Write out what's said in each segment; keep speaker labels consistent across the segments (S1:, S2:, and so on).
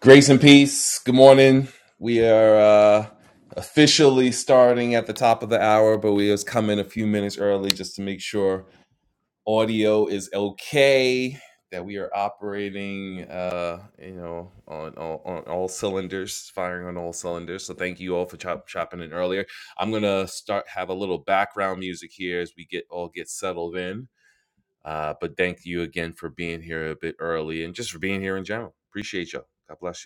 S1: Grace and peace. Good morning. We are uh, officially starting at the top of the hour, but we just come in a few minutes early just to make sure audio is okay, that we are operating, uh, you know, on, on on all cylinders, firing on all cylinders. So thank you all for chop, chopping in earlier. I'm gonna start have a little background music here as we get all get settled in. Uh, but thank you again for being here a bit early and just for being here in general. Appreciate y'all. God bless you.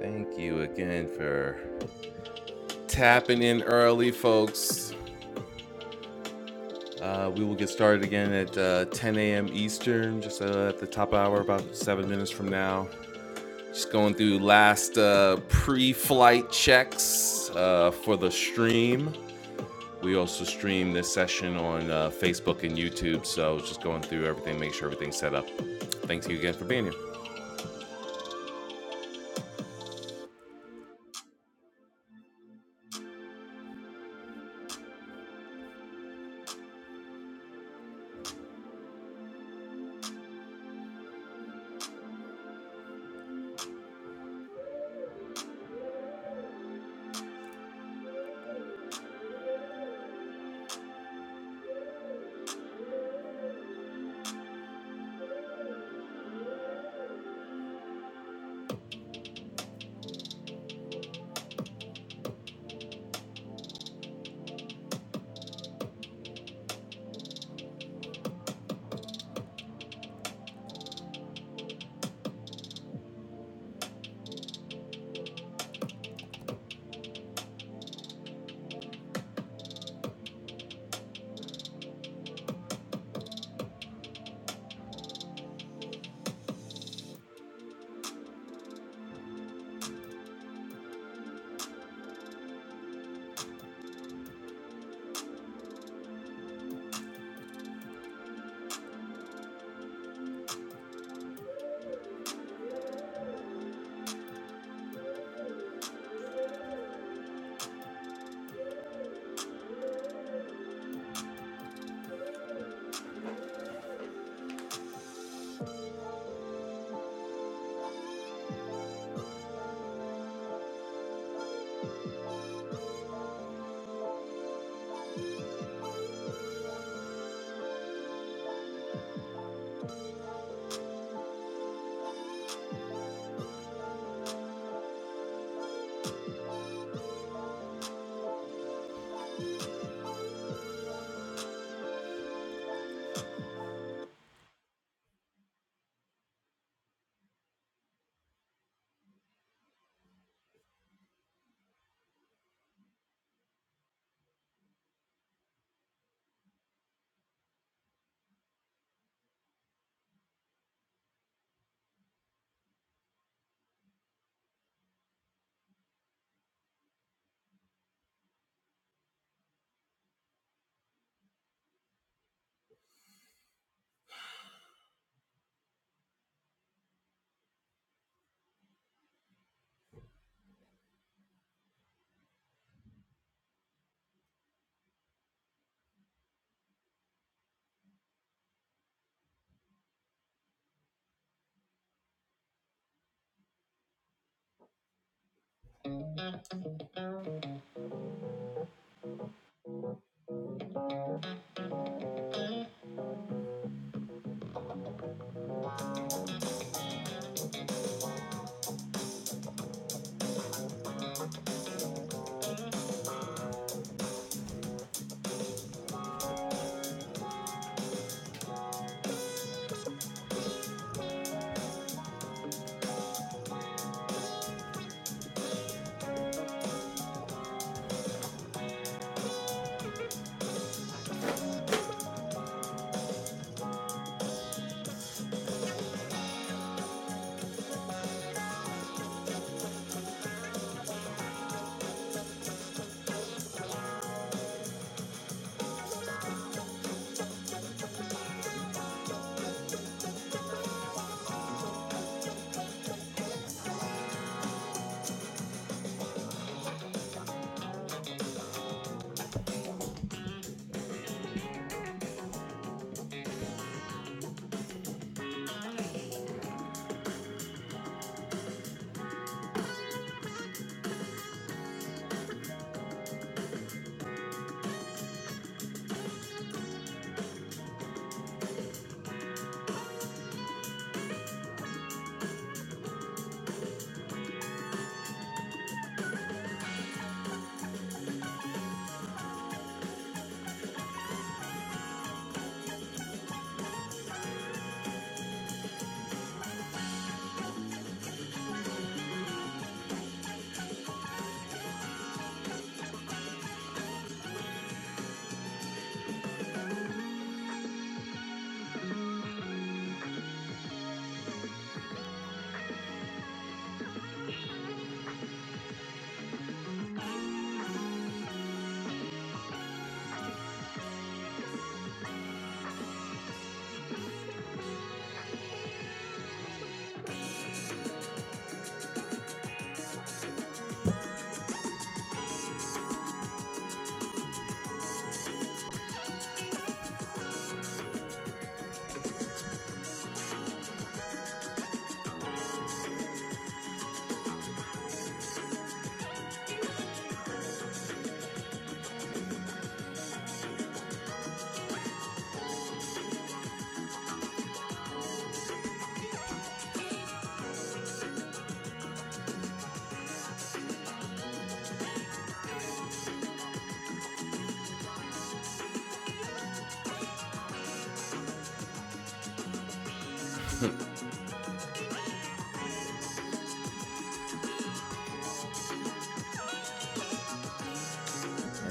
S1: Thank you again for tapping in early, folks. Uh, we will get started again at uh, 10 a.m. Eastern, just uh, at the top hour, about seven minutes from now. Just going through last uh, pre flight checks uh, for the stream. We also stream this session on uh, Facebook and YouTube, so just going through everything, make sure everything's set up. Thanks you again for being here.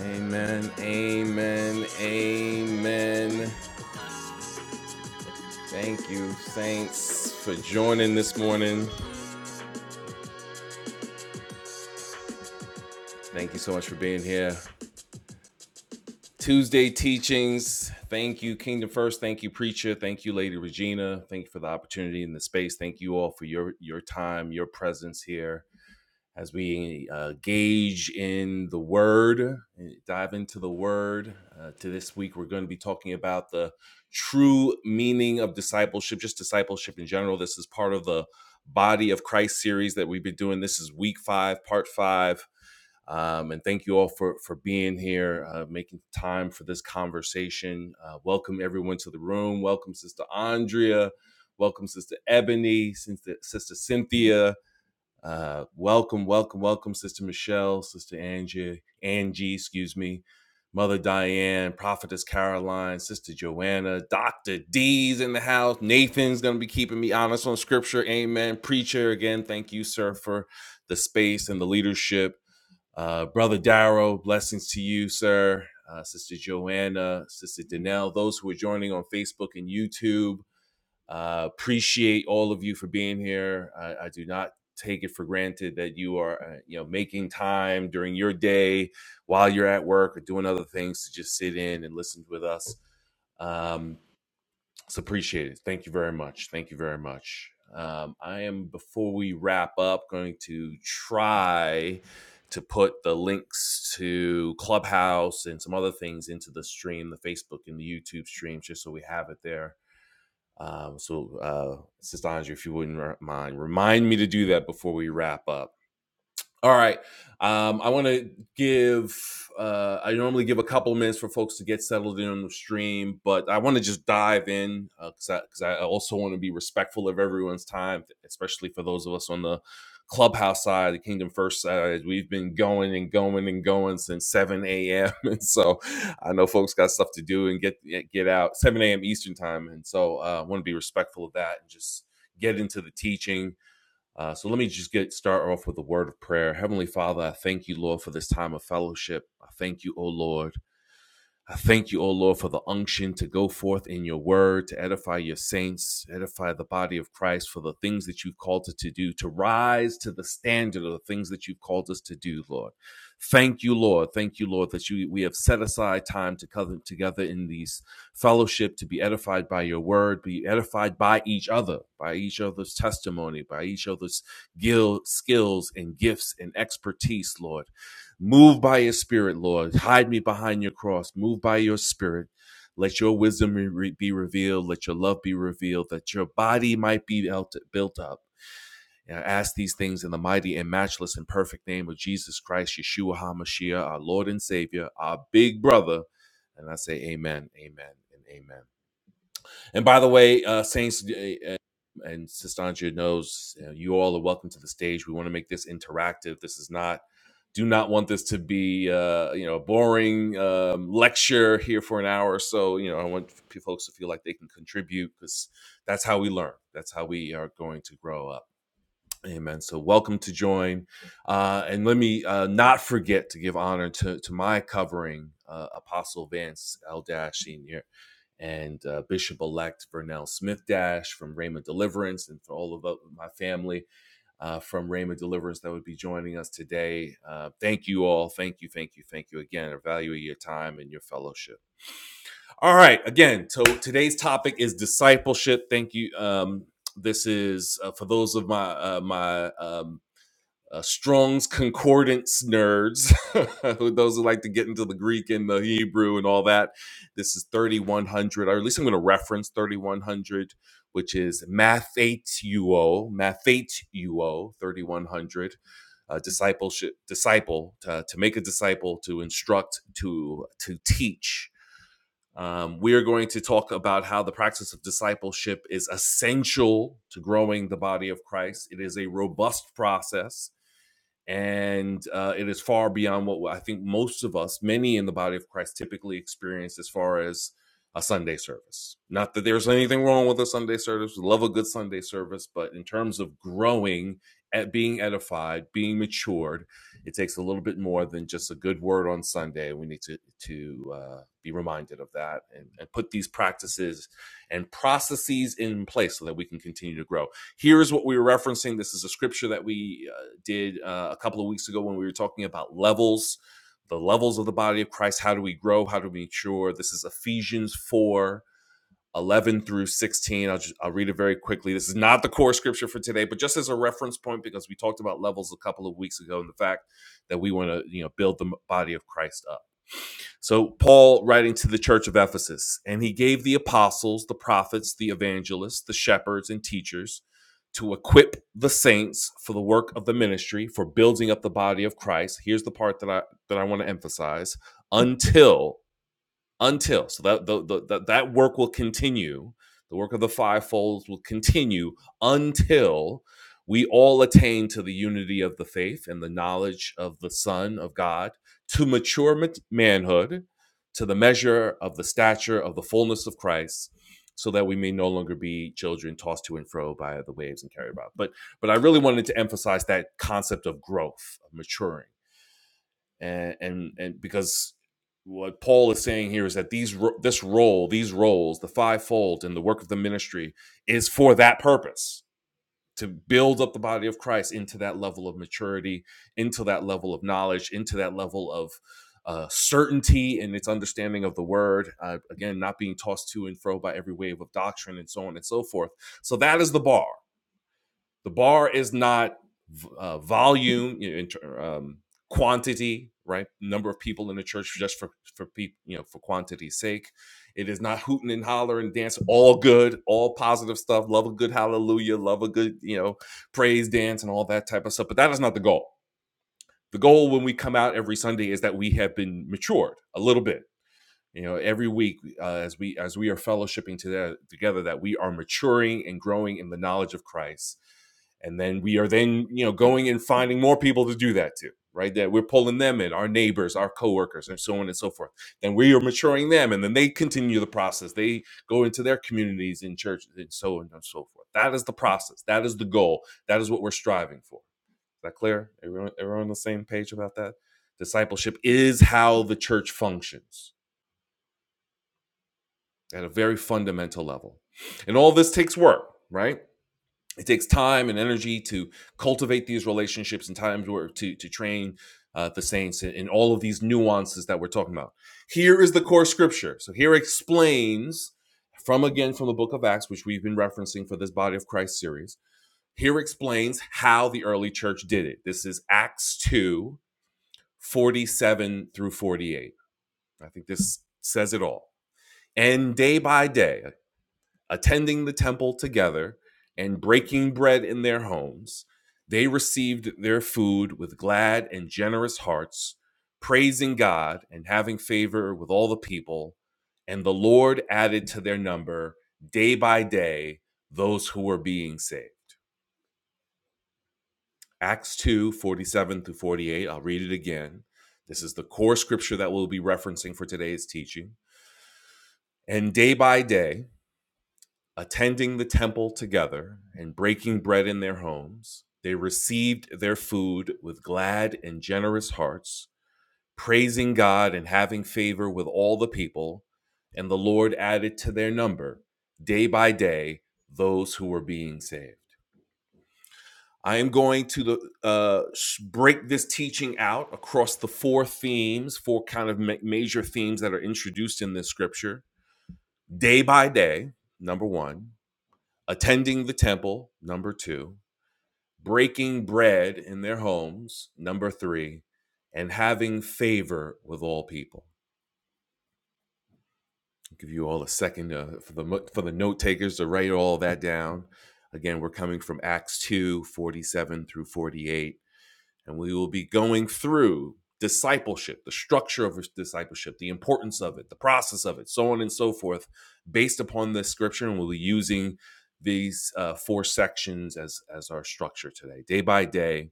S1: Amen, amen, amen. Thank you, Saints, for joining this morning. Thank you so much for being here. Tuesday teachings. Thank you, Kingdom First. Thank you, Preacher. Thank you, Lady Regina. Thank you for the opportunity and the space. Thank you all for your your time, your presence here. as we uh, gauge in the Word, eh, dive into the Word. Uh, to this week, we're going to be talking about the true meaning of discipleship, just discipleship in general. This is part of the Body of Christ series that we've been doing. This is week five, part five. Um, and thank you all for for being here, uh, making time for this conversation. Uh, welcome everyone to the room. Welcome Sister Andrea. Welcome Sister Ebony, Sister, Sister Cynthia uh, welcome, welcome, welcome, Sister Michelle, Sister Angie, Angie, excuse me, Mother Diane, Prophetess Caroline, Sister Joanna, Doctor D's in the house. Nathan's gonna be keeping me honest on Scripture. Amen. Preacher, again, thank you, sir, for the space and the leadership. Uh, Brother Darrow, blessings to you, sir. Uh, Sister Joanna, Sister Danelle, those who are joining on Facebook and YouTube. Uh, appreciate all of you for being here. I, I do not take it for granted that you are, uh, you know, making time during your day while you're at work or doing other things to just sit in and listen with us. Um, it's appreciated. Thank you very much. Thank you very much. Um, I am, before we wrap up, going to try to put the links to Clubhouse and some other things into the stream, the Facebook and the YouTube stream, just so we have it there um, so, uh, Sister Andrea, if you wouldn't mind, remind me to do that before we wrap up. All right. Um, I want to give, uh, I normally give a couple minutes for folks to get settled in on the stream, but I want to just dive in because uh, I, 'cause I also want to be respectful of everyone's time, especially for those of us on the clubhouse side, the Kingdom First side. We've been going and going and going since 7 a.m. And so I know folks got stuff to do and get get out 7 a.m. Eastern time. And so uh, I want to be respectful of that and just get into the teaching uh, so let me just get start off with a word of prayer. Heavenly Father, I thank you, Lord, for this time of fellowship. I thank you, O Lord I thank you, O Lord, for the unction to go forth in your word, to edify your saints, edify the body of Christ for the things that you've called us to do, to rise to the standard of the things that you've called us to do, Lord. Thank you, Lord. Thank you, Lord, that you, we have set aside time to come together in these fellowship to be edified by your word, be edified by each other, by each other's testimony, by each other's gil- skills and gifts and expertise, Lord. Move by your spirit, Lord. Hide me behind your cross. Move by your spirit. Let your wisdom re- be revealed. Let your love be revealed, that your body might be built up. And I ask these things in the mighty and matchless and perfect name of Jesus Christ, Yeshua HaMashiach, our Lord and Savior, our big brother. And I say, Amen, Amen, and Amen. And by the way, uh, Saints uh, and Sistangia knows you, know, you all are welcome to the stage. We want to make this interactive. This is not do not want this to be uh, you know a boring um, lecture here for an hour or so you know i want folks to feel like they can contribute because that's how we learn that's how we are going to grow up Amen. So welcome to join. Uh, and let me uh, not forget to give honor to, to my covering, uh, Apostle Vance L. Dash Sr. and uh, Bishop elect Vernell Smith Dash from Rhema Deliverance and for all of uh, my family uh, from Rhema Deliverance that would be joining us today. Uh, thank you all. Thank you. Thank you. Thank you again. I value your time and your fellowship. All right. Again, so today's topic is discipleship. Thank you. Um, this is uh, for those of my uh, my um, uh, Strong's Concordance nerds, those who like to get into the Greek and the Hebrew and all that. This is 3100, or at least I'm going to reference 3100, which is Mathateuo, Mathateuo 3100. Uh, discipleship, disciple, to, to make a disciple, to instruct, to to teach. Um, we are going to talk about how the practice of discipleship is essential to growing the body of Christ. It is a robust process and uh, it is far beyond what I think most of us, many in the body of Christ, typically experience as far as a Sunday service. Not that there's anything wrong with a Sunday service, we love a good Sunday service, but in terms of growing at being edified, being matured, it takes a little bit more than just a good word on Sunday. We need to to uh, be reminded of that and, and put these practices and processes in place so that we can continue to grow here's what we were referencing. This is a scripture that we uh, did uh, a couple of weeks ago when we were talking about levels, the levels of the body of Christ. How do we grow? How do we mature? This is Ephesians 4 11 through 16 I'll, just, I'll read it very quickly this is not the core scripture for today but just as a reference point because we talked about levels a couple of weeks ago and the fact that we want to you know build the body of christ up so, Paul writing to the church of Ephesus, and he gave the apostles, the prophets, the evangelists, the shepherds, and teachers to equip the saints for the work of the ministry, for building up the body of Christ. Here's the part that I that I want to emphasize until until so that the, the, that that work will continue the work of the fivefold will continue until we all attain to the unity of the faith and the knowledge of the son of god to mature manhood to the measure of the stature of the fullness of christ so that we may no longer be children tossed to and fro by the waves and carried about but but i really wanted to emphasize that concept of growth of maturing and and and because what Paul is saying here is that these ro- this role, these roles, the fivefold and the work of the ministry is for that purpose to build up the body of Christ into that level of maturity, into that level of knowledge, into that level of uh, certainty in its understanding of the word. Uh, again, not being tossed to and fro by every wave of doctrine and so on and so forth. So that is the bar the bar is not uh, volume you know, um, quantity right number of people in the church just for for people you know for quantity's sake it is not hooting and hollering and dance all good all positive stuff love a good hallelujah love a good you know praise dance and all that type of stuff but that is not the goal the goal when we come out every sunday is that we have been matured a little bit you know every week uh, as we as we are fellowshipping together, together that we are maturing and growing in the knowledge of christ and then we are then you know going and finding more people to do that to right that we're pulling them in our neighbors our coworkers and so on and so forth then we are maturing them and then they continue the process they go into their communities in churches and so on and so forth that is the process that is the goal that is what we're striving for is that clear everyone everyone on the same page about that discipleship is how the church functions at a very fundamental level. And all this takes work, right? It takes time and energy to cultivate these relationships and times where to, to train uh, the saints in, all of these nuances that we're talking about. Here is the core scripture. So here explains from again from the book of Acts, which we've been referencing for this Body of Christ series. Here explains how the early church did it. This is Acts 2 47 through 48. I think this says it all. And day by day, attending the temple together and breaking bread in their homes, they received their food with glad and generous hearts, praising God and having favor with all the people. And the Lord added to their number day by day those who were being saved. Acts 2 47 through 48. I'll read it again. This is the core scripture that we'll be referencing for today's teaching. And day by day, attending the temple together and breaking bread in their homes, they received their food with glad and generous hearts, praising God and having favor with all the people. And the Lord added to their number day by day those who were being saved. I am going to the, uh, break this teaching out across the four themes, four kind of major themes that are introduced in this scripture day by day, number one attending the temple, number two, breaking bread in their homes, number three, and having favor with all people. I'll give you all a second uh, for the for the note takers to write all that down. Again, we're coming from Acts 2 47 through 48 And we will be going through discipleship, the structure of discipleship, the importance of it, the process of it, so on and so forth, based upon this scripture. And we'll be using these uh, four sections as, as our structure today day by day,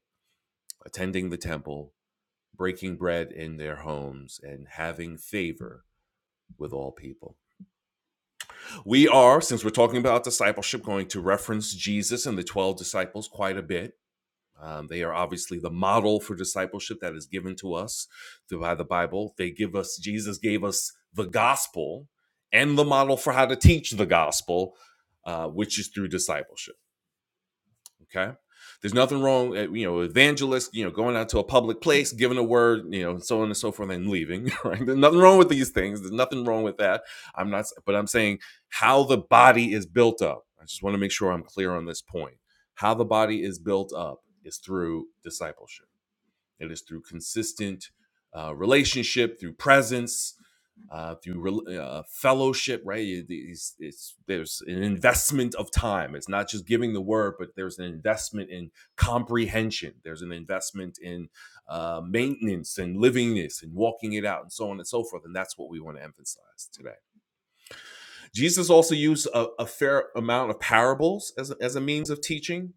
S1: attending the temple, breaking bread in their homes, and having favor with all people. We are, since we're talking about discipleship, going to reference Jesus and the 12 disciples quite a bit Um, they are obviously the model for discipleship that is given to us through by the Bible. They give us, Jesus gave us the gospel and the model for how to teach the gospel, uh, which is through discipleship. Okay. There's nothing wrong, uh, you know, evangelist, you know, going out to a public place, giving a word, you know, and so on and so forth, and leaving. Right. There's nothing wrong with these things. There's nothing wrong with that. I'm not, but I'm saying how the body is built up. I just want to make sure I'm clear on this point. How the body is built up is through discipleship. It is through consistent uh, relationship, through presence, uh, through rel uh, fellowship, right? It- It's, it's, there's an investment of time. It's not just giving the word, but there's an investment in comprehension. There's an investment in uh, maintenance and living this and walking it out and so on and so forth. And that's what we want to emphasize today. Jesus also used a, a fair amount of parables as a, as a means of teaching.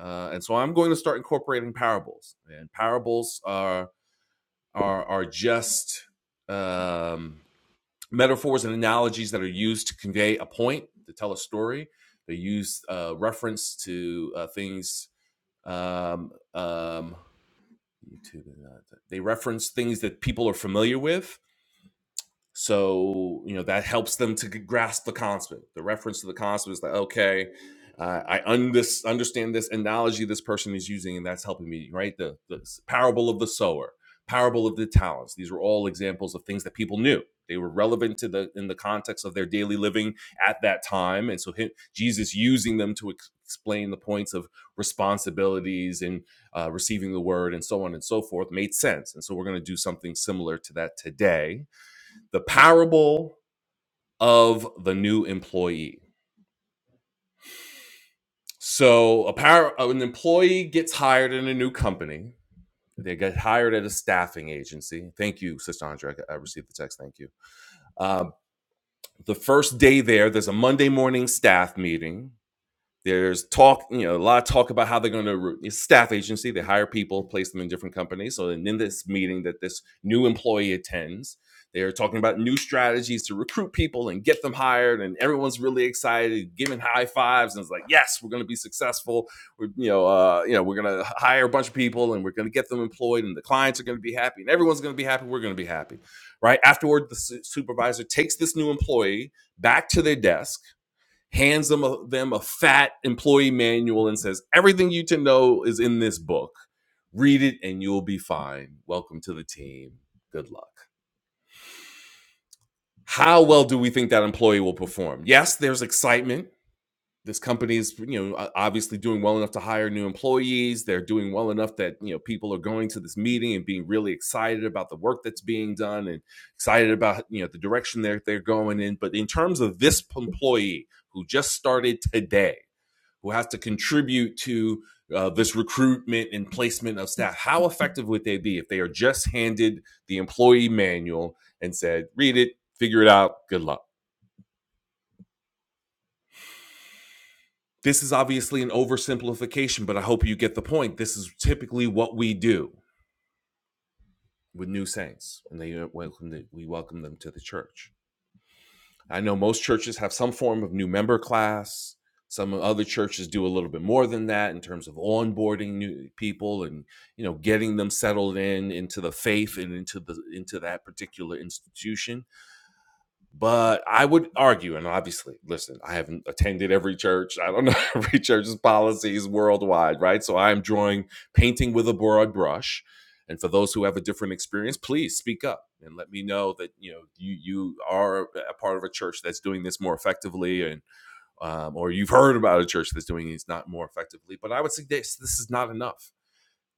S1: Uh, and so I'm going to start incorporating parables. And parables are are are just um, metaphors and analogies that are used to convey a point, to tell a story. They use uh, reference to uh, things. Um, um, YouTube, uh, they reference things that people are familiar with so, you know, that helps them to grasp the constant. The reference to the constant is like, okay, uh, I un- this, understand this analogy this person is using, and that's helping me, right? The, the parable of the sower, parable of the talents. These were all examples of things that people knew. They were relevant to the in the context of their daily living at that time, and so hi- Jesus using them to ex- explain the points of responsibilities and uh, receiving the word and so on and so forth made sense. And so we're going to do something similar to that today the parable of the new employee. So a par- uh, an employee gets hired in a new company. They get hired at a staffing agency. Thank you, Sister Andrea. I received the text. Thank you. Uh, the first day there, there's a Monday morning staff meeting. There's talk, you know, a lot of talk about how they're going to it's staff agency. They hire people, place them in different companies. So, and in this meeting that this new employee attends, they're talking about new strategies to recruit people and get them hired. And everyone's really excited, giving high fives, and it's like, yes, we're going to be successful. We're, you know, uh, you know, we're going to hire a bunch of people, and we're going to get them employed, and the clients are going to be happy, and everyone's going to be happy. We're going to be happy, right? Afterward, the su- supervisor takes this new employee back to their desk hands them a, them a fat employee manual and says everything you to know is in this book read it and you'll be fine welcome to the team good luck how well do we think that employee will perform yes there's excitement this company is you know obviously doing well enough to hire new employees they're doing well enough that you know people are going to this meeting and being really excited about the work that's being done and excited about you know the direction they're they're going in but in terms of this employee who just started today who has to contribute to uh, this recruitment and placement of staff, how effective would they be if they are just handed the employee manual and said, read it, figure it out, good luck? This is obviously an oversimplification, but I hope you get the point. This is typically what we do with new saints, and they uh, welcome the, we welcome them to the church. I know most churches have some form of new member class. Some other churches do a little bit more than that in terms of onboarding new people and you know getting them settled in into the faith and into the into that particular institution. But I would argue, and obviously, listen, I haven't attended every church. I don't know every church's policies worldwide, right? So I'm drawing painting with a broad brush. And for those who have a different experience, please speak up and let me know that you know you you are a part of a church that's doing this more effectively, and um, or you've heard about a church that's doing it's not more effectively. But I would suggest this is not enough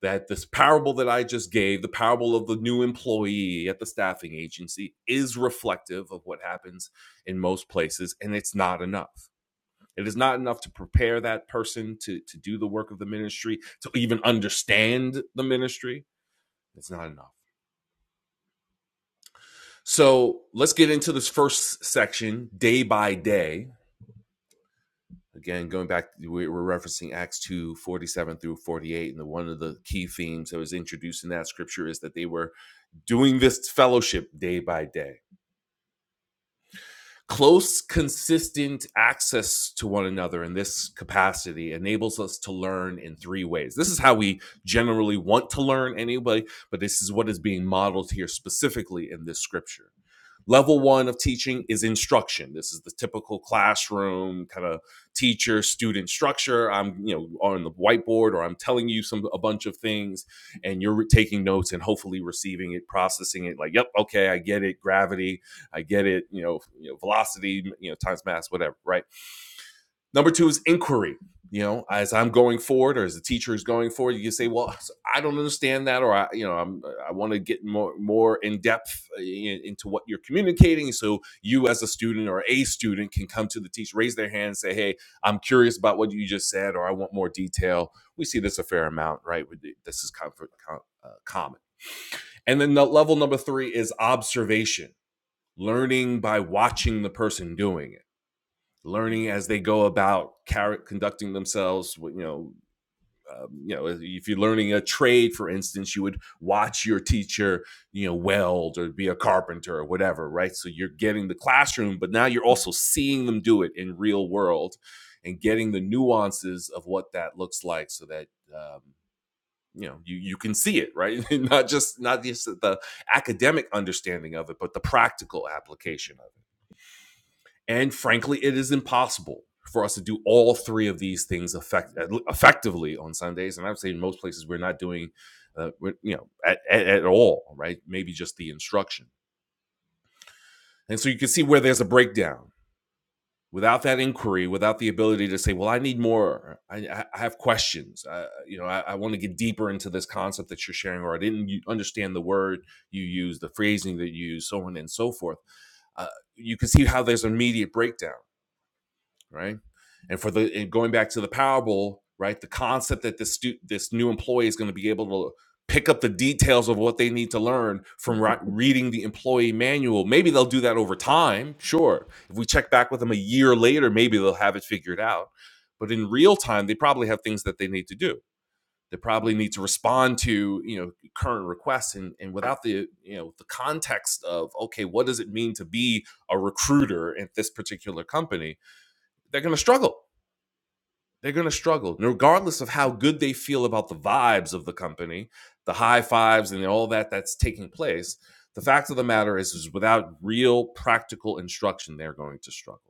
S1: that this parable that I just gave, the parable of the new employee at the staffing agency, is reflective of what happens in most places, and it's not enough. It is not enough to prepare that person to, to do the work of the ministry, to even understand the ministry. It's not enough. So let's get into this first section, day by day. Again, going back, we- are referencing Acts 2 47 through 48. And the, one of the key themes that was introduced in that scripture is that they were doing this fellowship day by day Close, consistent access to one another in this capacity enables us to learn in three ways. This is how we generally want to learn anyway, but this is what is being modeled here specifically in this scripture. Level one of teaching is instruction. This is the typical classroom kind of teacher student structure. I'm, you know, on the whiteboard or I'm telling you some a bunch of things and you're taking notes and hopefully receiving it, processing it like, yep, okay, I get it, gravity, I get it. You know, you know, velocity, you know, times mass, whatever. Right. Number two is inquiry. You know, as I'm going forward, or as the teacher is going forward, you can say, "Well, so I don't understand that," or "I, you know, I'm, uh, I want to get more more in depth uh, in, into what you're communicating." So you, as a student or a student, can come to the teacher, raise their hand, and say, "Hey, I'm curious about what you just said, or I want more detail." We see this a fair amount, right? This is comfort, com, uh, common. And then the level number three is observation learning by watching the person doing it learning as they go about car- conducting themselves you know um, you know if you're learning a trade for instance you would watch your teacher you know weld or be a carpenter or whatever right so you're getting the classroom but now you're also seeing them do it in real world and getting the nuances of what that looks like so that um, you know you, you can see it right not just not just the academic understanding of it but the practical application and frankly, it is impossible for us to do all three of these things effect- effectively on Sundays. And I would say in most places we're not doing, uh, we're- you know, at, at, at all, right? Maybe just the instruction. And so you can see where there's a breakdown. Without that inquiry, without the ability to say, "Well, I need more. I, I have questions. I, you know, I, I want to get deeper into this concept that you're sharing, or I didn't understand the word you use, the phrasing that you use, so on and so forth." Uh, you can see how there's an immediate breakdown. right? And for the and going back to the parable, right? The concept that this stu- this new employee is going to be able to pick up the details of what they need to learn from ri- reading the employee manual. Maybe they'll do that over time, sure. If we check back with them a year later, maybe they'll have it figured out. But in real time, they probably have things that they need to do. They probably need to respond to, you know, current requests and, and without the, you know, the context of, okay, what does it mean to be a recruiter at this particular company? They're going to struggle they're going to struggle, And regardless of how good they feel about the vibes of the company, the high fives, and all that that's taking place. The fact of the matter is, is without real practical instruction, they're going to struggle.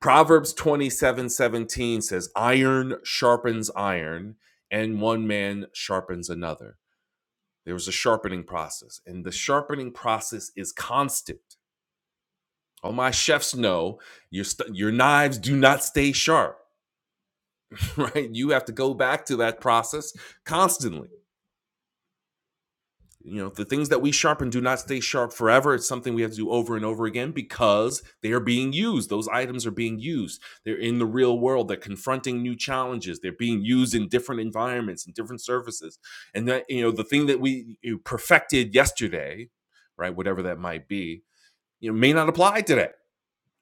S1: Proverbs twenty-seven seventeen says, Iron sharpens iron, and one man sharpens another. There was a sharpening process, and the sharpening process is constant. All my chefs know your, st- your knives do not stay sharp. right? You have to go back to that process constantly. You know, the things that we sharpen do not stay sharp forever. It's something we have to do over and over again because they are being used. Those items are being used. They're in the real world. They're confronting new challenges. They're being used in different environments and different services. And that, you know, the thing that we you perfected yesterday, right, whatever that might be, you know, may not apply today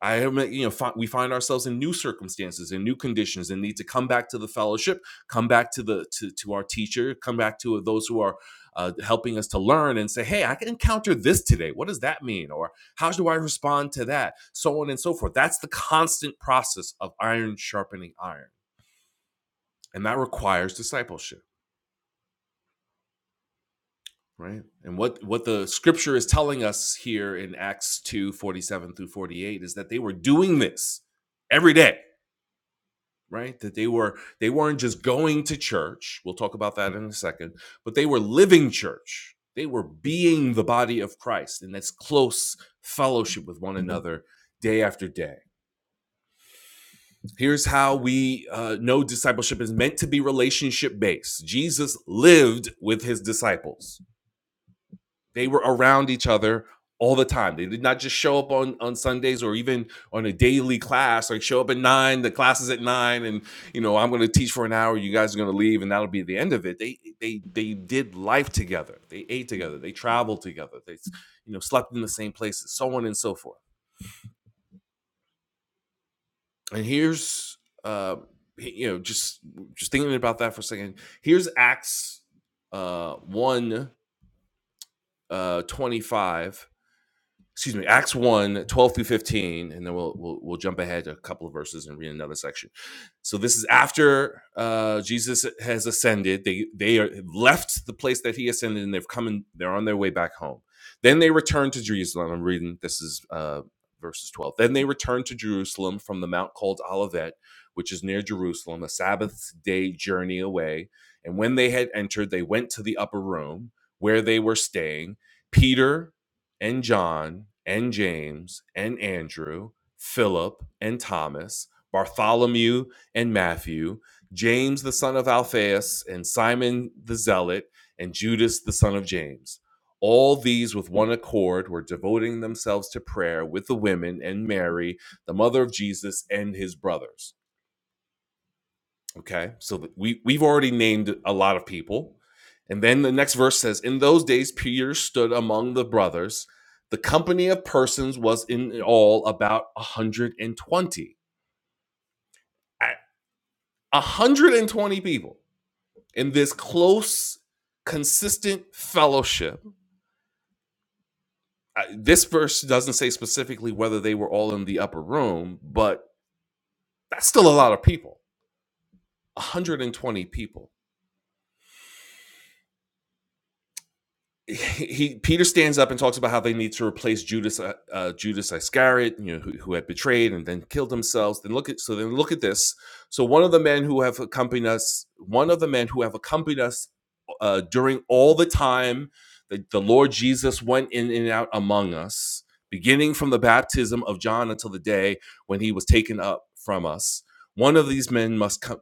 S1: I you know, fi- we find ourselves in new circumstances and new conditions, and need to come back to the fellowship, come back to the to, to our teacher, come back to those who are uh, helping us to learn, and say, "Hey, I can encounter this today. What does that mean? Or how do I respond to that?" So on and so forth. That's the constant process of iron sharpening iron, and that requires discipleship, right? And what what the scripture is telling us here in Acts two forty seven through forty eight is that they were doing this every day right that they were they weren't just going to church we'll talk about that in a second but they were living church they were being the body of christ in this close fellowship with one another day after day here's how we uh, know discipleship is meant to be relationship based jesus lived with his disciples they were around each other all the time. They did not just show up on on Sundays or even on a daily class. Like show up at nine, the class is at nine, and you know I'm going to teach for an hour. You guys are going to leave, and that'll be the end of it. They they they did life together. They ate together. They traveled together. They you know slept in the same places, so on and so forth. And here's uh, you know just just thinking about that for a second. Here's Acts uh, one uh, twenty five excuse me, Acts one 12 through 15, and then we'll, we'll, we'll jump ahead a couple of verses and read another section. So this is after uh, Jesus has ascended. They, they are have left the place that he ascended and they've come and they're on their way back home. Then they return to Jerusalem. I'm reading, this is uh, verses 12. Then they returned to Jerusalem from the mount called Olivet, which is near Jerusalem, a Sabbath day journey away. And when they had entered, they went to the upper room where they were staying. Peter, and John and James and Andrew, Philip and Thomas, Bartholomew and Matthew, James the son of Alphaeus and Simon the Zealot, and Judas the son of James. All these with one accord were devoting themselves to prayer with the women and Mary, the mother of Jesus, and his brothers. Okay, so we we've already named a lot of people, and then the next verse says, "In those days Peter stood among the brothers. The company of persons was in all about a hundred and twenty. A hundred and twenty people in this close, consistent fellowship. Uh, This verse doesn't say specifically whether they were all in the upper room, but that's still a lot of people. A hundred and twenty people." he Peter stands up and talks about how they need to replace Judas uh, uh, Judas Iscariot, you know, who, who had betrayed and then killed themselves. Then look at so then look at this. So one of the men who have accompanied us, one of the men who have accompanied us uh, during all the time that the Lord Jesus went in and out among us, beginning from the baptism of John until the day when he was taken up from us. One of these men must come,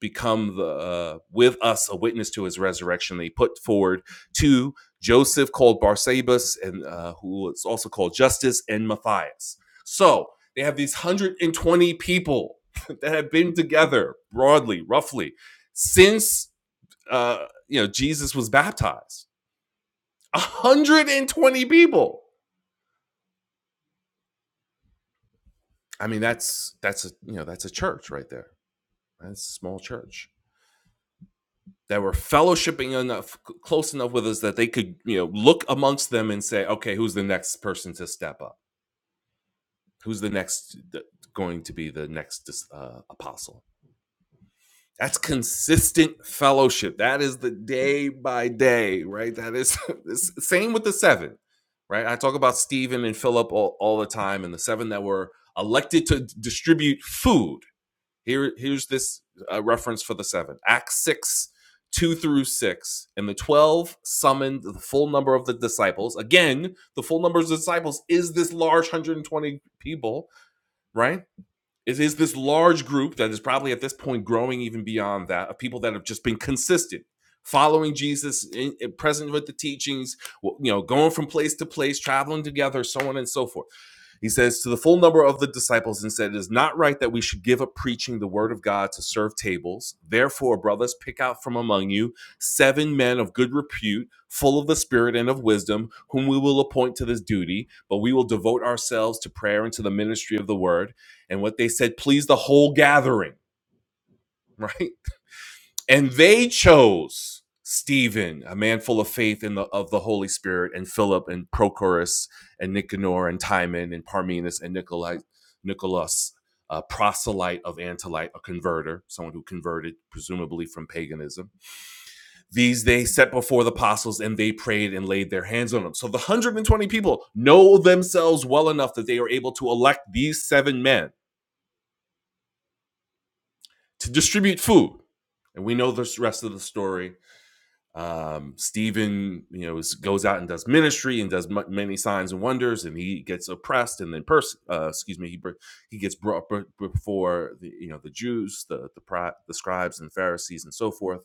S1: become the, uh, with us a witness to his resurrection. They put forward two Joseph called Barsabas, and uh, who is also called Justice, and Matthias. So they have these 120 people that have been together broadly, roughly, since uh, you know, Jesus was baptized. 120 people. I mean, that's that's a you know that's a church right there. That's a small church that were fellowshipping enough, close enough with us that they could you know look amongst them and say, okay, who's the next person to step up? Who's the next going to be the next uh, apostle? That's consistent fellowship. That is the day by day, right? That is same with the seven, right? I talk about Stephen and Philip all, all the time, and the seven that were elected to distribute food. Here, here's this uh, reference for the seven. Acts six, two through six, and the twelve summoned the full number of the disciples. Again, the full number of the disciples is this large, one hundred and twenty people, right? is, is this large group that is probably at this point growing even beyond that of people that have just been consistent following jesus in, in- present with the teachings you know going from place to place traveling together so on and so forth he says, To the full number of the disciples, and said, It is not right that we should give up preaching the word of God to serve tables. Therefore, brothers, pick out from among you seven men of good repute, full of the Spirit and of wisdom, whom we will appoint to this duty. But we will devote ourselves to prayer and to the ministry of the word. And what they said pleased the whole gathering, right? and they chose Stephen, a man full of faith and the, of the Holy Spirit, and Philip and Prochorus and Nicanor and Timon and Parmenas and Nicolai, Nicholas, a proselyte of Antioch, a converter, someone who converted presumably from paganism. These they set before the apostles and they prayed and laid their hands on them. So the 120 people know themselves well enough that they are able to elect these seven men to distribute food. And we know the rest of the story Um, Stephen, you know, is, goes out and does ministry and does m- many signs and wonders, and he gets oppressed, and then pers- uh, excuse me, he he gets brought before the you know the Jews, the the, pri- the scribes and Pharisees and so forth,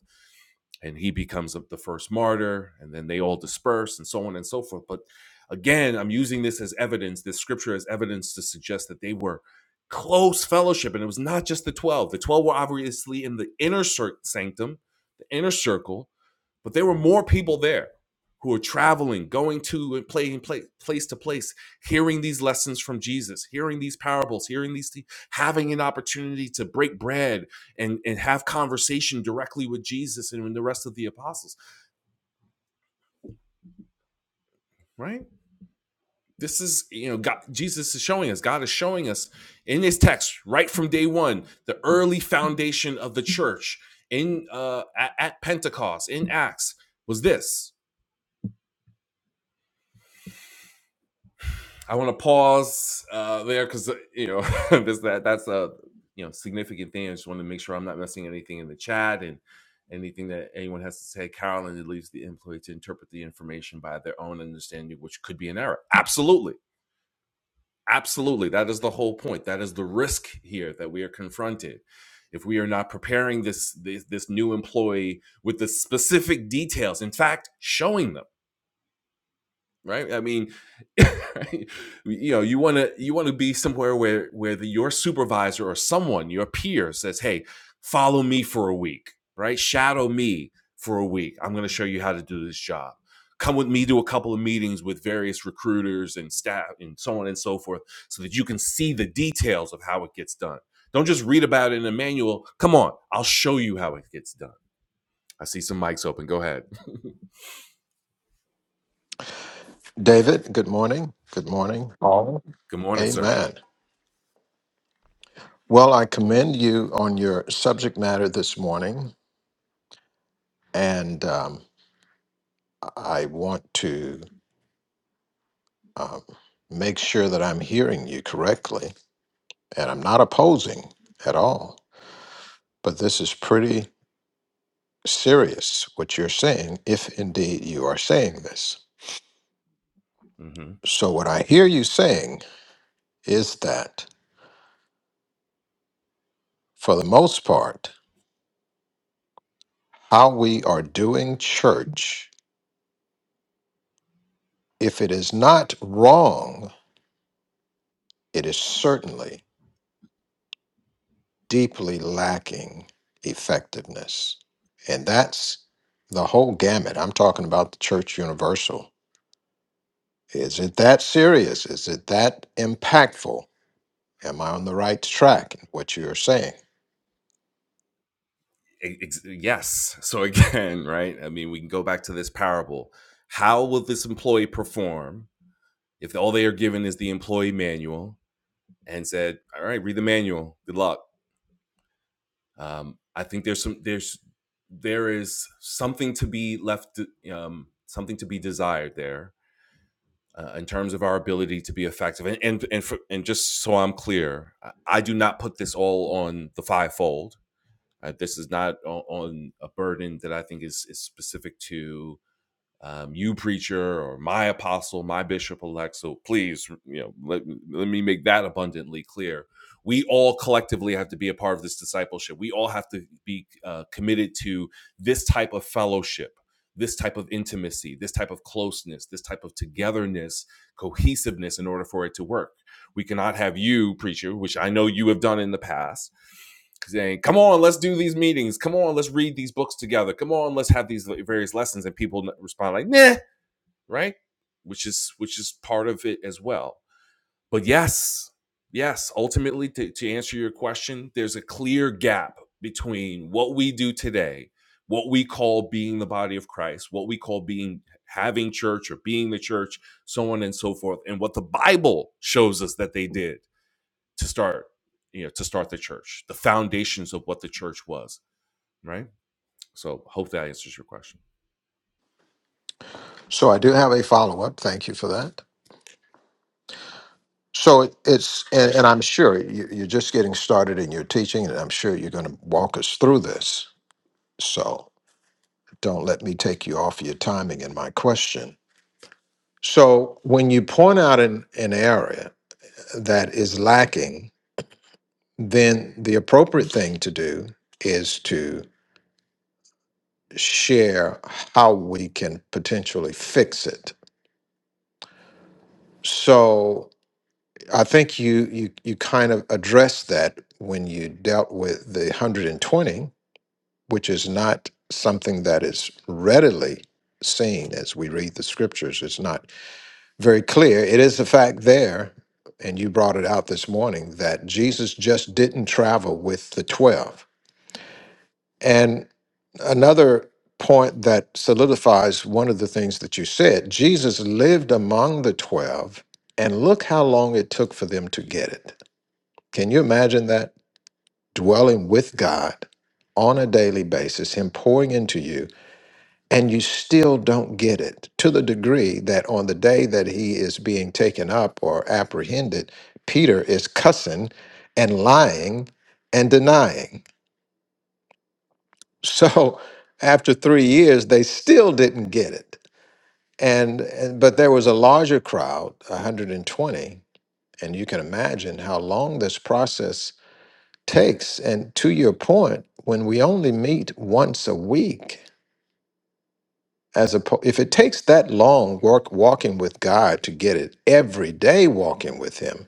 S1: and he becomes the first martyr, and then they all disperse and so on and so forth. But again, I'm using this as evidence, this scripture as evidence to suggest that they were close fellowship, and it was not just the twelve. The twelve were obviously in the inner cir- sanctum, the inner circle, but there were more people there who were traveling, going to and playing pla- place to place, hearing these lessons from Jesus, hearing these parables, hearing these, thi- having an opportunity to break bread and, and have conversation directly with Jesus and with the rest of the apostles, right? This is, you know, God, Jesus is showing us, God is showing us in his text right from day one, the early foundation of the church in uh, at at Pentecost, in Acts, was this I want to pause uh, there because you know this that that's a you know significant thing. I just want to make sure I'm not missing anything in the chat and anything that anyone has to say. Carolyn, it leaves the employee to interpret the information by their own understanding, which could be an error. Absolutely, absolutely. That is the whole point. That is the risk here that we are confronted. If we are not preparing this this, this new employee with the specific details, in fact, showing them right? I mean, right? you know, you want to you want to be somewhere where where the, your supervisor or someone, your peer, says, "Hey, follow me for a week, right? Shadow me for a week. I'm going to show you how to do this job. Come with me to a couple of meetings with various recruiters and staff and so on and so forth, so that you can see the details of how it gets done. Don't just read about it in a manual. Come on, I'll show you how it gets done." I see some mics open. Go ahead.
S2: David, good morning. Good morning, all.
S1: Good morning, sir.
S2: Amen. Well, I commend you on your subject matter this morning, and um, I want to um, make sure that I'm hearing you correctly, and I'm not opposing at all. But this is pretty serious what you're saying, if indeed you are saying this.
S1: Mm-hmm.
S2: So, what I hear you saying is that for the most part, how we are doing church If it is not wrong, it is certainly deeply lacking effectiveness. And that's the whole gamut. I'm talking about the church universal. Is it that serious? Is it that impactful? Am I on the right track in what you are saying?
S1: e-, Ex- yes. So again, right? I mean, we can go back to this parable. How will this employee perform if all they are given is the employee manual and said, "All right, read the manual. Good luck." Um, I think there's some there's there is something to be left um, something to be desired there uh, in terms of our ability to be effective. And and and, for, and just so I'm clear, I, I do not put this all on the fivefold. Uh, this is not o- on a burden that I think is, is specific to um, you, preacher, or my apostle, my bishop elect. So please, you know, let, let me make that abundantly clear. We all collectively have to be a part of this discipleship. We all have to be uh, committed to this type of fellowship, this type of intimacy, this type of closeness, this type of togetherness, cohesiveness in order for it to work. We cannot have you, preacher, which I know you have done in the past saying, "Come on, let's do these meetings. Come on, let's read these books together. Come on, let's have these various lessons." And people respond like, "Nah," right? Which is which is part of it as well. But yes, yes, ultimately, to, to answer your question, there's a clear gap between what we do today, what we call being the body of Christ, what we call being having church or being the church, so on and so forth, and what the Bible shows us that they did to start you know to start the church the foundations of what the church was right so hope that answers your question
S2: So I do have a follow up. Thank you for that. So it- it's, and, and I'm sure you, you're just getting started in your teaching, and I'm sure you're going to walk us through this. So don't let me take you off your timing in my question. So when you point out an, an area that is lacking, then the appropriate thing to do is to share how we can potentially fix it. So I think you you you kind of addressed that when you dealt with the 120 which is not something that is readily seen as we read the scriptures. It's not very clear. It is a fact there, and you brought it out this morning, that Jesus just didn't travel with the 12. And another point that solidifies one of the things that you said Jesus lived among the 12, and look how long it took for them to get it. Can you imagine that? Dwelling with God on a daily basis, Him pouring into you and you still don't get it to the degree that on the day that he is being taken up or apprehended, Peter is cussing and lying and denying. So after three years, they still didn't get it. And, and but there was a larger crowd, 120, and you can imagine how long this process takes. And to your point, when we only meet once a week, as a if it takes that long work walking with God to get it every day walking with him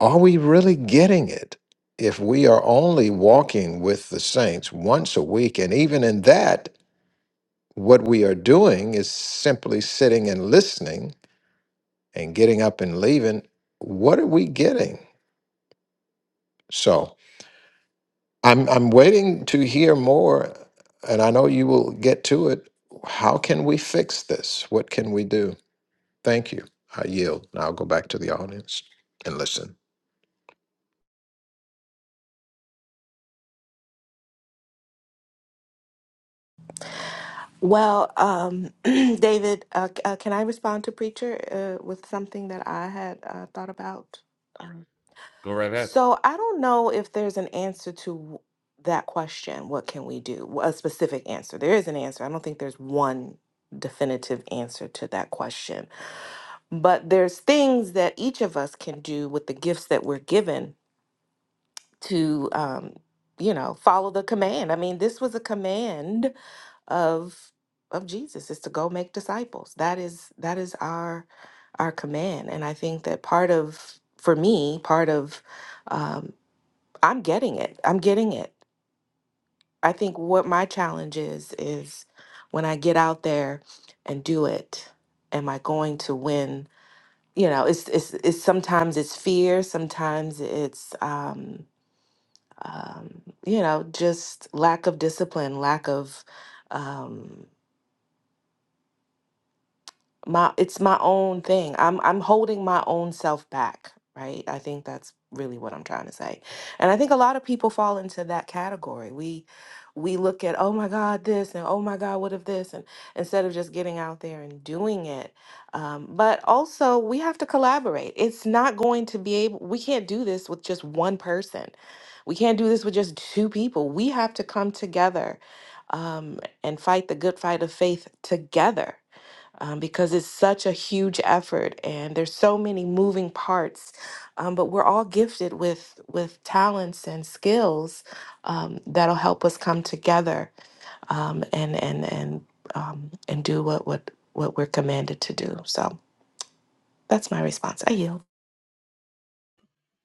S2: are we really getting it if we are only walking with the saints once a week and even in that what we are doing is simply sitting and listening and getting up and leaving what are we getting so i'm i'm waiting to hear more and i know you will get to it how can we fix this what can we do Thank you. I yield. and I'll go back to the audience and listen.
S3: Well, um, David, uh, c- uh, can I respond to Preacher uh, with something that I had uh, thought about? Um,
S1: go right ahead
S3: So I don't know if there's an answer to that question. What can we do? A specific answer. There is an answer. I don't think there's one definitive answer to that question. But there's things that each of us can do with the gifts that we're given to, um, you know, follow the command. I mean, this was a command of of Jesus is to go make disciples. That is that is our our command, and I think that part of for me, part of um, I'm getting it. I'm getting it. I think what my challenge is is when I get out there and do it, am I going to win? You know, it's it's, it's sometimes it's fear, sometimes it's um, um, you know just lack of discipline, lack of. Um, my it's my own thing i'm i'm holding my own self back right i think that's really what i'm trying to say and i think a lot of people fall into that category we we look at oh my god this and oh my god what if this and instead of just getting out there and doing it um, but also we have to collaborate it's not going to be able we can't do this with just one person we can't do this with just two people we have to come together um, and fight the good fight of faith together um, because it's such a huge effort and there's so many moving parts. Um, but we're all gifted with with talents and skills um, that'll help us come together um, and and and um, and do what what what we're commanded to do. So that's my response. I yield.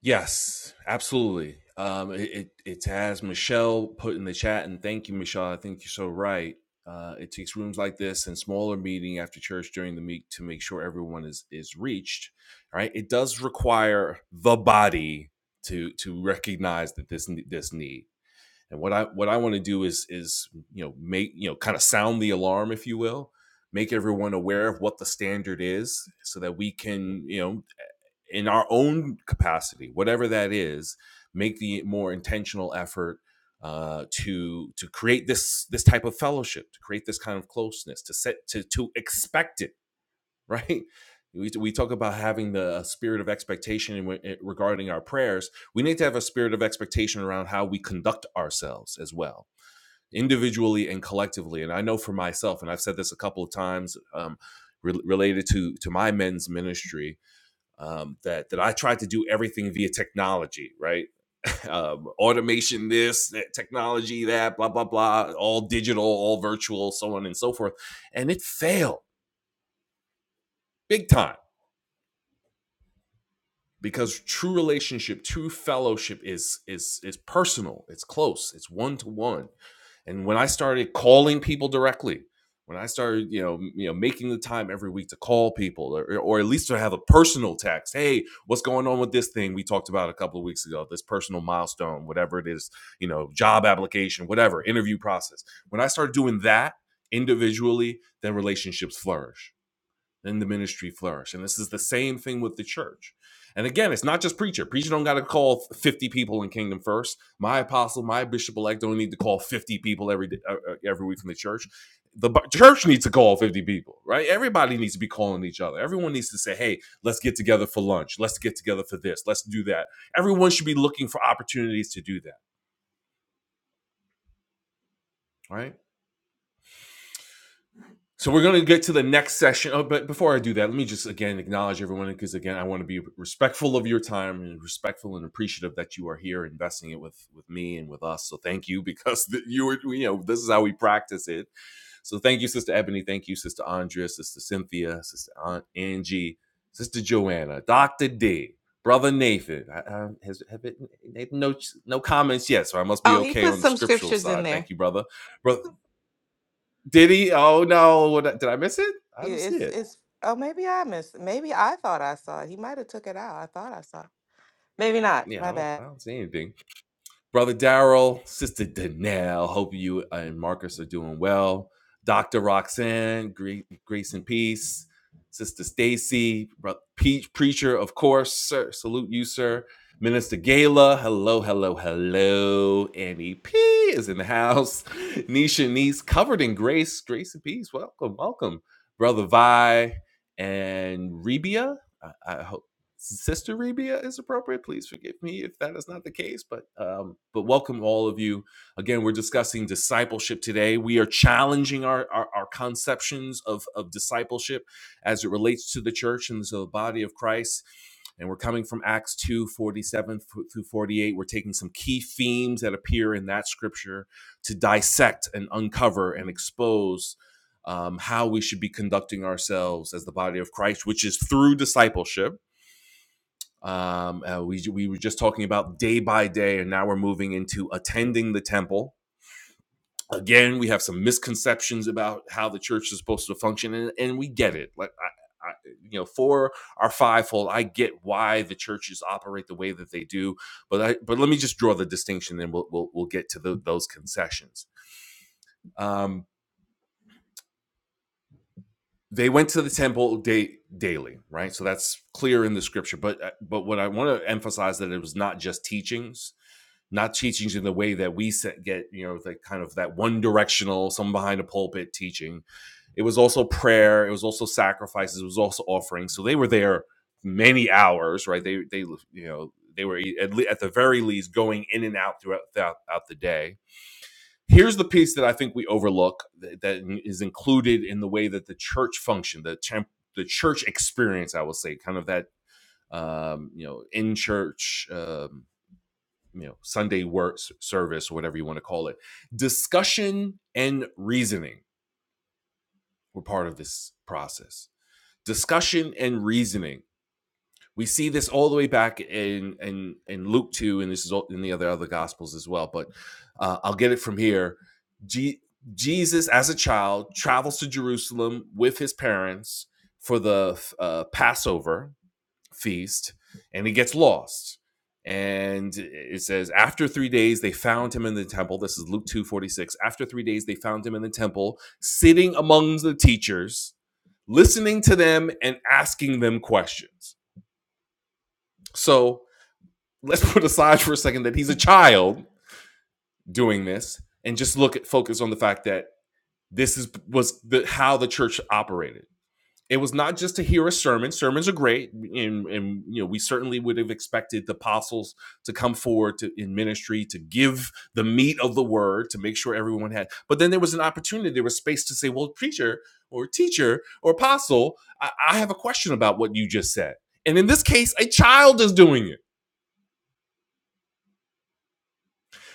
S1: yes absolutely um it it, it has michelle put in the chat and thank you michelle i think you're so right uh, it takes rooms like this and smaller meeting after church during the meet to make sure everyone is is reached right it does require the body to to recognize that this this need And what I what I want to do is is you know make you know kind of sound the alarm, if you will, make everyone aware of what the standard is, so that we can you know in our own capacity, whatever that is, make the more intentional effort uh, to to create this this type of fellowship, to create this kind of closeness, to set to to expect it right? We, we talk about having the spirit of expectation regarding our prayers. We need to have a spirit of expectation around how we conduct ourselves as well, individually and collectively. And I know for myself, and I've said this a couple of times um, re- related to to my men's ministry, um, that that I tried to do everything via technology, right? um, automation, this that technology, that blah blah blah, all digital, all virtual, so on and so forth, and it failed big time because true relationship true fellowship is is is personal it's close it's one to one and when i started calling people directly when i started you know you know making the time every week to call people or, or at least to have a personal text hey what's going on with this thing we talked about a couple of weeks ago this personal milestone whatever it is you know job application whatever interview process when i started doing that individually then relationships flourish then the ministry flourish. And this is the same thing with the church. And again, it's not just preacher. Preacher don't got to call 50 people in Kingdom First. My apostle, my bishop elect don't need to call 50 people every day, uh, uh, every week from the church. The bu- church needs to call 50 people, right? Everybody needs to be calling each other. Everyone needs to say, "Hey, let's get together for lunch. Let's get together for this. Let's do that." Everyone should be looking for opportunities to do that, right? So we're going to get to the next session. Oh, but before I do that, let me just again acknowledge everyone because again, I want to be respectful of your time and respectful and appreciative that you are here investing it with with me and with us. So thank you because th- you were you know this is how we practice it. So thank you, Sister Ebony. Thank you, Sister Andrea, Sister Cynthia, Sister Aunt Angie, Sister Joanna, Doctor D, Brother Nathan. I, I, has have it, Nathan no no comments yet, so I must be
S3: Oh, he
S1: okay
S3: put
S1: on the
S3: some
S1: scriptural
S3: scriptures in
S1: side. Thank
S3: there.
S1: you, Brother brother. Did he? Oh no! What, did I miss it? I
S3: Yeah,
S1: don't see
S3: It's
S1: it.
S3: it's. Oh, maybe I missed. Maybe I thought I saw it. He might have took it out. I thought I saw. it. Maybe not.
S1: Yeah, I
S3: My
S1: don't.
S3: bad.
S1: I don't see anything. Brother Daryl, Sister Danelle, hope you and Marcus are doing well. Dr. Roxanne, gre- grace and peace. Sister Stacy, Bro- Pe- preacher, of course, sir. Salute you, sir. Minister Gala, hello, hello, hello. Annie P is in the house. Nisha Niece, covered in grace, grace and peace. Welcome, welcome. Brother Vi and Rebia. I I, Sister Rebia is appropriate. Please forgive me if that is not the case, but um, but welcome all of you. Again, we're discussing discipleship today. We are challenging our, our our conceptions of of discipleship as it relates to the church and to the body of Christ. And we're coming from Acts 2 47 through 48. We're taking some key themes that appear in that scripture to dissect and uncover and expose um, how we should be conducting ourselves as the body of Christ, which is through discipleship um, uh, we we were just talking about day by day, and now we're moving into attending the temple. Again, we have some misconceptions about how the church is supposed to function, and, and we get it. Like I, I, you know, for our fivefold, I get why the churches operate the way that they do. But I but let me just draw the distinction, and we'll we'll, we'll get to tho- those concessions. Um, they went to the temple day, daily, right? So that's clear in the scripture. But uh, but what I want to emphasize that it was not just teachings not teachings in the way that we get, you know, the kind of that one directional, someone behind a pulpit teaching. It was also prayer. It was also sacrifices. It was also offerings. So they were there many hours, right? They, they, you know, they were e, at, le- at the very least going in and out throughout, throughout out the day. Here's the piece that I think we overlook that, that is included in the way that the church functioned, the temp, the church experience, I will say, kind of that um, you know, in church. Um, you know Sunday work service or whatever you want to call it. Discussion and reasoning were part of this process. Discussion and reasoning. We see this all the way back in in, in Luke two, and this is all in the other other gospels as well. But uh, I'll get it from here. Je- Jesus, as a child, travels to Jerusalem with his parents for the uh, Passover, feast and he gets lost and it says after three days they found him in the temple this is luke 246 after three days they found him in the temple sitting among the teachers listening to them and asking them questions so let's put aside for a second that he's a child doing this and just look at focus on the fact that this is was the how the church operated it was not just to hear a sermon. Sermons are great, and, and you know we certainly would have expected the apostles to come forward to, in ministry to give the meat of the word to make sure everyone had. But then there was an opportunity, there was space to say, "Well, preacher or teacher or apostle, I, I have a question about what you just said." And in this case, a child is doing it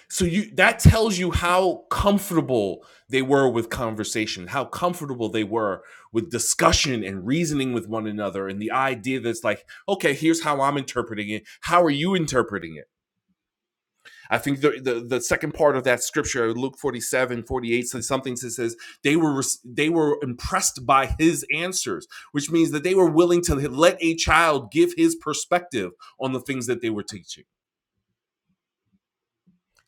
S1: So you that tells you how comfortable they were with conversation, how comfortable they were with discussion and reasoning with one another, and the idea that's like, okay, here's how I'm interpreting it. How are you interpreting it? I think the the, the second part of that scripture, Luke 47, 48, says something that says they were they were impressed by his answers, which means that they were willing to let a child give his perspective on the things that they were teaching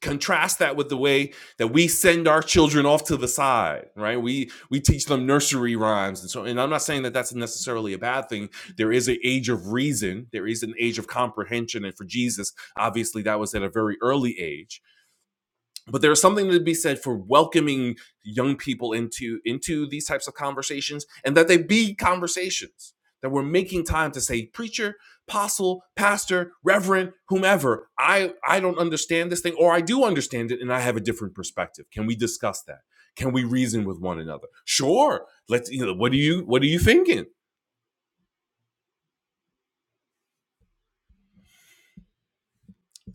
S1: contrast that with the way that we send our children off to the side right we we teach them nursery rhymes and so and i'm not saying that that's necessarily a bad thing there is an age of reason there is an age of comprehension and for jesus obviously that was at a very early age but there's something to be said for welcoming young people into into these types of conversations and that they be conversations that we're making time to say preacher apostle pastor reverend whomever i i don't understand this thing or i do understand it and i have a different perspective can we discuss that can we reason with one another sure let's you know what do you what are you thinking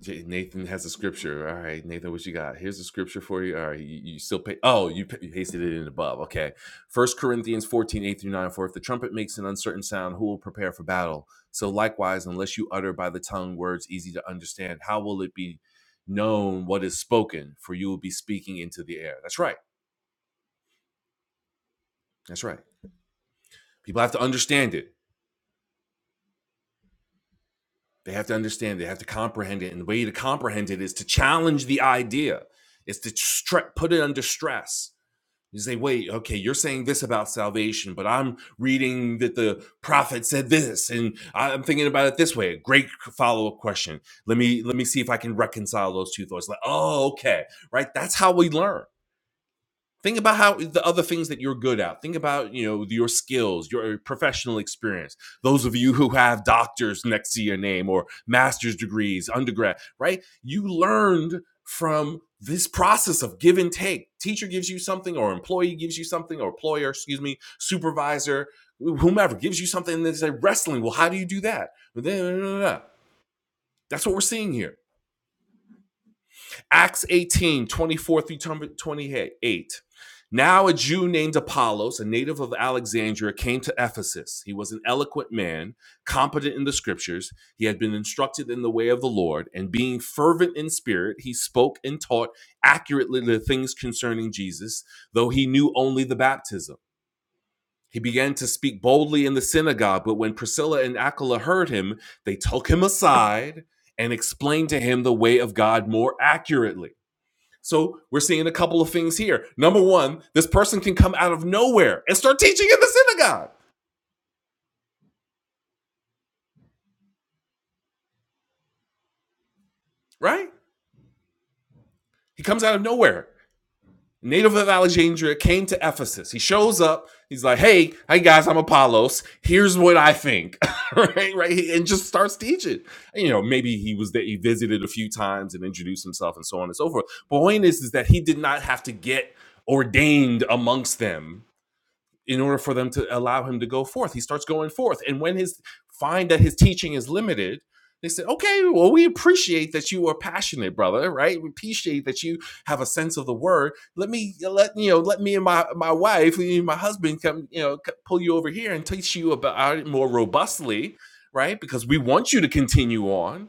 S1: J- Nathan has a scripture. All right, Nathan, what you got? Here's a scripture for you. All right, you, you still pay. Oh, you, you pasted it in the above. Okay. First Corinthians 14 8 through 9. For if the trumpet makes an uncertain sound, who will prepare for battle? So likewise, unless you utter by the tongue words easy to understand, how will it be known what is spoken? For you will be speaking into the air. That's right. That's right. People have to understand it. They have to understand. They have to comprehend it. And the way to comprehend it is to challenge the idea, It's to stre- put it under stress You say, wait, okay, you're saying this about salvation, but I'm reading that the prophet said this, and I'm thinking about it this way. Great follow-up question. Let me let me see if I can reconcile those two thoughts. Like, oh, okay, right. That's how we learn think about how the other things that you're good at think about you know your skills your uh, professional experience those of you who have doctors next to your name or master's degrees undergrad right you learned from this process of give and take teacher gives you something or employee gives you something or employer excuse me supervisor whomever gives you something and they say wrestling well how do you do that that's what we're seeing here Acts 18 24 through 28. Now a Jew named Apollos, a native of Alexandria, came to Ephesus. He was an eloquent man, competent in the scriptures. He had been instructed in the way of the Lord, and being fervent in spirit, he spoke and taught accurately the things concerning Jesus, though he knew only the baptism. He began to speak boldly in the synagogue, but when Priscilla and Aquila heard him, they took him aside and explained to him the way of God more accurately. So we're seeing a couple of things here. Number one, this person can come out of nowhere and start teaching in the synagogue, right? He comes out of nowhere. Native of Alexandria came to Ephesus. He shows up. He's like, "Hey, hey guys, I'm Apollos. Here's what I think." right, right, and just starts teaching. You know, maybe he was there. He visited a few times and introduced himself, and so on and so forth. But the point is, is that he did not have to get ordained amongst them in order for them to allow him to go forth. He starts going forth. And when his find that his teaching is limited, they said, okay, well, we appreciate that you are passionate, brother, right? We appreciate that you have a sense of the word. Let me let you know, let me and my my wife, and my husband come, you know, pull you over here and teach you about it more robustly, right? Because we want you to continue on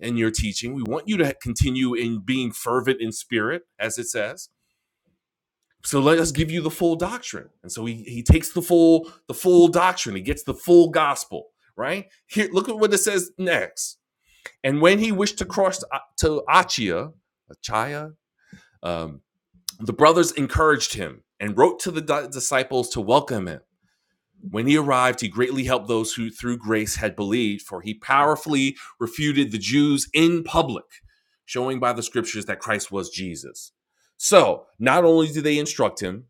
S1: in your teaching. We want you to continue in being fervent in spirit, as it says so let us give you the full doctrine and so he, he takes the full the full doctrine he gets the full gospel right here look at what it says next and when he wished to cross to, to achia achia um, the brothers encouraged him and wrote to the di- disciples to welcome him when he arrived he greatly helped those who through grace had believed for he powerfully refuted the jews in public showing by the scriptures that christ was jesus so not only do they instruct him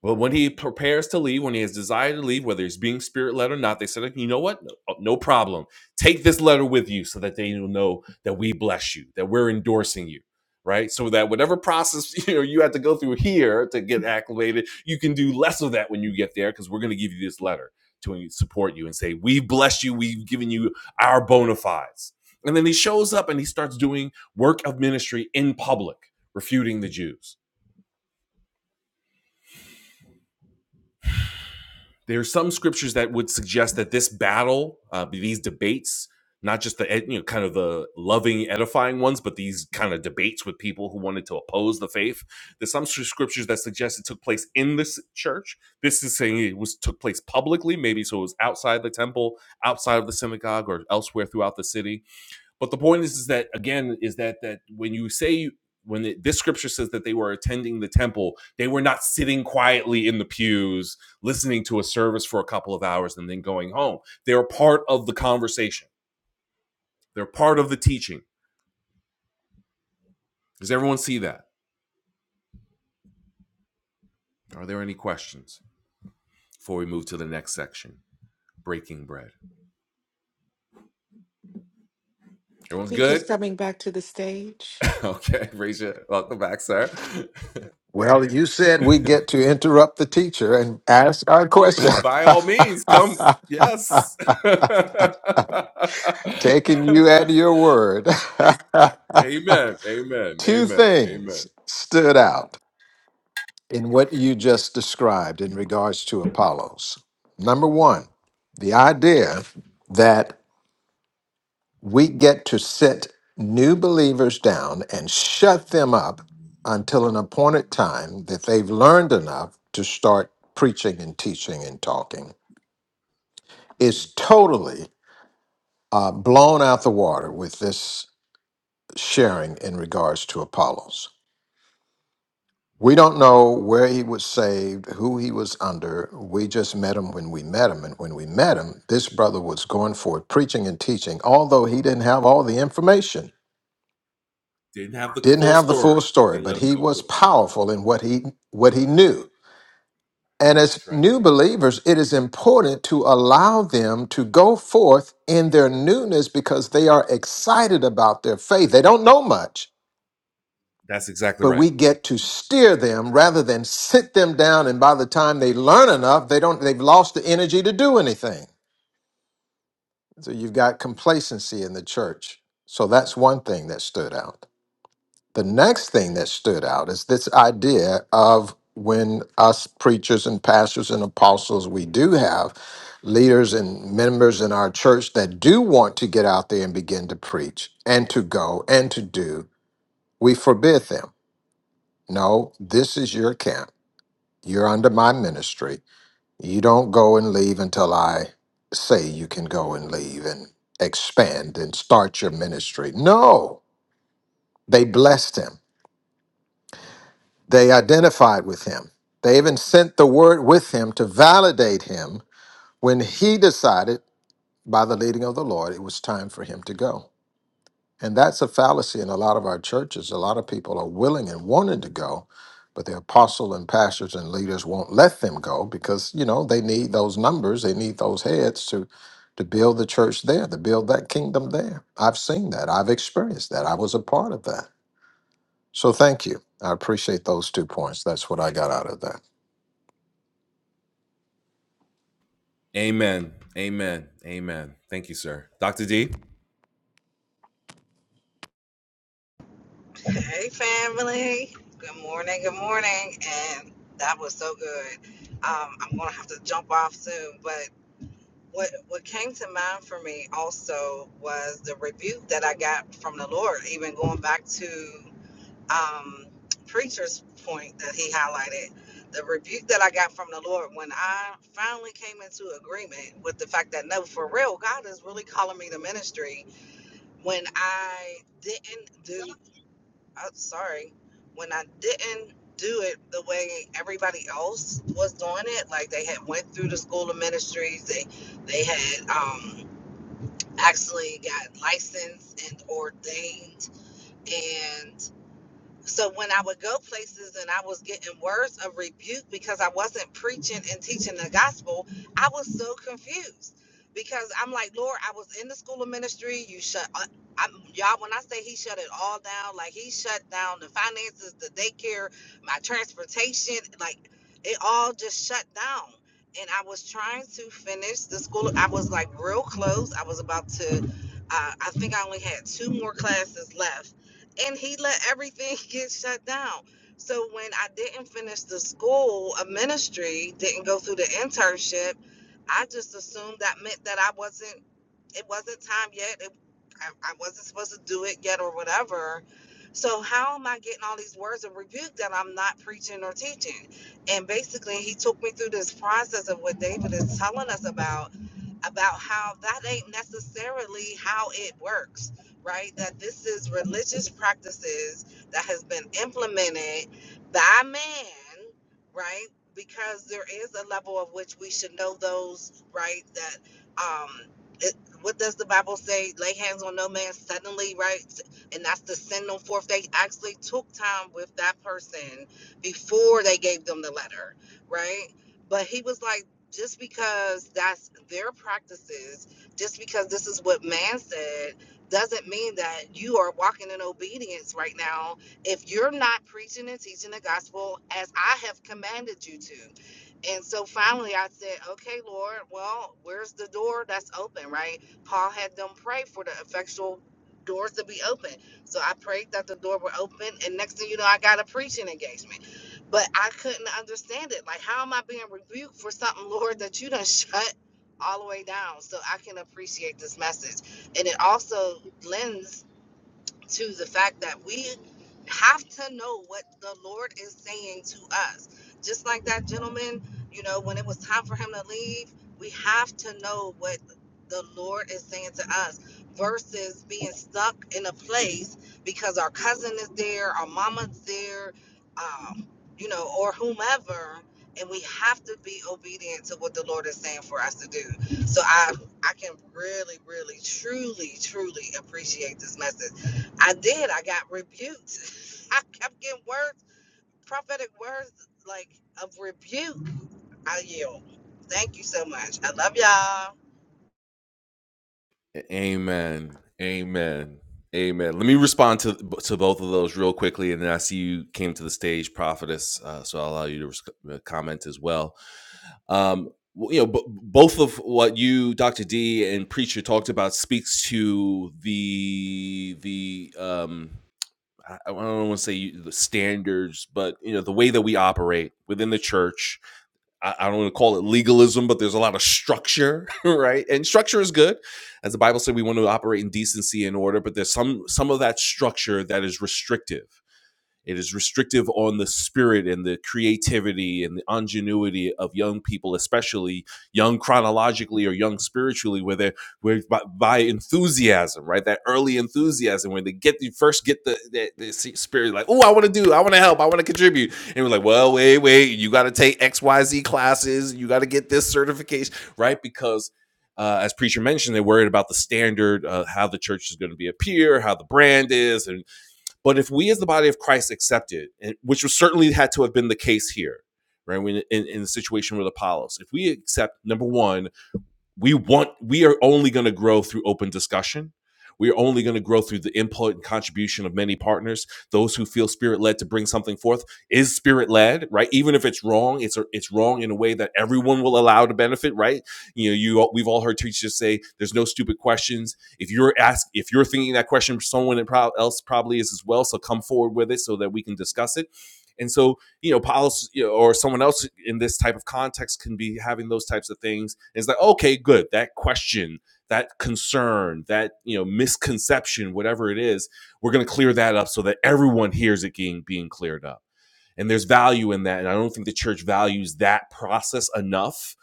S1: well, when he prepares to leave, when he has desire to leave, whether he's being spirit led or not, they said, you know what? No, uh, no problem. Take this letter with you so that they will know that we bless you, that we're endorsing you, right? So that whatever process you know you have to go through here to get acclimated, you can do less of that when you get there because we're going to give you this letter to support you and say, we bless you. We've given you our bona fides. And then he shows up and he starts doing work of ministry in public, refuting the Jews there are some scriptures that would suggest that this battle, uh, these debates, not just the you know kind of the loving, edifying ones, but these kind of debates with people who wanted to oppose the faith. There's some scriptures that suggest it took place in this church. This is saying it was took place publicly, maybe so it was outside the temple, outside of the synagogue, or elsewhere throughout the city but the point is, is that again, is that that when you say when it, this scripture says that they were attending the temple, they were not sitting quietly in the pews listening to a service for a couple of hours and then going home. They were part of the conversation. They're part of the teaching. Does everyone see that? Are there any questions before we move to the next section? Breaking bread. Everyone's
S3: Preacher's
S1: good?
S3: coming back to the stage.
S1: Okay, raise welcome back, sir.
S2: Well, you said we get to interrupt the teacher and ask our question.
S1: By all means, come. Yes.
S2: Taking you at your word.
S1: Amen. Amen.
S2: Two
S1: Amen. Amen.
S2: things stood out in what you just described in regards to Apollos. Number one, the idea that we get to sit new believers down and shut them up until an appointed time that they've learned enough to start preaching and teaching and talking.
S1: Mhm.
S2: It's totally uh, blown out the water with this sharing in regards to Apollos. We don't know where he was saved, who he was under. We just met him when we met him. And when we met him, this brother was going forth preaching and teaching, although he didn't have all the information.
S1: Didn't have the
S2: Didn't
S1: full
S2: have the full
S1: story, but
S2: story,
S1: they
S2: but
S1: let him
S2: he
S1: go
S2: was
S1: for it.
S2: powerful in what he what he knew. And as
S1: That's right.
S2: new believers, it is important to allow them to go forth in their newness because they are excited about their faith. They don't know much,
S1: That's exactly
S2: but
S1: right.
S2: we get to steer them rather than sit them down and by the time they learn enough, they don't they've lost the energy to do anything. So you've got complacency in the church. So that's one thing that stood out. The next thing that stood out is this idea of when us preachers and pastors and apostles, we do have leaders and members in our church that do want to get out there and begin to preach and to go and to do, we forbid them. No, this is your camp. You're under my ministry. You don't go and leave until I say you can go and leave and expand and start your ministry. No, they blessed him They identified with him. They even sent the word with him to validate him when he decided, by the leading of the Lord, it was time for him to go. And that's a fallacy in a lot of our churches. A lot of people are willing and wanting to go, but the apostle and pastors and leaders won't let them go because, you know, they need those numbers, they need those heads to to build the church there, to build that kingdom there. I've seen that. I've experienced that. I was a part of that. So thank you. I appreciate those two points. That's what I got out of that.
S1: Amen. Amen. Amen. Thank you, sir. Dr. D.
S4: Hey, family. Good morning. Good morning. And that was so good. Um, I'm gonna have to jump off soon, but what what came to mind for me also was the rebuke that I got from the Lord, even going back to um, preacher's point that he highlighted. The rebuke that I got from the Lord when I finally came into agreement with the fact that no, for real, God is really calling me to ministry when I didn't do I'm sorry, when I didn't do it the way everybody else was doing it, like they had went through the school of ministries, they they had um, actually got licensed and ordained, and. So when I would go places and I was getting words of rebuke because I wasn't preaching and teaching the gospel, I was so confused because I'm like, Lord, I was in the school of ministry. You shut, I- I'm, y'all. When I say He shut it all down, like He shut down the finances, the daycare, my transportation, like it all just shut down. And I was trying to finish the school. I was like real close. I was about to. Uh, I think I only had two more classes left and he let everything get shut down. So when I didn't finish the school, a ministry didn't go through the internship, I just assumed that meant that I wasn't. It wasn't time yet. It, I, I wasn't supposed to do it yet, or whatever. So how am I getting all these words of rebuke that I'm not preaching or teaching? And basically, he took me through this process of what David is telling us about, about how that ain't necessarily how it works right? That this is religious practices that has been implemented by man, right? Because there is a level of which we should know those, right? That um it, what does the Bible say? Lay hands on no man suddenly, right? And that's the sin no forth. They actually took time with that person before they gave them the letter, right? But he was like, just because that's their practices, just because this is what man said, doesn't mean that you are walking in obedience right now if you're not preaching and teaching the gospel as I have commanded you to. And so finally I said, Okay, Lord, well, where's the door that's open, right? Paul had them pray for the effectual doors to be open. So I prayed that the door would open, and next thing you know, I got a preaching engagement. But I couldn't understand it. Like, how am I being rebuked for something, Lord, that you done shut all the way down? So I can appreciate this message and it also lends to the fact that we have to know what the Lord is saying to us. Just like that gentleman, you know, when it was time for him to leave, we have to know what the Lord is saying to us versus being stuck in a place because our cousin is there, our mama's there, um, you know, or whomever. And we have to be obedient to what the Lord is saying for us to do. So I, I can really, really, truly, truly appreciate this message I did. I got rebuked. I kept getting words, prophetic words, like of rebuke. I yield. Thank you so much. I love y'all.
S1: Amen. Amen. Amen. Let me respond to to both of those real quickly, and then I see you came to the stage, prophetess. Uh, so I'll allow you to res- uh, comment as well. Um, you know, b- both of what you, Doctor D, and preacher talked about speaks to the the um, I don't want to say the standards, but you know the way that we operate within the church. I, I don't want to call it legalism, but there's a lot of structure, right? And structure is good, as the Bible said. We want to operate in decency and order, but there's some some of that structure that is restrictive, it is restrictive on the spirit and the creativity and the ingenuity of young people, especially young chronologically or young spiritually, where they're where by, by enthusiasm, right? That early enthusiasm when they get you first get the, the, the spirit, like, oh, I want to do, I want to help, I want to contribute, and we're like, well, wait, wait, you got to take X, Y, Z classes, you got to get this certification, right? Because uh, as preacher mentioned, they're worried about the standard, uh, how the church is going to be appear, how the brand is, and but if we, as the body of Christ, accepted, and, which was certainly had to have been the case here, right? in, in the situation with Apollos, if we accept number one we want we are only going to grow through open discussion we are only going to grow through the input and contribution of many partners those who feel spirit led to bring something forth is spirit led right even if it's wrong it's it's wrong in a way that everyone will allow to benefit right you know you we've all heard teachers say there's no stupid questions if you're ask if you're thinking that question someone else probably is as well so come forward with it so that we can discuss it and so you know, policy you know, or someone else in this type of context can be having those types of things. And it's like, okay, good. That question, that concern, that you know, misconception, whatever it is, we're going to clear that up so that everyone hears it being being cleared up. And there's value in that. And I don't think the church values that process enough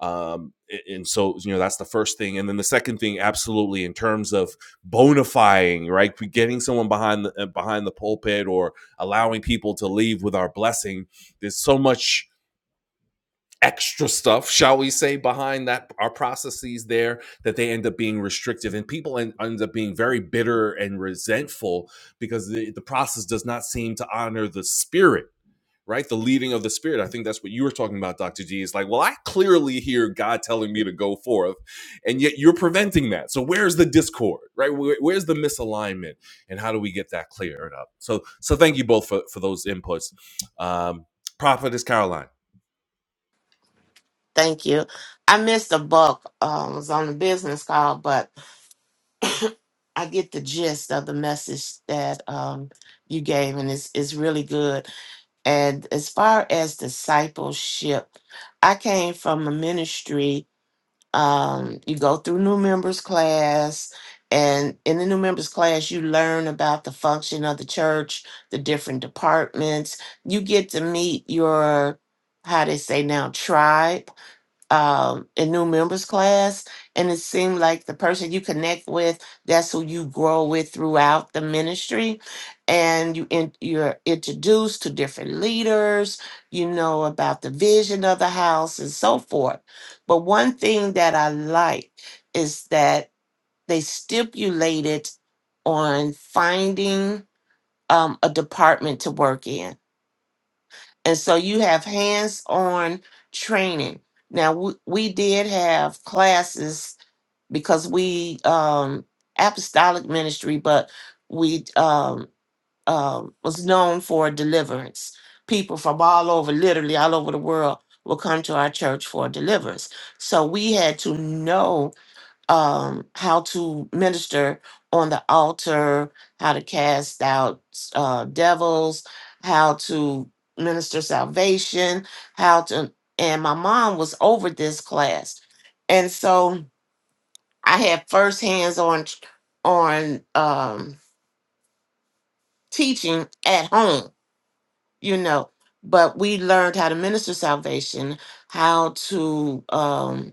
S1: um and so you know that's the first thing and then the second thing absolutely in terms of bonifying right getting someone behind the uh, behind the pulpit or allowing people to leave with our blessing there's so much extra stuff shall we say behind that our processes there that they end up being restrictive and people end, end up being very bitter and resentful because the, the process does not seem to honor the spirit right? The leading of the spirit. I think that's what you were talking about, Dr. G. Is like, well, I clearly hear God telling me to go forth, and yet you're preventing that. So where's the discord, right? Where, where's the misalignment, and how do we get that cleared up? So, so thank you both for for those inputs. Um, Prophetess Caroline.
S5: Thank you. I missed the bulk. Um, was on the business call, but I get the gist of the message that um, you gave, and it's it's really good. And as far as discipleship, I came from a ministry. Um, you go through new members class, and in the new members class, you learn about the function of the church, the different departments. You get to meet your how they say now tribe um, a new members class, and it seemed like the person you connect with, that's who you grow with throughout the ministry, and you in, you're introduced to different leaders, you know about the vision of the house and so forth. But one thing that I like is that they stipulated on finding um, a department to work in and so you have hands on training. Now, we, we did have classes because we, um, apostolic ministry, but we um, um, was known for deliverance. People from all over, literally all over the world, will come to our church for deliverance. So we had to know um, how to minister on the altar, how to cast out uh, devils, how to minister salvation, how to. And my mom was over this class, and so I had first hands on on um, teaching at home, you know. But we learned how to minister salvation, how to um,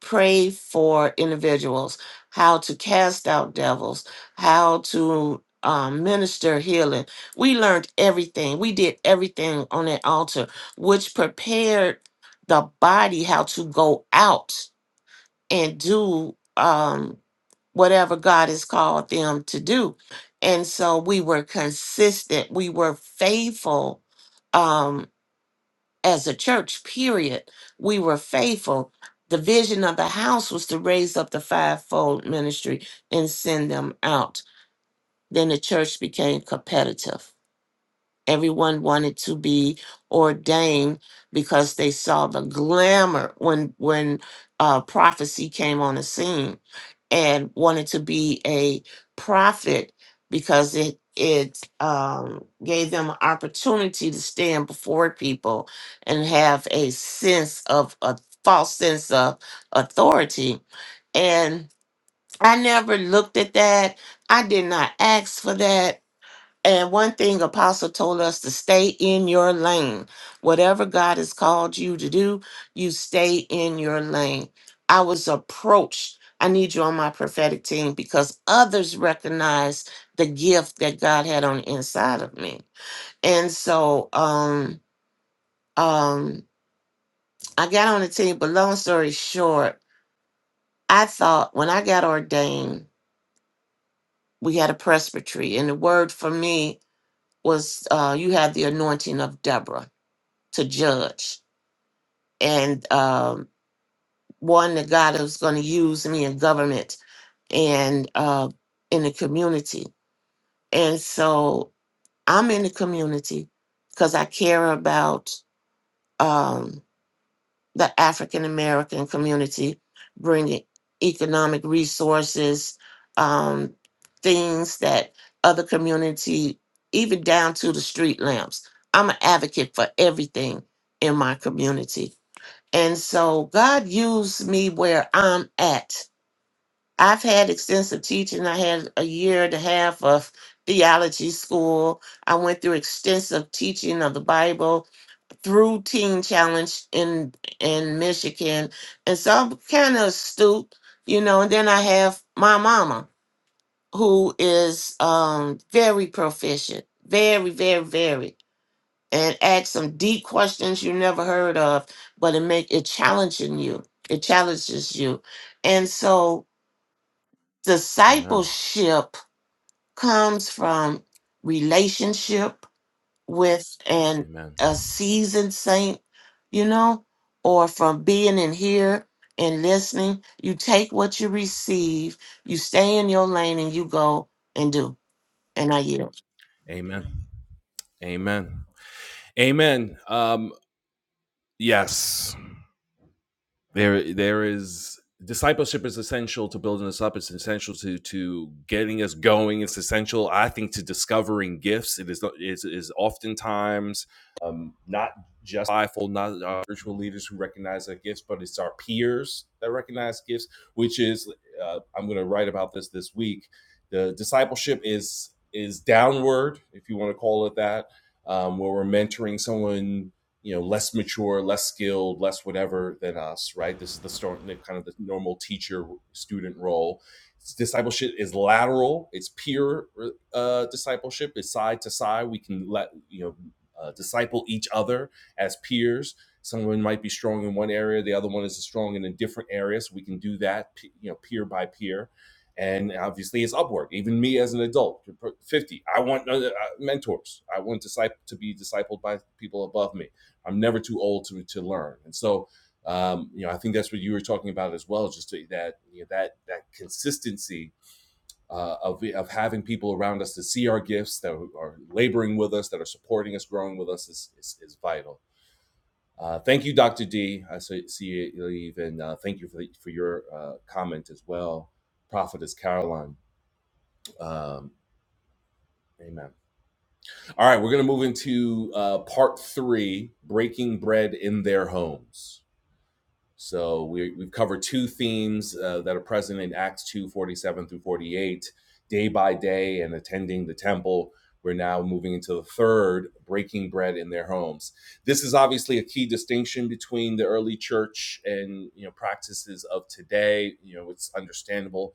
S5: pray for individuals, how to cast out devils, how to um, minister healing. We learned everything. We did everything on that altar, which prepared the body how to go out and do um, whatever God has called them to do. And so we were consistent, we were faithful. Um, as a church, period, we were faithful. The vision of the house was to raise up the fivefold ministry and send them out. Then the church became competitive Everyone wanted to be ordained because they saw the glamour when when uh, prophecy came on the scene, and wanted to be a prophet because it it um, gave them an opportunity to stand before people and have a sense of a false sense of authority. And I never looked at that. I did not ask for that. And one thing Apostle told us to stay in your lane. Whatever God has called you to do, you stay in your lane. I was approached. I need you on my prophetic team because others recognize the gift that God had on the inside of me. And so um um I got on the team, but long story short, I thought when I got ordained, we had a presbytery, and the word for me was uh you have the anointing of Deborah. to judge and um, one that god is going to use me in government and uh, in the community and so i'm in the community because i care about um, the african american community bringing economic resources um, things that other community even down to the street lamps i'm an advocate for everything in my community And so God used me where I'm at. I've had extensive teaching. I had a year and a half of theology school. I went through extensive teaching of the Bible through Teen Challenge in in Michigan. And so I'm kind of astute, you know, and then I have my mama who is um very proficient, very, very, very and ask some deep questions you never heard of, but it make it challenging you. It challenges you. And so
S1: Amen.
S5: discipleship comes from relationship with an
S1: Amen.
S5: a seasoned saint, you know, or from being in here and listening. You take what you receive, you stay in your lane and you go and do. And I yield.
S1: Amen. Amen. Amen. Um, yes. there there is discipleship is essential to building us up it's essential to to getting us going it's essential i think to discovering gifts it is it is oftentimes um not just mindful not our spiritual leaders who recognize their gifts but it's our peers that recognize gifts which is uh, i'm going to write about this this week the discipleship is is downward if you want to call it that um, where we're mentoring someone you know less mature less skilled less whatever than us right this is the stor- the kind of the normal teacher student role It's, discipleship is lateral it's peer uh, discipleship it's side to side we can let you know uh, disciple each other as peers someone might be strong in one area the other one is strong in a different area so we can do that you know peer by peer and obviously it's upward even me as an adult 50 i want uh, uh, mentors i want disciple to be discipled by people above me I'm never too old to to learn. And so, um, you know, I think that's what you were talking about as well, just to, that you know, that that consistency uh, of of having people around us to see our gifts that are laboring with us, that are supporting us, growing with us is is, is vital. Uh, thank you, Dr. D. I see you leave, and uh, thank you for the, for your uh, comment as well, Prophetess Caroline. Um, amen. All right, we're going to move into uh, part three: breaking bread in their homes. So we, we've covered two themes uh, that are present in Acts 2 47 through 48, day by day and attending the temple. We're now moving into the third, breaking bread in their homes. This is obviously a key distinction between the early church and you know practices of today. You know, it's understandable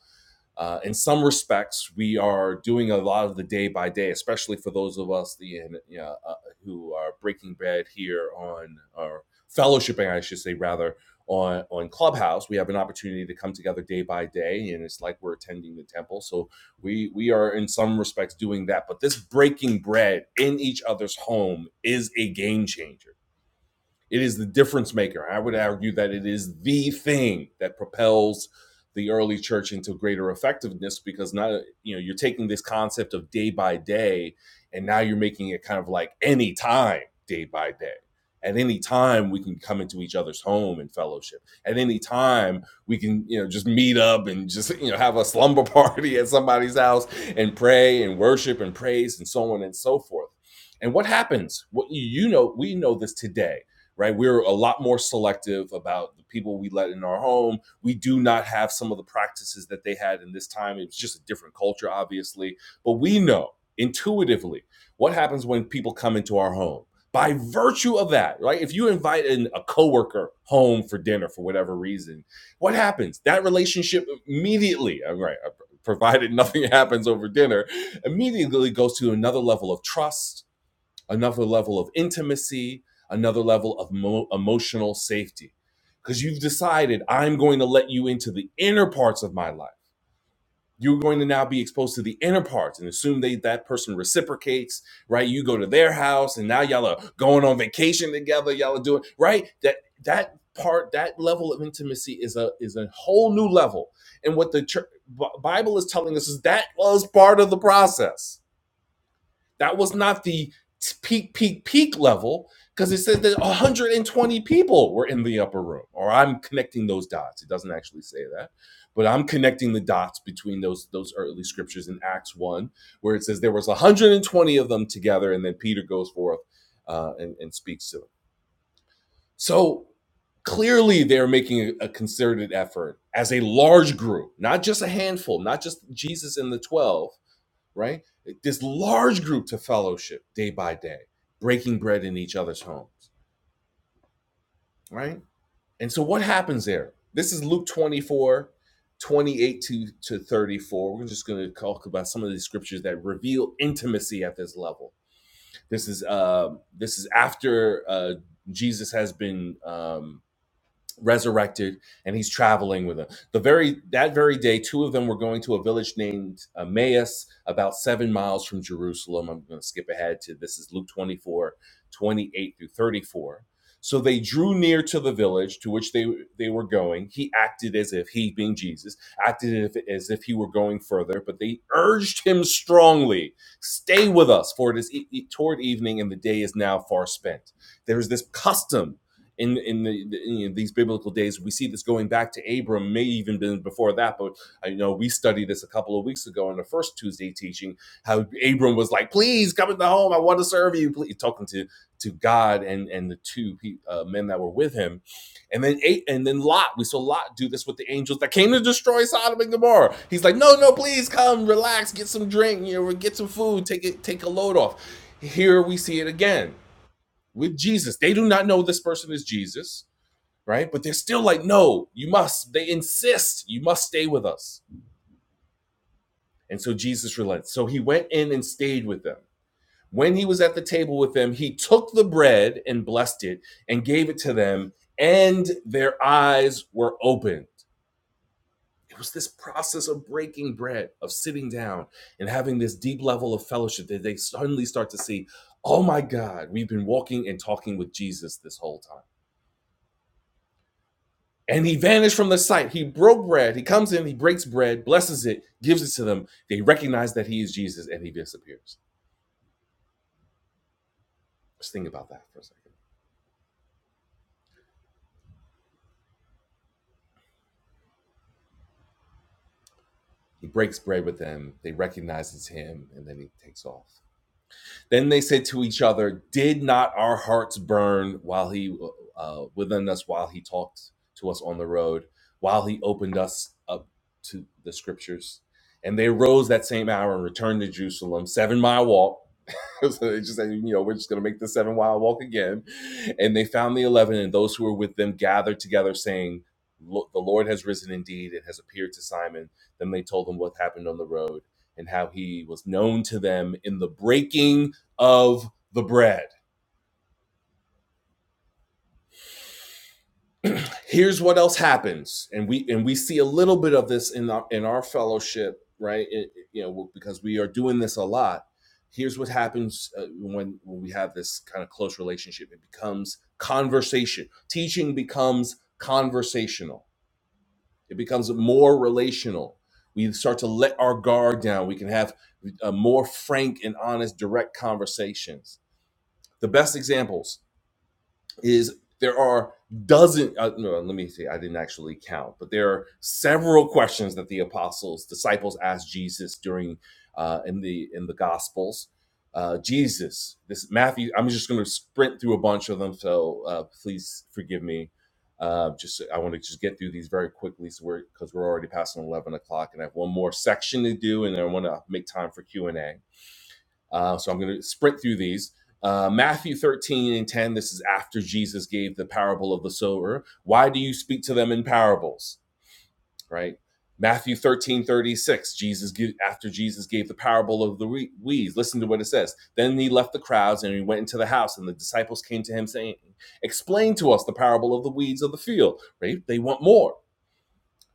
S1: uh, in some respects, we are doing a lot of the day by day, especially for those of us the, you know, uh, who are breaking bread here on, or fellowshipping, I should say, rather, on, on Clubhouse. We have an opportunity to come together day by day, and it's like we're attending the temple. So we, we are, in some respects, doing that. But this breaking bread in each other's home is a game changer it is the difference maker. I would argue that it is the thing that propels the early church into greater effectiveness because now you know you're taking this concept of day by day and now you're making it kind of like any time day by day at any time we can come into each other's home and fellowship at any time we can you know just meet up and just you know have a slumber party at somebody's house and pray and worship and praise and so on and so forth and what happens what you know we know this today right? We're a lot more selective about the people we let in our home. We do not have some of the practices that they had in this time. It was just a different culture, obviously. But we know intuitively what happens when people come into our home. By virtue of that, right? If you invite in a coworker home for dinner for whatever reason, what happens? That relationship immediately, uh, right? uh, Provided nothing happens over dinner, immediately goes to another level of trust, another level of intimacy, another level of mo- emotional safety. Because you've decided, I'm going to let you into the inner parts of my life. You're going to now be exposed to the inner parts and assume they, that person reciprocates, right? You go to their house and now y'all are going on vacation together. Y'all are doing, right? That, that part, that level of intimacy is a, is a whole new level. And what the church, B- Bible is telling us is that was part of the process that was not the peak, peak, peak level because it said that 120 people were in the upper room. Or I'm connecting those dots. It doesn't actually say that, but I'm connecting the dots between those those early scriptures in Acts one, where it says there was 120 of them together, and then Peter goes forth uh, and, and speaks to them. So clearly they're making a, a concerted effort as a large group, not just a handful, not just Jesus and the 12, right? This large group to fellowship day by day, breaking bread in each other's homes, right? And so what happens there? This is Luke 24, 28 to, to 34. We're just going to talk about some of the scriptures that reveal intimacy at this level. This is um, this is after uh, Jesus has been um, resurrected and he's traveling with them the very that very day two of them were going to a village named emmaus about seven miles from jerusalem i'm going to skip ahead to this is luke 24:28 through 34 so they drew near to the village to which they they were going he acted as if he being jesus acted as if, as if he were going further but they urged him strongly stay with us for it is e- e- toward evening and the day is now far spent there's this custom in in the, the you these biblical days. We see this going back to Abram, may even been before that, but I know we studied this a couple of weeks ago in the first Tuesday teaching. How Abram was like, "Please come into home. I want to serve you." Please talking to to God and and the two uh, men that were with him, and then eight and then Lot. We saw Lot do this with the angels that came to destroy Sodom and Gomorrah. He's like, "No, no, please come, relax, get some drink, you know, get some food, take it, take a load off." Here we see it again with Jesus. They do not know this person is Jesus, right? But they're still like, no, you must. They insist, you must stay with us. And so Jesus relents. So he went in and stayed with them. When he was at the table with them, he took the bread and blessed it and gave it to them, and their eyes were opened. It was this process of breaking bread, of sitting down and having this deep level of fellowship that they suddenly start to see, oh my God, we've been walking and talking with Jesus this whole time And he vanished from the sight. He broke bread. He comes in, he breaks bread, blesses it, gives it to them. They recognize that he is Jesus and he disappears. Just think about that for a second. He breaks bread with them. They recognize it's him and then he takes off. Then they said to each other, Did not our hearts burn while he uh, within us while he talked to us on the road, while he opened us up to the scriptures? And they rose that same hour and returned to Jerusalem, seven mile walk. so they just said, you know, we're just going to make the seven mile walk again. And they found the 11, and those who were with them gathered together, saying, "Lo- The Lord has risen indeed and has appeared to Simon. Then they told him what happened on the road and how he was known to them in the breaking of the bread. here's what else happens and we and we see a little bit of this in our in our fellowship right It- you know because we are doing this a lot here's what happens uh, when when we have this kind of close relationship it becomes conversation teaching becomes conversational it becomes more relational we start to let our guard down we can have uh, more frank and honest direct conversations the best examples is there are dozen uh, no let me say i didn't actually count but there are several questions that the apostles disciples asked jesus during uh, in the in the gospels uh, jesus this matthew i'm just going to sprint through a bunch of them so uh, please forgive me uh, just i want to just get through these very quickly so we're because we're already passing 11 o'clock and i have one more section to do and then i want to make time for q&a uh, so I'm going to sprint through these. Uh, Matthew 13 and 10, this is after Jesus gave the parable of the sower. Why do you speak to them in parables? Right? Matthew 13:36. Jesus give, after Jesus gave the parable of the weeds, listen to what it says. Then he left the crowds and he went into the house, and the disciples came to him saying, Explain to us the parable of the weeds of the field. Right? They want more.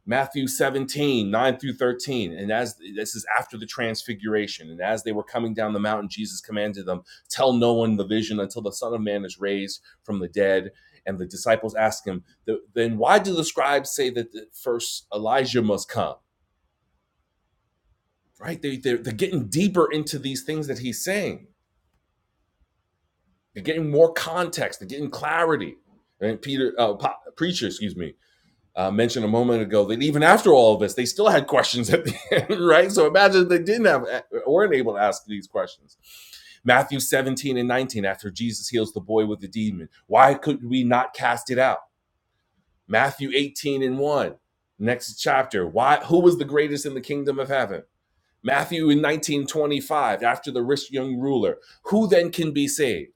S1: Matthew 17:9 through 13. And as this is after the transfiguration, and as they were coming down the mountain, Jesus commanded them, Tell no one the vision until the Son of Man is raised from the dead. And the disciples asked him, Then why do the scribes say that first Elijah must come? Right? They, they're, they're getting deeper into these things that he's saying. They're getting more context, they're getting clarity. And Peter, uh, preacher, excuse me, uh, mentioned a moment ago that even after all of this, they still had questions at the end, right? So imagine if they didn't have, eh, weren't able to ask these questions. Matthew 17 and 19, after Jesus heals the boy with the demon, why could we not cast it out? Matthew 18 and 1, next chapter, why, who was the greatest in the kingdom of heaven? Matthew in 1925, after the rich young ruler, who then can be saved?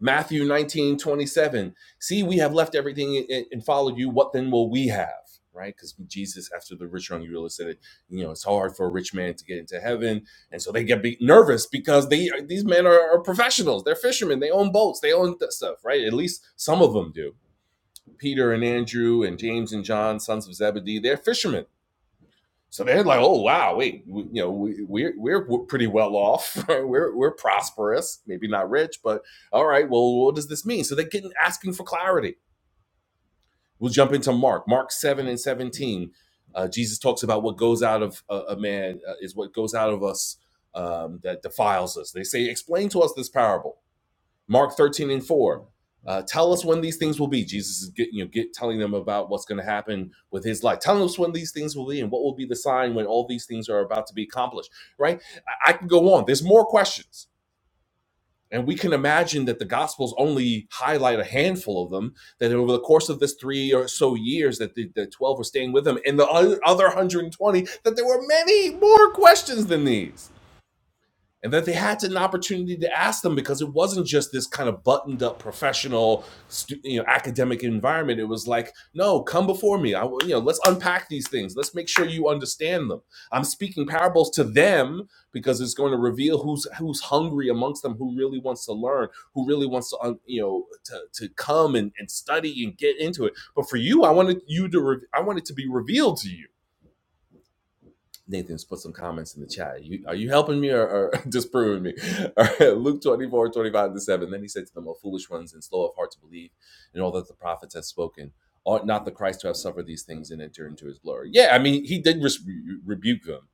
S1: Matthew 19 27. See, we have left everything and followed you. What then will we have? Right? Because Jesus, after the rich young ruler said it, you know, it's hard for a rich man to get into heaven. And so they get nervous because they these men are, are professionals. They're fishermen. They own boats. They own stuff, right? At least some of them do. Peter and Andrew and James and John, sons of Zebedee, they're fishermen so they're like, oh wow, wait, we, you know, we, we're we're pretty well off. we're we're prosperous, maybe not rich, but all right. Well, what does this mean? So they're getting asking for clarity. We'll jump into Mark, Mark seven and seventeen. Uh, Jesus talks about what goes out of a, a man uh, is what goes out of us um, that defiles us. They say, explain to us this parable. Mark 13 and 4. Uh, tell us when these things will be. Jesus is get, you know, get telling them about what's going to happen with his life. Tell us when these things will be and what will be the sign when all these things are about to be accomplished, right? I, I can go on. There's more questions. And we can imagine that the Gospels only highlight a handful of them, that over the course of this three or so years that the, the 12 were staying with him and the other 120, that there were many more questions than these and that they had an opportunity to ask them because it wasn't just this kind of buttoned up professional you know academic environment it was like no come before me I, you know let's unpack these things let's make sure you understand them i'm speaking parables to them because it's going to reveal who's who's hungry amongst them who really wants to learn who really wants to you know to, to come and, and study and get into it but for you i wanted you to re- i wanted to be revealed to you Nathan's put some comments in the chat. You, are you helping me or, or disproving me? All right, Luke 24 25 to 7. Then he said to them, O foolish ones and slow of heart to believe in all that the prophets have spoken. Ought not the Christ to have suffered these things and enter into his glory? Yeah, I mean, he did re- rebuke them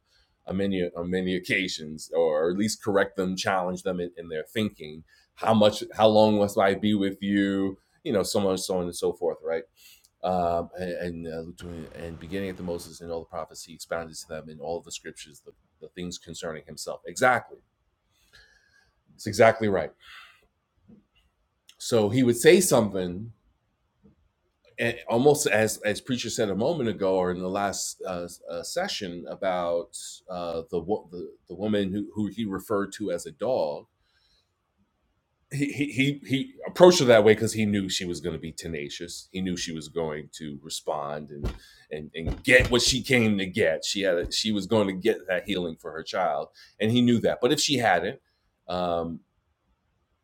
S1: on many, on many occasions, or at least correct them, challenge them in, in their thinking. How much, how long must I be with you? You know, so much, so on and so forth, right? um, and and, uh, and beginning at the Moses and all the prophets, he expounded to them in all the scriptures the, the things concerning himself. Exactly, it's exactly right. So he would say something, and almost as as preacher said a moment ago, or in the last uh, uh, session about uh, the, wo- the the woman who, who he referred to as a dog he he he approached her that way because he knew she was going to be tenacious. He knew she was going to respond and and and get what she came to get. She had a, she was going to get that healing for her child, and he knew that. But if she hadn't, um,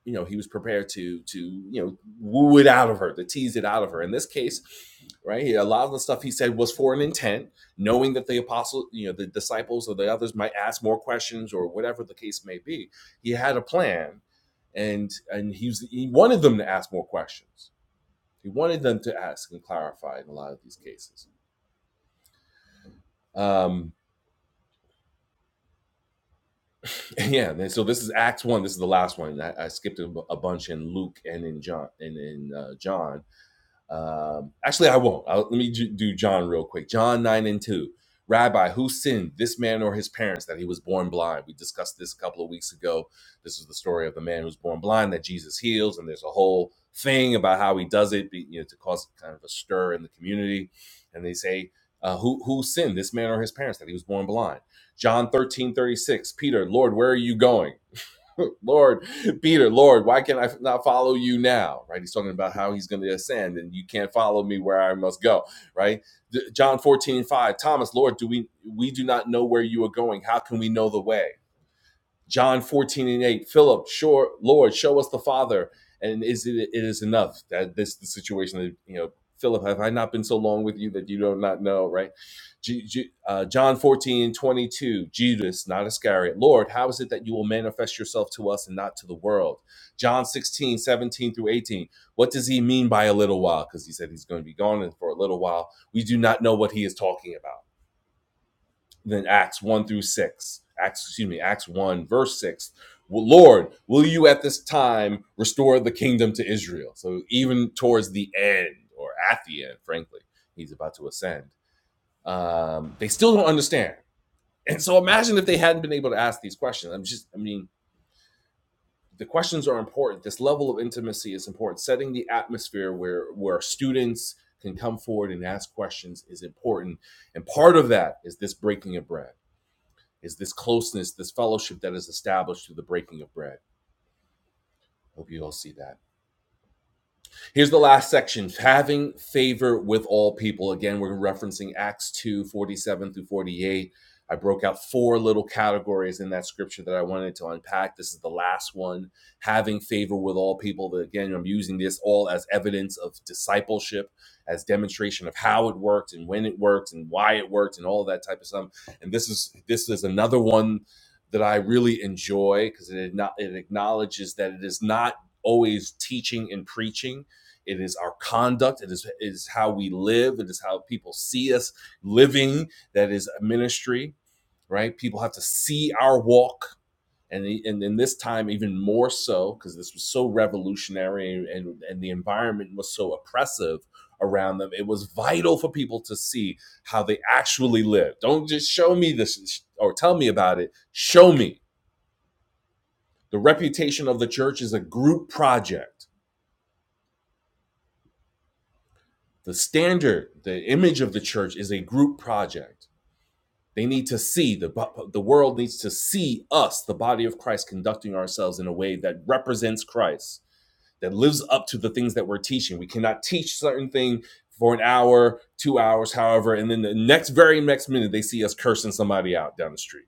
S1: you know he was prepared to to you know woo it out of her to tease it out of her in this case right a lot of the stuff he said was for an intent knowing that the apostle you know the disciples or the others might ask more questions or whatever the case may be he had a plan and and he was he wanted them to ask more questions he wanted them to ask and clarify in a lot of these cases um yeah and so this is acts one this is the last one i, I skipped a, a bunch in luke and in john and in uh, john Um, actually, I won't. I'll, let me do John real quick. John 9 and 2. Rabbi, who sinned, this man or his parents, that he was born blind? We discussed this a couple of weeks ago. This is the story of the man who's born blind that Jesus heals, and there's a whole thing about how he does it, you know, to cause kind of a stir in the community. And they say, uh, who who sinned, this man or his parents, that he was born blind? John 13 36. Peter, Lord, where are you going? Lord, Peter, Lord, why can I not follow you now? Right? He's talking about how he's going to ascend and you can't follow me where I must go. Right? John 14 5. Thomas, Lord, do we we do not know where you are going? How can we know the way? John 14 and 8, Philip, sure, Lord, show us the Father. And is it, it is enough that this the situation that, you know, Philip, have I not been so long with you that you do not know, right? Ju- Ju- uh, John 14 22, Judas, not Iscariot, Lord, how is it that you will manifest yourself to us and not to the world? John 16 17 through 18, what does he mean by a little while? Because he said he's going to be gone for a little while. We do not know what he is talking about then Acts 1 through 6. Acts, excuse me, Acts 1, verse 6. "Well, Lord, will you at this time restore the kingdom to Israel? So even towards the end, or at the end, frankly, he's about to ascend. Um, they still don't understand. And so imagine if they hadn't been able to ask these questions. I'm just, I mean, the questions are important. This level of intimacy is important. Setting the atmosphere where where students can come forward and ask questions is important. And part of that is this breaking of bread is this closeness, this fellowship that is established through the breaking of bread. Hope you all see that. Here's the last section having favor with all people. Again, we're referencing Acts 2 47 through 48. I broke out four little categories in that scripture that I wanted to unpack. This is the last one having favor with all people. That Again, I'm using this all as evidence of discipleship, as demonstration of how it worked and when it worked and why it worked and all that type of stuff. And this is this is another one that I really enjoy because it, acknow- it acknowledges that it is not always teaching and preaching it is our conduct. It is, it is how we live. It is how people see us living. That is ministry, right? People have to see our walk. And, and in this time, even more so, because this was so revolutionary and, and the environment was so oppressive around them, it was vital for people to see how they actually live. Don't just show me this or tell me about it. Show me. The reputation of the church is a group project the standard the image of the church is a group project they need to see the the world needs to see us the body of christ conducting ourselves in a way that represents christ that lives up to the things that we're teaching we cannot teach certain thing for an hour two hours however and then the next very next minute they see us cursing somebody out down the street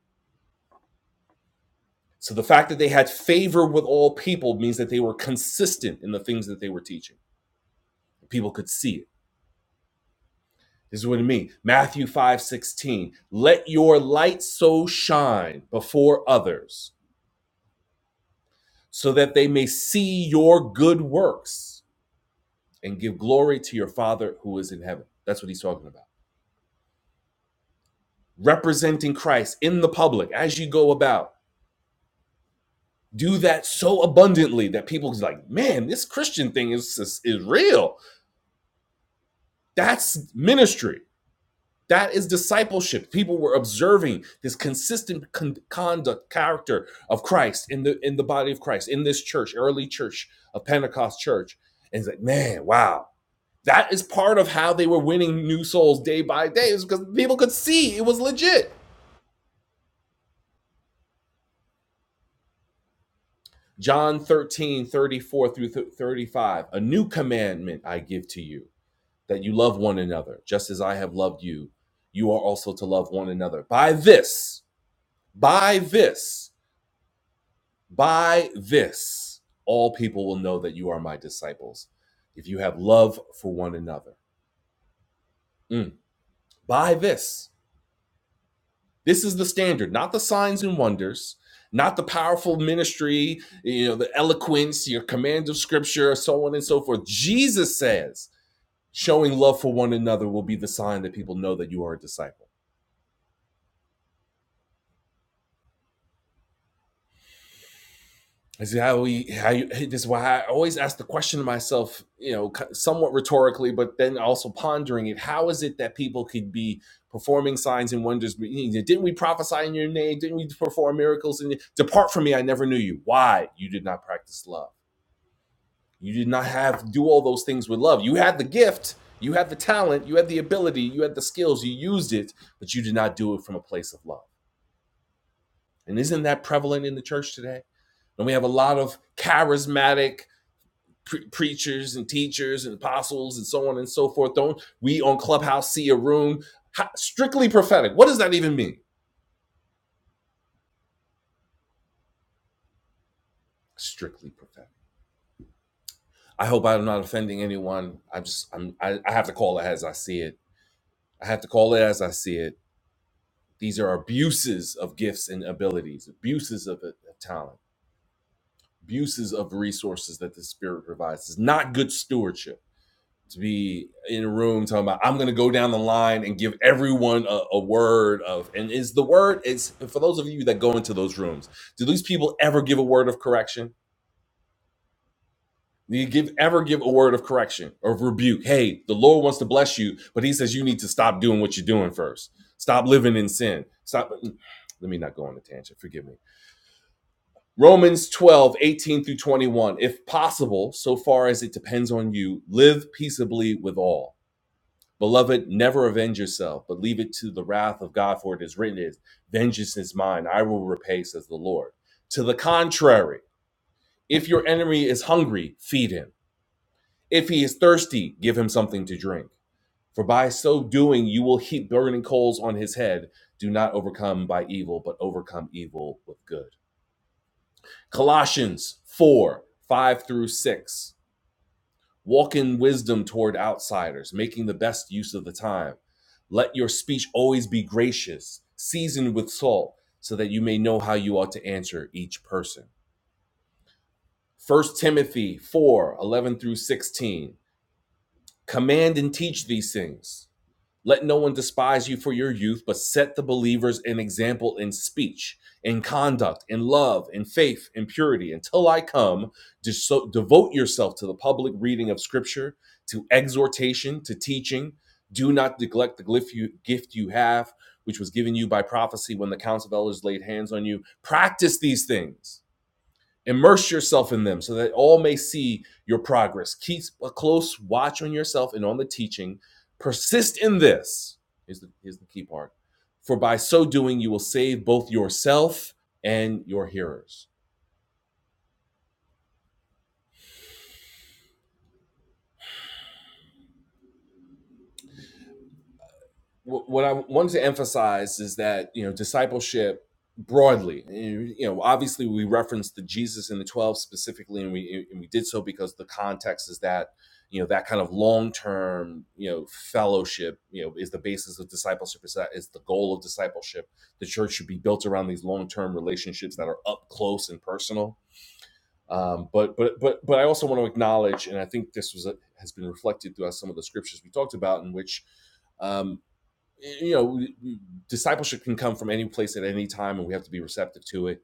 S1: so the fact that they had favor with all people means that they were consistent in the things that they were teaching people could see it This is what it means. Matthew 5 16. Let your light so shine before others, so that they may see your good works and give glory to your Father who is in heaven. That's what he's talking about. Representing Christ in the public as you go about. Do that so abundantly that people's like, man, this Christian thing is, is, is real. That's ministry. That is discipleship. People were observing this consistent con- conduct, character of Christ in the in the body of Christ in this church, early church a Pentecost church, and it's like, man, wow, that is part of how they were winning new souls day by day, is because people could see it was legit. John 13 34 through 35. A new commandment I give to you that you love one another, just as I have loved you. You are also to love one another. By this, by this. By this, all people will know that you are my disciples, if you have love for one another. Mm. By this, this is the standard, not the signs and wonders, not the powerful ministry, you know, the eloquence, your command of scripture, so on and so forth. Jesus says, showing love for one another will be the sign that people know that you are a disciple. This is how we how you, hey, this is why I always ask the question to myself, you know, somewhat rhetorically, but then also pondering it. How is it that people could be performing signs and wonders? Didn't we prophesy in your name? Didn't we perform miracles? And depart from me, I never knew you. Why you did not practice love? You did not have do all those things with love. You had the gift, you had the talent, you had the ability, you had the skills, you used it, but you did not do it from a place of love. And isn't that prevalent in the church today? And we have a lot of charismatic pre- preachers and teachers and apostles and so on and so forth. Don't we on Clubhouse see a room How, strictly prophetic? What does that even mean? Strictly prophetic. I hope I'm not offending anyone. I just I'm, I, I have to call it as I see it. I have to call it as I see it. These are abuses of gifts and abilities, abuses of, of talent, abuses of resources that the Spirit provides. It's not good stewardship to be in a room talking about I'm going to go down the line and give everyone a, a word of and is the word is for those of you that go into those rooms. Do these people ever give a word of correction? Do you give ever give a word of correction or rebuke? Hey, the Lord wants to bless you, but He says you need to stop doing what you're doing first. Stop living in sin. Stop. Let me not go on a tangent. Forgive me. Romans 12:18 through 21. If possible, so far as it depends on you, live peaceably with all. Beloved, never avenge yourself, but leave it to the wrath of God, for it is written, it is, Vengeance is mine, I will repay, says the Lord. To the contrary, if your enemy is hungry, feed him. If he is thirsty, give him something to drink. For by so doing, you will heap burning coals on his head. Do not overcome by evil, but overcome evil with good. Colossians 4 5 through 6. Walk in wisdom toward outsiders, making the best use of the time. Let your speech always be gracious, seasoned with salt, so that you may know how you ought to answer each person. First Timothy 4 11 through 16. Command and teach these things. Let no one despise you for your youth, but set the believers an example in speech, in conduct, in love, in faith, in purity. Until I come, so, devote yourself to the public reading of Scripture, to exhortation, to teaching. Do not neglect the gift you have, which was given you by prophecy when the council of elders laid hands on you. Practice these things Immerse yourself in them so that all may see your progress. Keep a close watch on yourself and on the teaching. Persist in this. Here's the, here's the key part. For by so doing, you will save both yourself and your hearers. what I wanted to emphasize is that you know discipleship broadly you know obviously we referenced the Jesus and the 12 specifically and we and we did so because the context is that you know that kind of long-term you know fellowship you know is the basis of discipleship is that is the goal of discipleship the church should be built around these long-term relationships that are up close and personal um, but but but but I also want to acknowledge and I think this was a, has been reflected throughout some of the scriptures we talked about in which um, you know, discipleship can come from any place at any time, and we have to be receptive to it,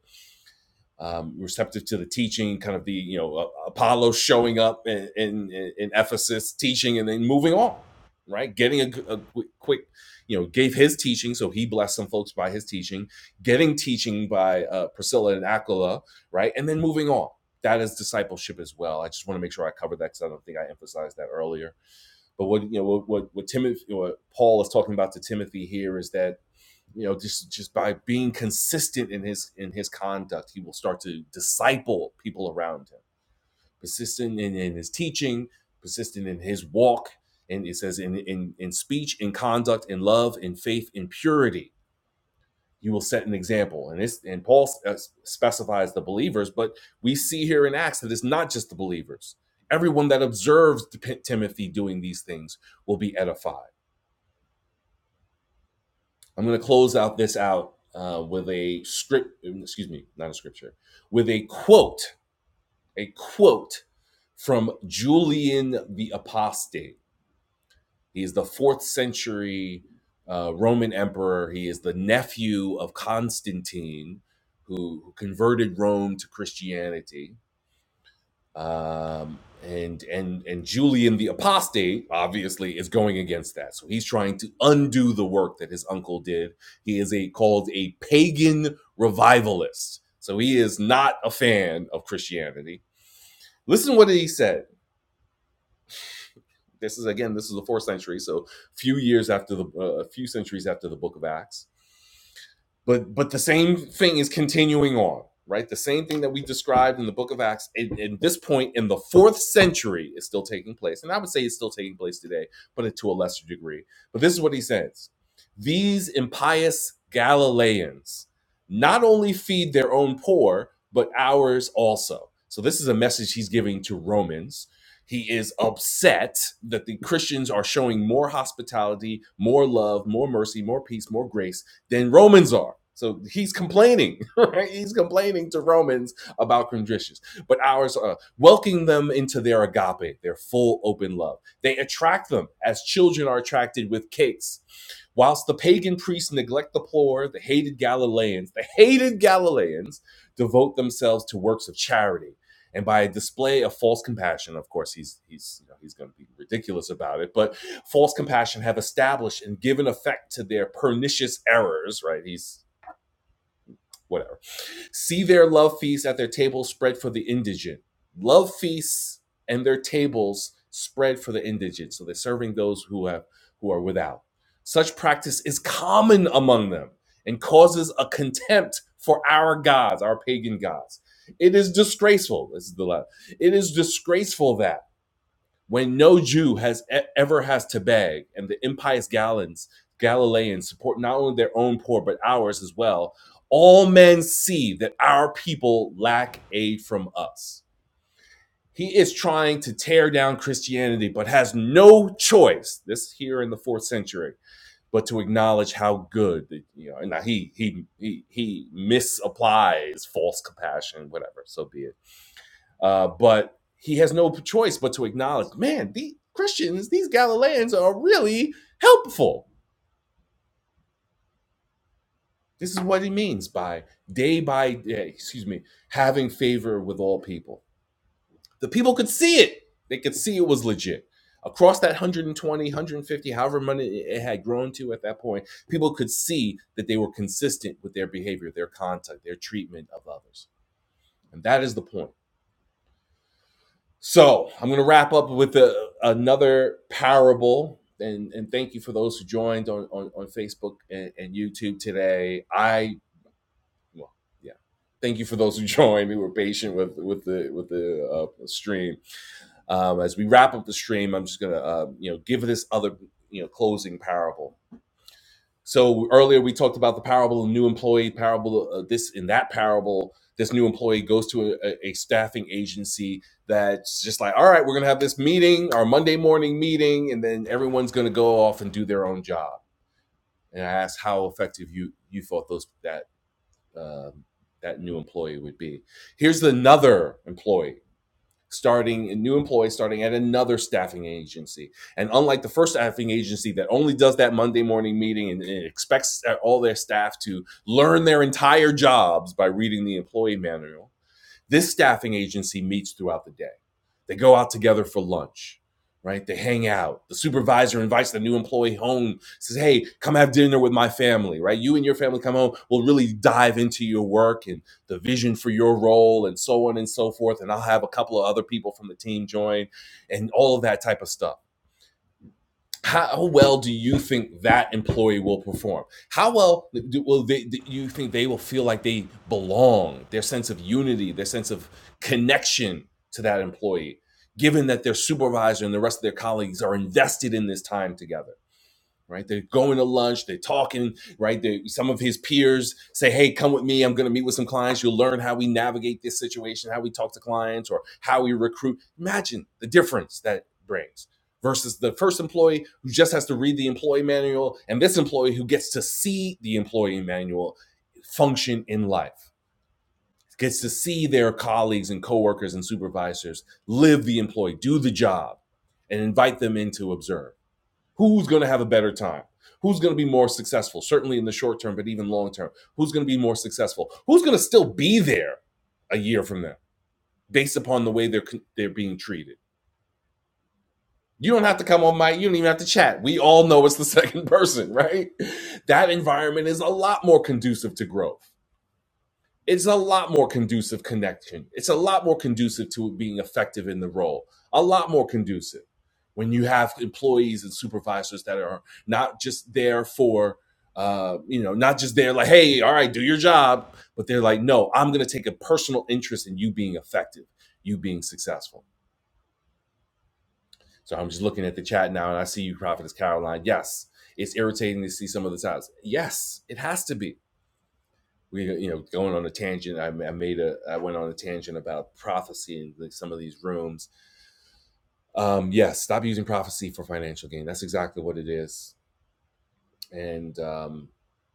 S1: um, receptive to the teaching, kind of the you know Apollo showing up in, in in Ephesus, teaching, and then moving on, right? Getting a qu- quick, you know, gave his teaching, so he blessed some folks by his teaching, getting teaching by uh, Priscilla and Aquila, right, and then moving on. That is discipleship as well. I just want to make sure I cover that because I don't think I emphasized that earlier but what you know, what what, what Timothy, what Paul is talking about to Timothy here is that you know just just by being consistent in his in his conduct, he will start to disciple people around him. Persistent in, in his teaching, persistent in his walk, and it says in in in speech, in conduct, in love, in faith, in purity. You will set an example, and it's and Paul uh, specifies the believers, but we see here in Acts that it's not just the believers. Everyone that observes Timothy doing these things will be edified I'm going to close out this out uh, with a script, um, excuse me, not a scripture, with a quote, a quote from Julian the Apostate. He is the fourth century uh, Roman emperor. He is the nephew of Constantine, who, who converted Rome to Christianity um, and and and Julian the apostate obviously is going against that. So he's trying to undo the work that his uncle did. He is a called a pagan revivalist. So he is not a fan of Christianity. Listen what he said. This is again, this is the fourth century, so few years after the uh, a uh, few centuries after the Book of Acts. but but the same thing is continuing on right the same thing that we described in the book of acts at this point in the fourth century is still taking place and i would say it's still taking place today but to a lesser degree but this is what he says these impious galileans not only feed their own poor but ours also so this is a message he's giving to romans he is upset that the christians are showing more hospitality more love more mercy more peace more grace than Romans are. So he's complaining, right? He's complaining to Romans about conditions. But ours are welcoming them into their agape, their full open love. They attract them as children are attracted with cakes Whilst the pagan priests neglect the poor, the hated Galileans, the hated Galileans devote themselves to works of charity. And by a display of false compassion, of course, he's he's you know, he's going to be ridiculous about it. But false compassion have established and given effect to their pernicious errors, right? He's whatever See their love feasts at their tables spread for the indigent. Love feasts and their tables spread for the indigent. So they're serving those who have who are without. Such practice is common among them and causes a contempt for our gods, our pagan gods. It is disgraceful. This is the love. It is disgraceful that when no Jew has e- ever has to beg, and the impious Galans, Galileans support not only their own poor but ours as well. All men see that our people lack aid from us. He is trying to tear down Christianity, but has no choice. This here in the fourth century, but to acknowledge how good the, you know. And now he he he he misapplies false compassion, whatever. So be it uh, but he has no choice but to acknowledge, man, the Christians, these Galileans are really helpful. This is what he means by day by day, excuse me, having favor with all people. The people could see it. They could see it was legit. Across that 120, however many it had grown to at that point, people could see that they were consistent with their behavior, their conduct, their treatment of others. And that is the point. So I'm going to wrap up with a, another parable. And, and thank you for those who joined on, on, on Facebook and, and YouTube today. I, well, yeah, thank you for those who joined who were patient with, with the, with the uh, stream. Um, as we wrap up the stream, I'm just going to, uh, you know, give this other, you know, closing parable. So earlier we talked about the parable of new employee parable. Uh, this in that parable, this new employee goes to a, a staffing agency that's just like, all right, we're gonna have this meeting, our Monday morning meeting, and then everyone's gonna go off and do their own job. And I asked how effective you you thought those that um that new employee would be. Here's another employee starting a new employee starting at another staffing agency. And unlike the first staffing agency that only does that Monday morning meeting and, and expects uh, all their staff to learn their entire jobs by reading the employee manual, this staffing agency meets throughout the day. They go out together for lunch, right? They hang out. The supervisor invites the new employee home, says, Hey, come have dinner with my family, right? You and your family come home. We'll really dive into your work and the vision for your role and so on and so forth. And I'll have a couple of other people from the team join and all of that type of stuff how well do you think that employee will perform? How well do, will they, do you think they will feel like they belong, their sense of unity, their sense of connection to that employee, given that their supervisor and the rest of their colleagues are invested in this time together? right? They're going to lunch, they're talking, right? They, some of his peers say, hey, come with me. I'm going to meet with some clients. You'll learn how we navigate this situation, how we talk to clients, or how we recruit. Imagine the difference that brings versus the first employee who just has to read the employee manual and this employee who gets to see the employee manual function in life. Gets to see their colleagues and coworkers and supervisors live the employee, do the job, and invite them in to observe who's going to have a better time who's going to be more successful certainly in the short term but even long term who's going to be more successful who's going to still be there a year from now based upon the way they're they're being treated you don't have to come on my you don't even have to chat we all know it's the second person right that environment is a lot more conducive to growth it's a lot more conducive connection. It's a lot more conducive to it being effective in the role. A lot more conducive when you have employees and supervisors that are not just there for, uh, you know, not just there like, hey, all right, do your job, but they're like, no, I'm going to take a personal interest in you being effective, you being successful. So I'm just looking at the chat now, and I see you, Prophetess Caroline. Yes, it's irritating to see some of the times. Yes, it has to be we you know going on a tangent i, I made a i went on a tangent about prophecy in like some of these rooms um yes yeah, stop using prophecy for financial gain that's exactly what it is and um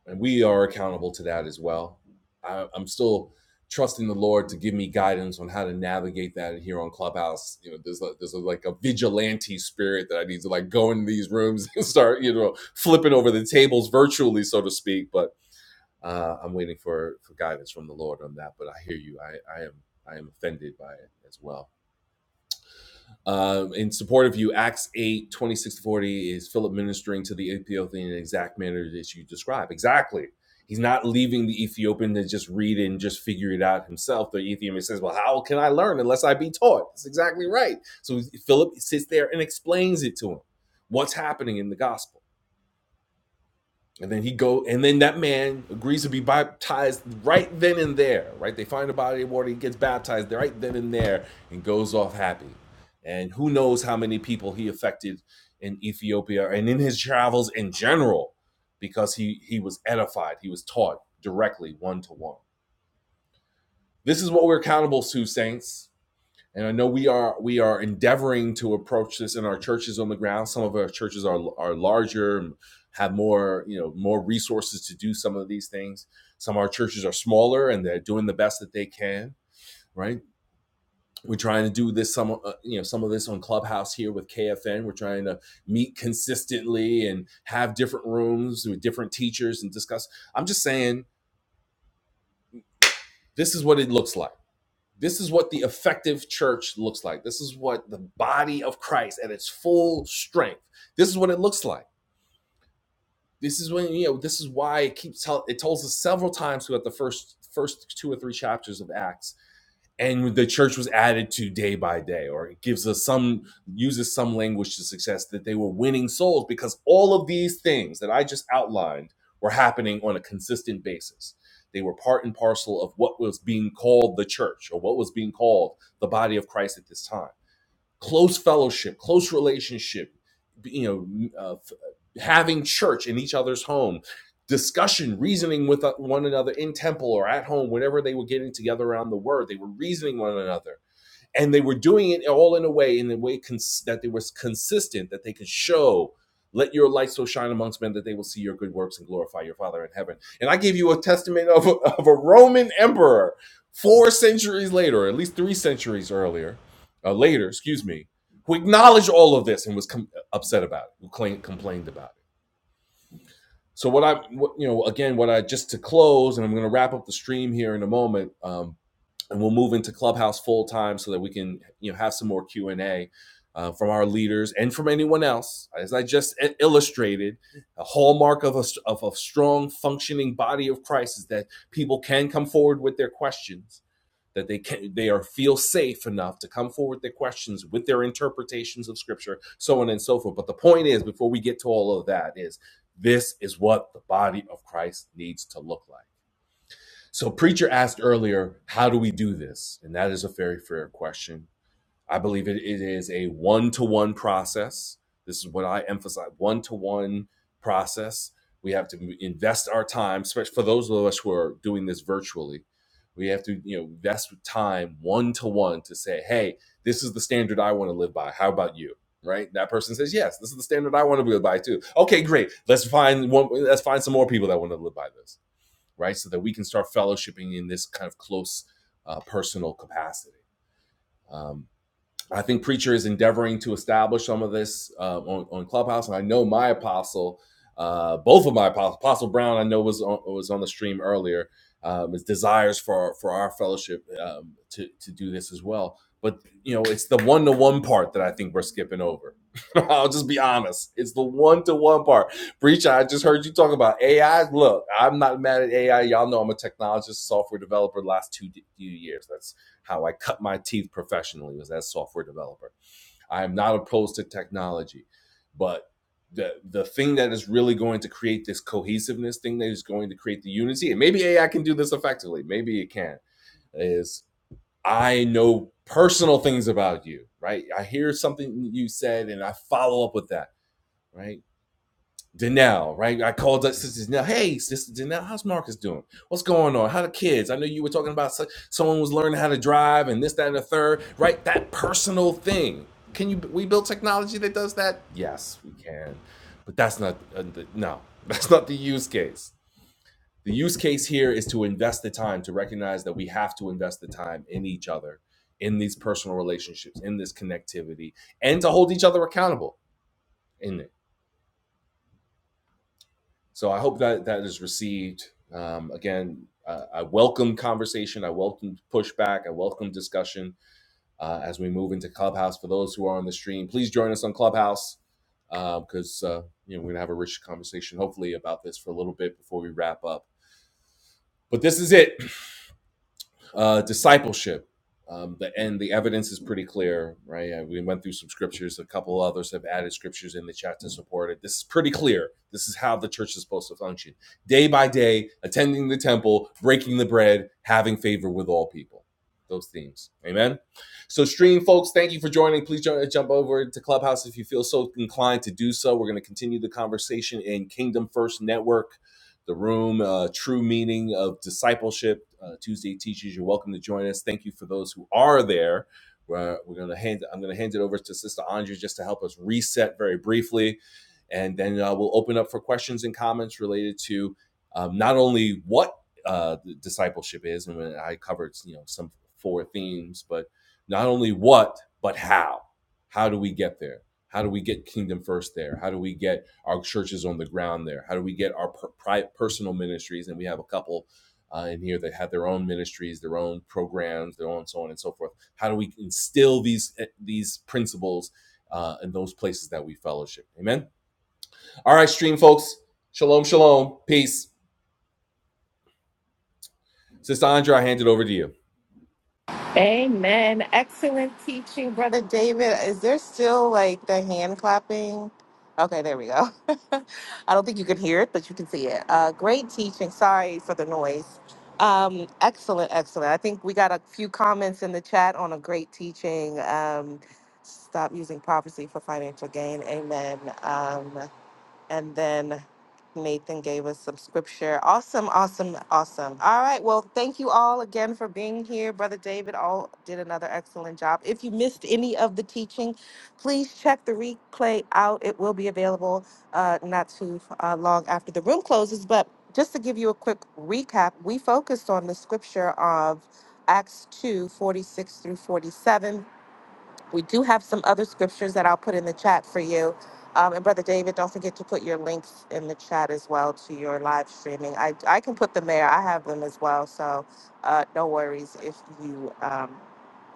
S1: and we are accountable to that as well I, i'm still trusting the lord to give me guidance on how to navigate that here on clubhouse you know there's a, there's a, like a vigilante spirit that i need to like go in these rooms and start you know flipping over the tables virtually so to speak but uh, I'm waiting for, for guidance from the Lord on that, but I hear you. I, I am I am offended by it as well. Um, in support of you, Acts 8, twenty-six to 40 is Philip ministering to the Ethiopian in the exact manner that you describe. Exactly. He's not leaving the Ethiopian to just read and just figure it out himself. The Ethiopian says, Well, how can I learn unless I be taught? That's exactly right. So Philip sits there and explains it to him what's happening in the gospel and then he go, and then that man agrees to be baptized right then and there. Right, they find a body of water. He gets baptized right then and there, and goes off happy. And who knows how many people he affected in Ethiopia and in his travels in general, because he he was edified. He was taught directly, one to one. This is what we're accountable to, saints and I know we are we are endeavoring to approach this in our churches on the ground. Some of our churches are are larger and have more you know more resources to do some of these things. Some of our churches are smaller and they're doing the best that they can. Right? We're trying to do this some uh, you know some of this on Clubhouse here with KFN. We're trying to meet consistently and have different rooms with different teachers and discuss. I'm just saying this is what it looks like This is what the effective church looks like. This is what the body of Christ at its full strength. This is what it looks like. This is when you know. This is why it keeps tell. It tells us several times throughout the first first two or three chapters of Acts and the church was added to day by day or it gives us some uses some language to suggest that they were winning souls because all of these things that i just outlined were happening on a consistent basis they were part and parcel of what was being called the church or what was being called the body of christ at this time close fellowship, close relationship, you know, uh, having church in each other's home, discussion, reasoning with uh, one another in temple or at home, whenever they were getting together around the word, they were reasoning one another and they were doing it all in a way in a way cons- that they was consistent that they could show let your light so shine amongst men that they will see your good works and glorify your father in heaven and i give you a testament of a, of a roman emperor four centuries later or at least three centuries earlier uh, later excuse me who acknowledged all of this and was com- upset about it who claimed, complained about it so what i what, you know again what i just to close and i'm going to wrap up the stream here in a moment um, and we'll move into Clubhouse full time so that we can you know have some more Q and A uh, from our leaders and from anyone else. As I just uh, illustrated, a hallmark of a, s- of a strong functioning body of Christ is that people can come forward with their questions. That they can, they are feel safe enough to come forward with their questions with their interpretations of Scripture, so on and so forth. But the point is, before we get to all of that, is this is what the body of Christ needs to look like so, Preacher asked earlier, how do we do this? And that is a very fair question. I believe it, it is a one to one process. This is what I emphasize one to one process. We have to invest our time, especially for those of us who are doing this virtually. We have to, you know, invest time one to one to say, hey, this is the standard I want to live by. How about you? Right? That person says, yes, this is the standard I want to live by too. Okay, great. Let's find one. Let's find some more people that want to live by this right? So that we can start fellowshipping in this kind of close uh, personal capacity. Um, I think Preacher is endeavoring to establish some of this uh, on, on Clubhouse, and I know my apostle, uh, both of my apostles, Apostle Brown, I know was on, was on the stream earlier. Um, his desires for for our fellowship um, to to do this as well, but you know it's the one to one part that I think we're skipping over. I'll just be honest; it's the one to one part. Preacher, I just heard you talk about AI. Look, I'm not mad at AI. Y'all know I'm a technologist, software developer. The last two, two years, that's how I cut my teeth professionally was as a software developer. I am not opposed to technology, but the the thing that is really going to create this cohesiveness thing that is going to create the unity, and maybe AI can do this effectively, maybe it can, is I know personal things about you, right? I hear something you said and I follow up with that, right? Danelle, right? I called up Sister Danelle. Hey, Sister Danelle, how's Marcus doing? What's going on? How the kids? I know you were talking about so- someone was learning how to drive and this, that, and the third, right? That personal thing. Can you? We build technology that does that. Yes, we can, but that's not uh, the- no. That's not the use case. The use case here is to invest the time to recognize that we have to invest the time in each other, in these personal relationships, in this connectivity, and to hold each other accountable in it so I hope that that is received. Um, again, uh, I welcome conversation. I welcome pushback. I welcome discussion uh, as we move into Clubhouse. For those who are on the stream, please join us on Clubhouse because uh, uh, you know we're gonna have a rich conversation, hopefully, about this for a little bit before we wrap up. But this is it. Uh, discipleship. Um, the and the evidence is pretty clear, right? Uh, we went through some scriptures. A couple others have added scriptures in the chat to support it. This is pretty clear. This is how the church is supposed to function: day by day, attending the temple, breaking the bread, having favor with all people. Those themes, amen. So, stream folks, thank you for joining. Please jump over to Clubhouse if you feel so inclined to do so. We're going to continue the conversation in Kingdom First Network the room, uh, True Meaning of Discipleship. Uh, Tuesday teachers, you're welcome to join us. Thank you for those who are there. We're, we're gonna hand. I'm gonna hand it over to Sister Andrea just to help us reset very briefly, and then uh, we'll open up for questions and comments related to um, not only what uh, the discipleship is, and when I covered you know some four themes, but not only what but how. How do we get there? How do we get kingdom first there? How do we get our churches on the ground there? How do we get our per- pri- personal ministries? And we have a couple uh, in here that have their own ministries, their own programs, their own so on and so forth. How do we instill these eh, these principles uh, in those places that we fellowship? Amen. All right, stream folks. Shalom, shalom, peace. Sister Andrea, I hand it over to you.
S3: Amen. Excellent teaching, Brother David. Is there still like the hand clapping? Okay, there we go. I don't think you can hear it, but you can see it. Uh, great teaching. Sorry for the noise. Um, excellent, excellent. I think we got a few comments in the chat on a great teaching. Um, stop using prophecy for financial gain. Amen. Um, and then Nathan gave us some scripture. Awesome, awesome, awesome. All right. Well, thank you all again for being here. Brother David all did another excellent job. If you missed any of the teaching, please check the replay out. It will be available uh, not too uh, long after the room closes. But just to give you a quick recap, we focused on the scripture of Acts 2 46 through 47 we do have some other scriptures that I'll put in the chat for you. Um, and Brother David, don't forget to put your links in the chat as well to your live streaming. I, I can put them there. I have them as well. So uh, no worries if you um,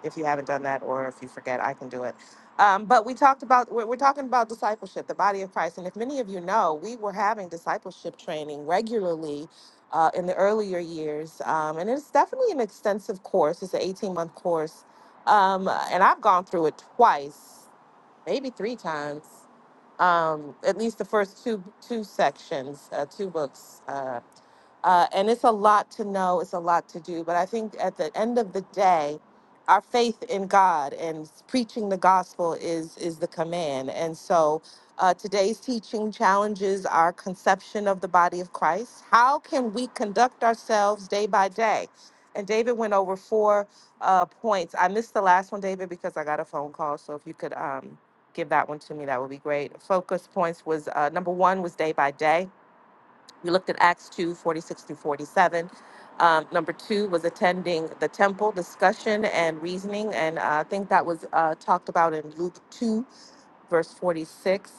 S3: if you haven't done that or if you forget i can do it um, but we talked about we're, we're talking about discipleship the body of christ and if many of you know we were having discipleship training regularly uh, in the earlier years um, and it's definitely an extensive course it's an 18 month course um, and i've gone through it twice maybe three times um, at least the first two two sections uh, two books Uh, uh, and it's a lot to know, it's a lot to do. But I think at the end of the day, our faith in God and preaching the gospel is is the command. And so uh, today's teaching challenges our conception of the body of Christ. How can we conduct ourselves day by day? And David went over four uh, points. I missed the last one, David, because I got a phone call. So if you could um, give that one to me, that would be great. Focus points was uh, number one was day by day. We looked at Acts 2 46 through 47. Um, number two was attending the temple discussion and reasoning. And uh, I think that was uh, talked about in Luke 2 verse 46.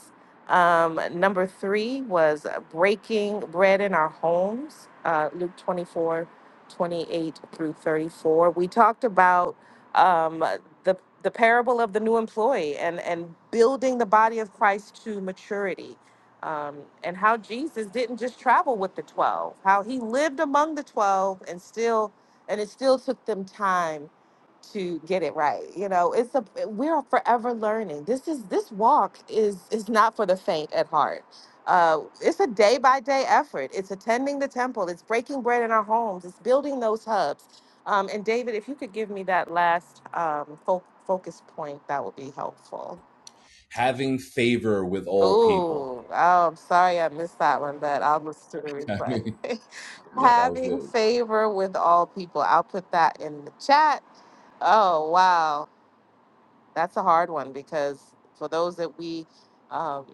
S3: Um, number three was uh, breaking bread in our homes, uh, Luke 24, 28 through 34. We talked about um, the, the parable of the new employee and, and building the body of Christ to maturity. Um, and how Jesus didn't just travel with the 12, how he lived among the 12 and still, and it still took them time to get it right. You know, it's a we are forever learning. This is this walk is is not for the faint at heart. Uh, it's a day by day effort. It's attending the temple. It's breaking bread in our homes. It's building those hubs. Um, and David, if you could give me that last um, fo- focus point, that would be helpful.
S1: Having favor with all people.
S3: Ooh, oh, I'm sorry I missed that one, but I'll listen to the
S1: yeah,
S3: replay.
S1: that was good.
S3: Having favor with all people. I'll put that in the chat. Oh, wow. that's a hard one because for those that we um,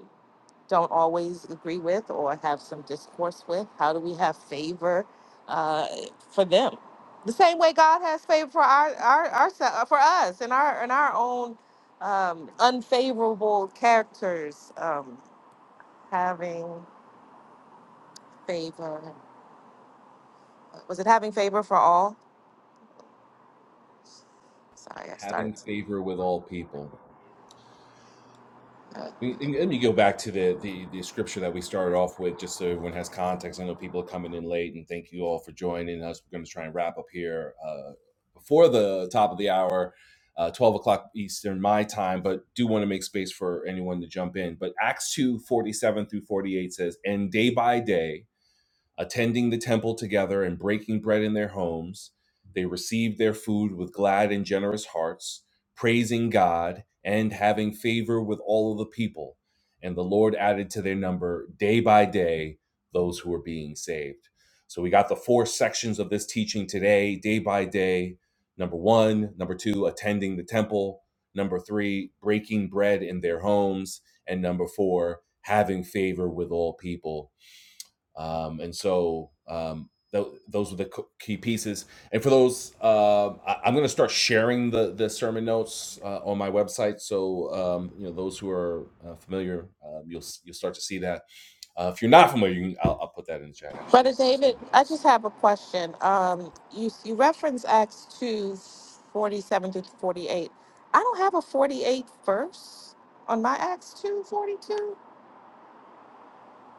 S3: don't always agree with or have some discourse with, how do we have favor uh, for them? The same way God has favor for our, our, our for us and our and our own um, unfavorable characters um, having favor. Was it having favor for all? Sorry, I
S1: having
S3: started.
S1: favor with all people.
S3: uh,
S1: We, let me go back to the, the the scripture that we started off with, just so everyone has context. I know people are coming in late, and thank you all for joining us. We're going to try and wrap up here uh, before the top of the hour, uh, twelve o'clock Eastern my time, but do want to make space for anyone to jump in. But Acts two forty seven through forty eight says, "And day by day." attending the temple together and breaking bread in their homes. They received their food with glad and generous hearts, praising God and having favor with all of the people. And the Lord added to their number day by day those who were being saved. So we got the four sections of this teaching today, day by day. Number one, number two, attending the temple. Number three, breaking bread in their homes. And number four, having favor with all people um, and so um, tho- those were the co- key pieces. And for those, um I, I'm going to start sharing the the sermon notes uh, on my website. So um, you know those who are uh, familiar, um, you'll s- you'll start to see that. Uh, if you're not familiar, you can, I'll, I'll put that in the chat actually.
S3: Brother
S1: So
S3: David,
S1: you
S3: I just
S1: just
S3: have a question. Um, you you reference Acts two forty seven to forty eight. I don't have a forty eight verse on my Acts two forty two.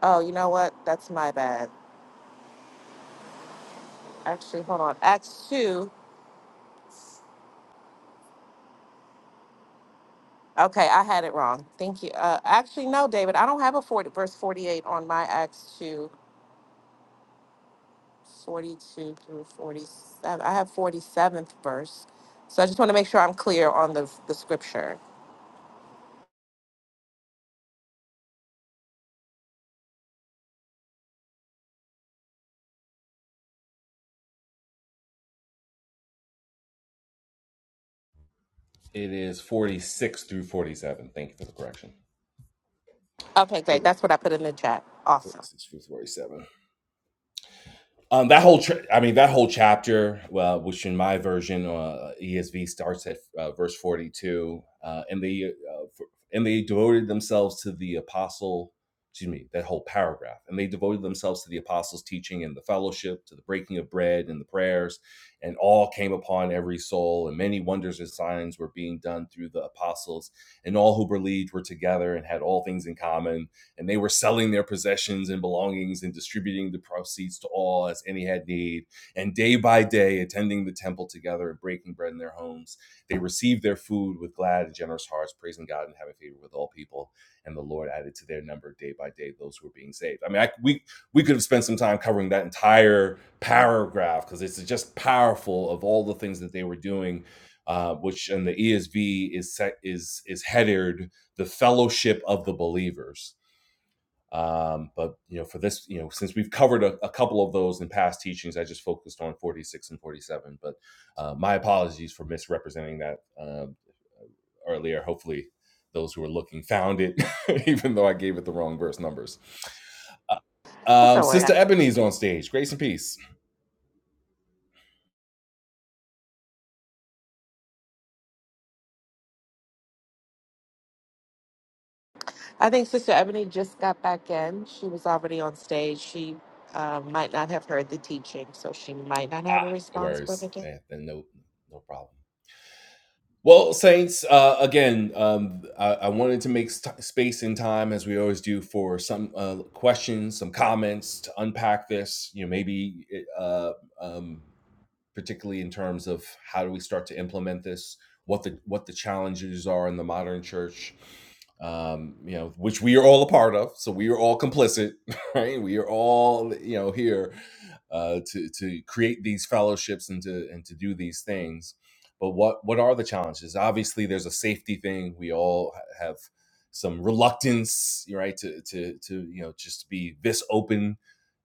S3: Oh, you know what? That's my bad. Actually, hold on. Acts two. Okay, I had it wrong. Thank you. Uh, actually, no, David, I don't have a forty verse forty eight on my Acts two forty two through forty seven. I have forty seventh verse. So I just want to make sure I'm clear on the the scripture.
S1: it is 46 through 47. Thank you for the correction.
S3: Okay, great. That's what I put in the chat. Awesome.
S1: 46 through 47. Um, that whole, tra- I mean, that whole chapter, uh, which in my version, uh, ESV starts at uh, verse forty-two, uh, and they uh, f- and they devoted themselves to the apostle. Excuse me, that whole paragraph, and they devoted themselves to the apostles' teaching and the fellowship, to the breaking of bread and the prayers, and all came upon every soul, and many wonders and signs were being done through the apostles, and all who believed were together and had all things in common and they were selling their possessions and belongings and distributing the proceeds to all as any had need. And day by day, attending the temple together and breaking bread in their homes, they received their food with glad and generous hearts, praising God and having favor with all people. And the Lord added to their number day by day those who were being saved. I mean, I, we we could have spent some time covering that entire paragraph because it's just powerful of all the things that they were doing. Uh, which in the ESV is set, is is headed the fellowship of the believers um, but you know, for this, you know, since we've covered a, a couple of those in past teachings, I just focused on 46 and 47. But uh, my apologies for misrepresenting that uh, earlier. Hopefully, those who are looking found it, even though I gave it the wrong verse numbers. Uh,
S3: It's a
S1: um,
S3: word.
S1: Sister Ebony's on stage. Grace and peace.
S3: I think Sister Ebony just got back in. She was already on stage. She uh, might not have heard the teaching, so she might not have a
S1: No
S3: response, Brother
S1: worries.
S3: David.
S1: Yeah, no, no problem. Well, Saints, uh, again, um, I, I wanted to make st- space and time, as we always do, for some uh, questions, some comments to unpack this. You know, maybe eh, uh, um, particularly in terms of how do we start to implement this, what the what the challenges are in the modern church, um, you know, which we are all a part of. So we are all complicit, right? We are all you know here uh, to to create these fellowships and to and to do these things. But what what are the challenges? Obviously, there's a safety thing. We all have some reluctance, right, to to to you know just be this open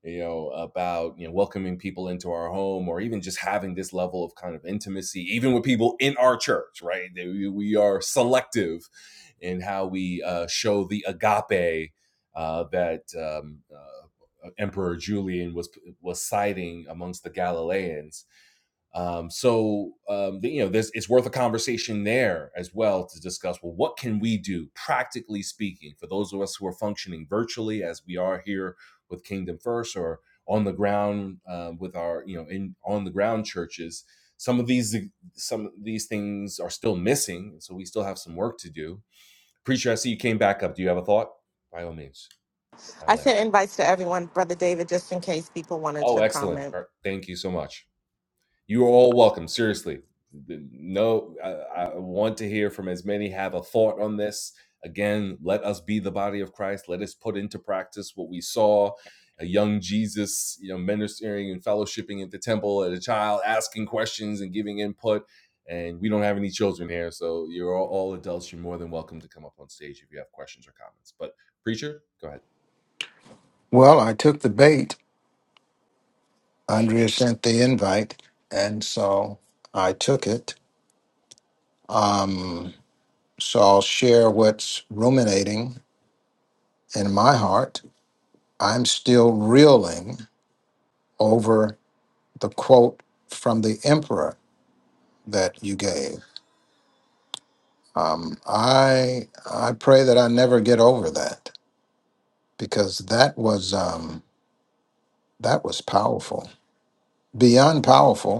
S1: you know about you know welcoming people into our home or even just having this level of kind of intimacy even with people in our church right we, we are selective in how we uh, show the agape uh, that um, uh, emperor julian was was citing amongst the galileans um, so um, you know, this it's worth a conversation there as well to discuss. Well, what can we do practically speaking for those of us who are functioning virtually, as we are here with Kingdom First or on the ground uh, with our you know in on the ground churches. Some of these some of these things are still missing, so we still have some work to do. Preacher, I see you came back up. Do you have a thought? By all means, I
S3: I
S1: land.
S3: sent invites to everyone, Brother David, just in case people wanted
S1: Oh,
S3: to
S1: excellent.
S3: comment.
S1: Thank you so much. You're all welcome. Seriously, no, I, I want to hear from as many have a thought on this. Again, let us be the body of Christ. Let us put into practice what we saw a young Jesus, you know, ministering and fellowshipping at the temple, and a child asking questions and giving input. And we don't have any children here, so you're all, all adults. You're more than welcome to come up on stage if you have questions or comments. But preacher, go ahead.
S2: Well, I took the bait. Andrea sent the invite, and so I took it. Um, so I'll share what's ruminating in my heart. I'm still reeling over the quote from the emperor that you gave. Um, I I pray that I never get over that because that was um, that was powerful, beyond powerful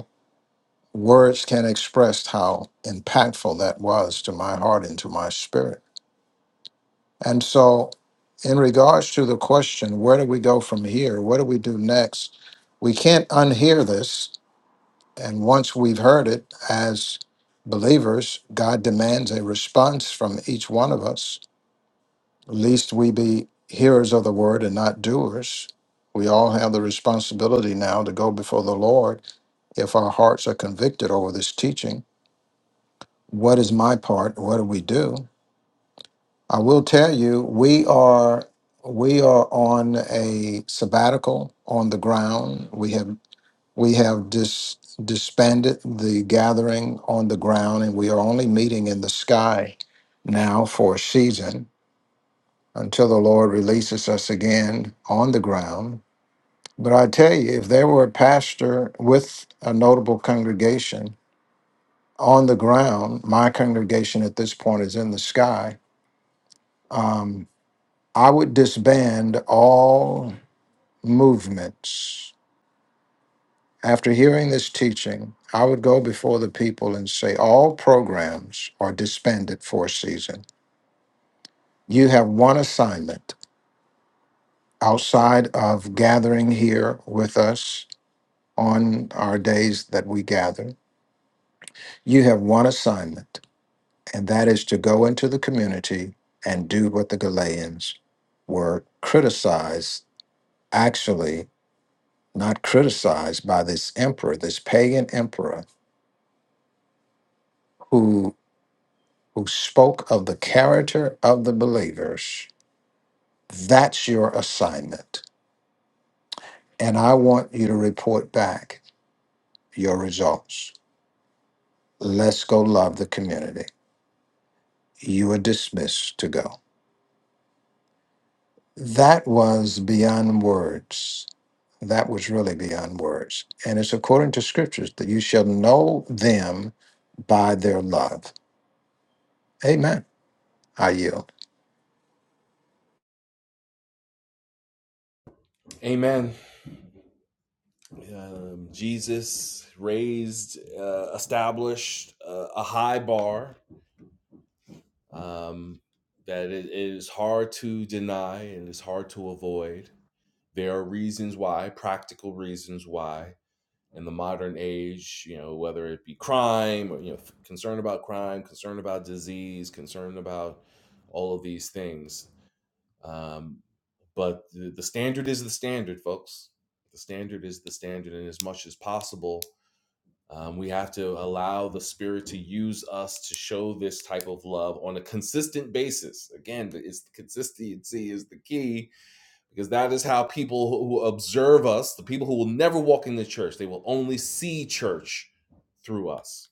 S2: words can't express how impactful that was to my heart and to my spirit. And so, in regards to the question, where do we go from here? What do we do next? We can't unhear this. And once we've heard it as believers, God demands a response from each one of us, lest we be hearers of the word and not doers. We all have the responsibility now to go before the Lord if our hearts are convicted over this teaching what is my part? What do we do? I will tell you, we are we are on a sabbatical on the ground. We have we have dis, disbanded the gathering on the ground, and we are only meeting in the sky now for a season until the Lord releases us again on the ground. But I tell you, if there were a pastor with a notable congregation on the ground, my congregation at this point is in the sky Um, I would disband all movements. After hearing this teaching, I would go before the people and say, All programs are disbanded for a season. You have one assignment outside of gathering here with us on our days that we gather. You have one assignment, and that is to go into the community and do what the Galileans were criticized actually not criticized by this emperor, this pagan emperor who who spoke of the character of the believers. That's your assignment. And I want you to report back your results. Let's go love the community. You are dismissed to go. That was beyond words. That was really beyond words. And it's according to scriptures that you shall know them by their love. Amen. I yield.
S1: Amen. um, Jesus raised, uh, established uh, a high bar um, that it it is hard to deny and it's hard to avoid. There are reasons why, practical reasons why, in the modern age, you know, whether it be crime or you know, concern about crime, concern about disease, concern about all of these things. Um, but the, the standard is the standard, folks. The standard is the standard, and as much as possible um, we have to allow the Spirit to use us to show this type of love on a consistent basis. Again, it's the- consistency is the key because that is how people who observe us, the people who will never walk in the church, they will only see church through us.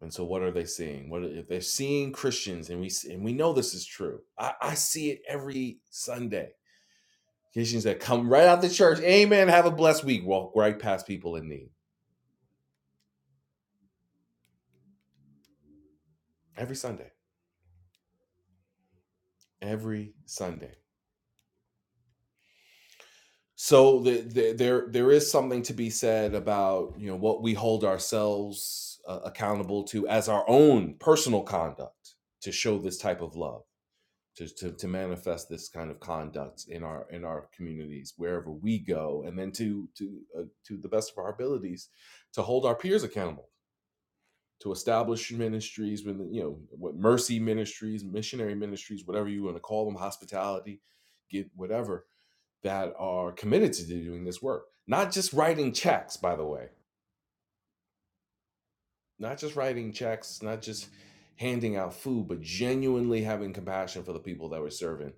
S1: And so, what are they seeing? What if they're seeing Christians, and we and we know this is true. I, I see it every Sunday. Christians that come right out of the church, Amen. Have a blessed week. Walk right past people in need every Sunday. Every Sunday So the, the, there there is something to be said about you know what we hold ourselves uh, accountable to as our own personal conduct to show this type of love to, to to manifest this kind of conduct in our in our communities wherever we go and then to to uh, to the best of our abilities to hold our peers accountable to establish ministries when you know what mercy ministries missionary ministries whatever you want to call them hospitality get whatever that are committed to doing this work. Not just writing checks, by the way, not just writing checks, not just handing out food, but genuinely having compassion for the people that we're serving.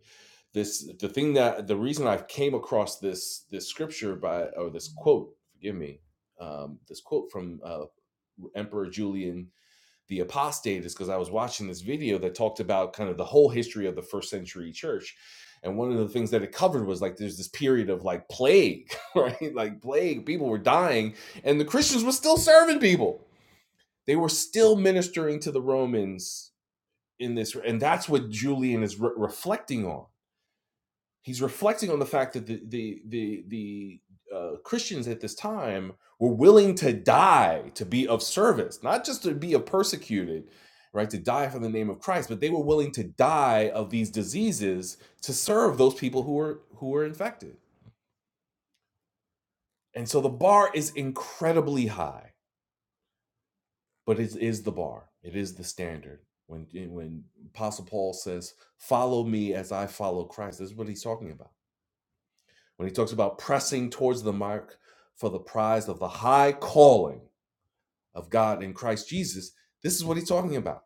S1: This the thing that the reason I came across this this scripture by or this quote, forgive me, um, this quote from uh, Emperor Julian the apostate is because I was watching this video that talked about kind of the whole history of the first century church. And one of the things that it covered was like there's this period of like plague, right? Like plague, people were dying, and the Christians were still serving people. They were still ministering to the Romans in this, and that's what Julian is re- reflecting on He's reflecting on the fact that the the the, the uh, Christians at this time were willing to die to be of service, not just to be of persecuted, right? To die for the name of Christ, but they were willing to die of these diseases to serve those people who were who were infected. And so the bar is incredibly high, but it is the bar. It is the standard. When when Apostle Paul says, "Follow me as I follow Christ," this is what he's talking about when he talks about pressing towards the mark for the prize of the high calling of God in Christ Jesus, this is what he's talking about.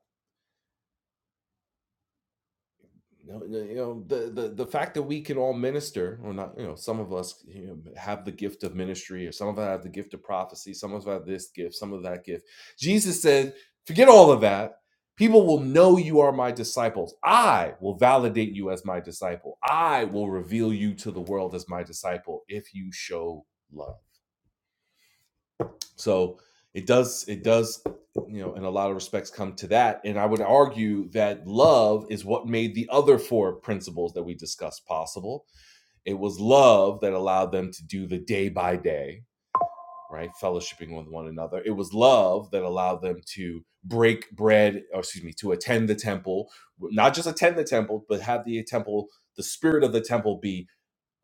S1: You know, you know, the, the the fact that we can all minister, or not, you know, some of us you know, have the gift of ministry, or some of us have the gift of prophecy, some of us have this gift, some of that gift. Jesus said, forget all of that. People will know you are my disciples. I will validate you as my disciple. I will reveal you to the world as my disciple if you show love So it does, it does, you know, in a lot of respects come to that. And I would argue that love is what made the other four principles that we discussed possible. It was love that allowed them to do the day by day, right? Fellowshipping with one another. It was love that allowed them to break bread, or excuse me, to attend the temple, not just attend the temple, but have the temple, the spirit of the temple be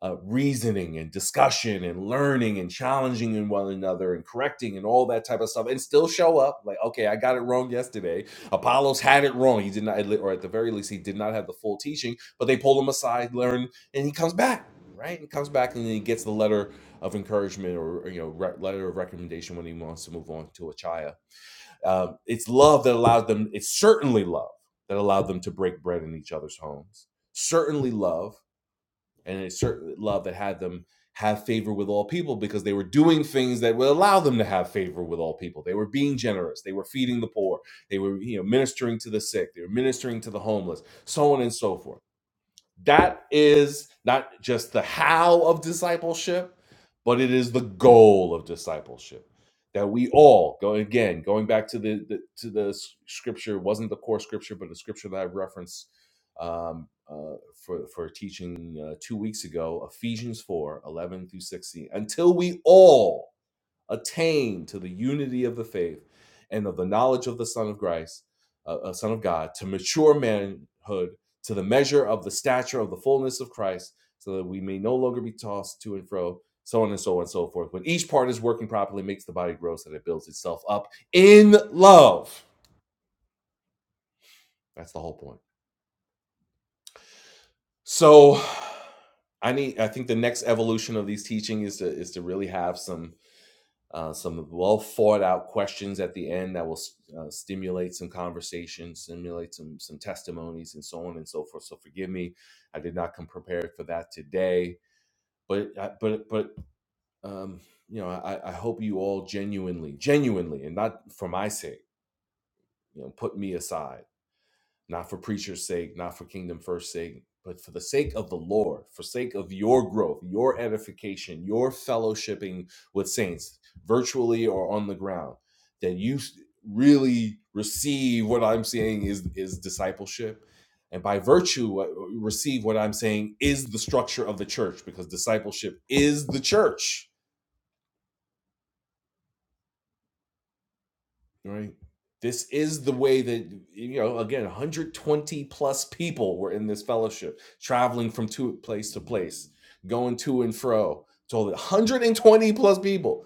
S1: uh, reasoning and discussion and learning and challenging in one another and correcting and all that type of stuff and still show up like okay i got it wrong yesterday apollos had it wrong he did not or at the very least he did not have the full teaching but they pull him aside learn and he comes back right he comes back and then he gets the letter of encouragement or you know re- letter of recommendation when he wants to move on to achaya um, it's love that allowed them it's certainly love that allowed them to break bread in each other's homes certainly love and a certain love that had them have favor with all people because they were doing things that would allow them to have favor with all people. They were being generous. They were feeding the poor. They were you know ministering to the sick. They were ministering to the homeless, so on and so forth. That is not just the how of discipleship, but it is the goal of discipleship. That we all go again, going back to the, the to the s- scripture wasn't the core scripture, but the scripture that I referenced um, uh, for for teaching uh, two weeks ago, Ephesians 4 11 through sixteen. Until we all attain to the unity of the faith and of the knowledge of the Son of Christ, uh, uh, Son of God, to mature manhood, to the measure of the stature of the fullness of Christ, so that we may no longer be tossed to and fro, so on and so on and so forth. When each part is working properly, it makes the body grow so that it builds itself up in love. That's the whole point. So I need I think the next evolution of these teaching is to is to really have some uh, some well thought out questions at the end that will uh, stimulate some conversation, stimulate some some testimonies, and so on and so forth. So forgive me, I did not come prepared for that today. But I- but but um, you know, I, I hope you all genuinely, genuinely, and not for my sake, you know, put me aside not for preacher's sake, not for kingdom first sake, but for the sake of the Lord, for sake of your growth, your edification, your fellowshipping with saints, virtually or on the ground, that you s- really receive what I'm saying is is discipleship. And by virtue, uh, receive what I'm saying is the structure of the church, because discipleship is the church right? This is the way that you know. Again, 120 plus people were in this fellowship, traveling from to place to place, going to and fro. So 120 plus people.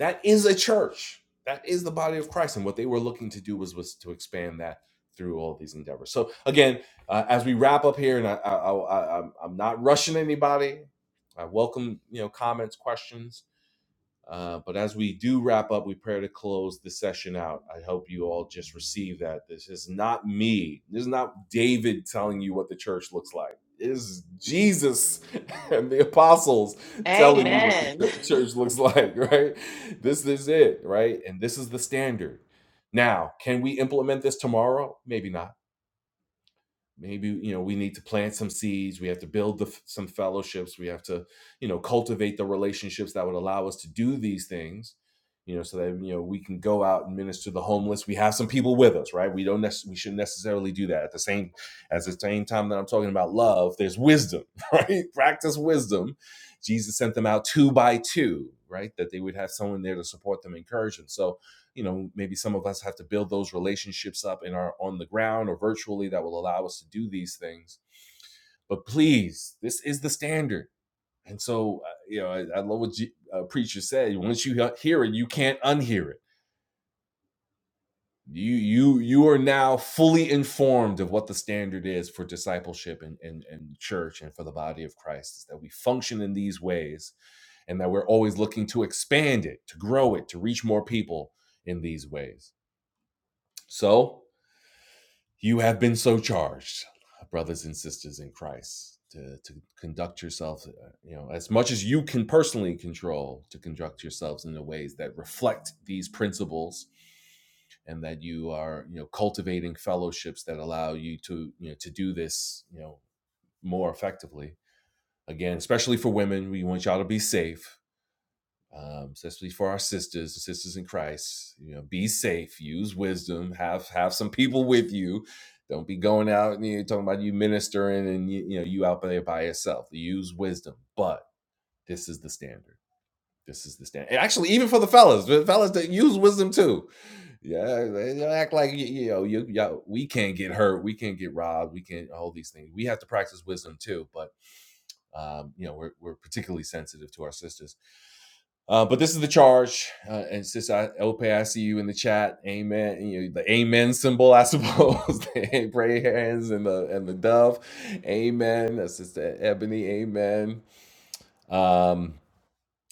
S1: That is a church. That is the body of Christ. And what they were looking to do was was to expand that through all these endeavors. So again, uh, as we wrap up here, and I, I, I, I- I'm not rushing anybody. I welcome you know comments, questions uh, but as we do wrap up, we pray to close the session out. I hope you all just receive that. This is not me. This is not David telling you what the church looks like. It is Jesus and the apostles telling you what
S3: Amen.
S1: the ch- church looks like, right? This is it, right? And this is the standard. Now, can we implement this tomorrow? Maybe not maybe you know we need to plant some seeds we have to build the, some fellowships we have to you know cultivate the relationships that would allow us to do these things you know so that you know we can go out and minister to the homeless we have some people with us right we don't nec- we shouldn't necessarily do that at the same at the same time that i'm talking about love there's wisdom right practice wisdom jesus sent them out two by two right that they would have someone there to support them encourage them so you know maybe some of us have to build those relationships up in our on the ground or virtually that will allow us to do these things but please this is the standard and so uh, you know i, I love what G, uh, preacher said once you hear it you can't unhear it you you you are now fully informed of what the standard is for discipleship and and, and church and for the body of christ is that we function in these ways and that we're always looking to expand it to grow it to reach more people in these ways so You have been so charged, brothers and sisters in Christ, to, to conduct yourself, uh, you know, as much as you can personally control, to conduct yourselves in the ways that reflect these principles and that you are you know cultivating fellowships that allow you to you know to do this you know more effectively again especially for women we want y'all to be safe um, especially for our sisters and sisters in Christ. You know, be safe, use wisdom, have have some people with you. Don't be going out and you know, talking about you ministering and you, you know you out there by yourself. Use wisdom, but this is the standard. This is the standard. And actually, even for the fellas, the fellas that use wisdom too. Yeah, they don't act like you, you know you, you we can't get hurt, we can't get robbed, we can't all these things. We have to practice wisdom too, but um, you know we're, we're particularly sensitive to our sisters uh, but this is the charge. Uh, and sis Elpe, I see you in the chat. Amen. And, You know, the amen symbol, I suppose. the prayer hands and the and the dove. Amen. That's sister Ebony. Amen. Um,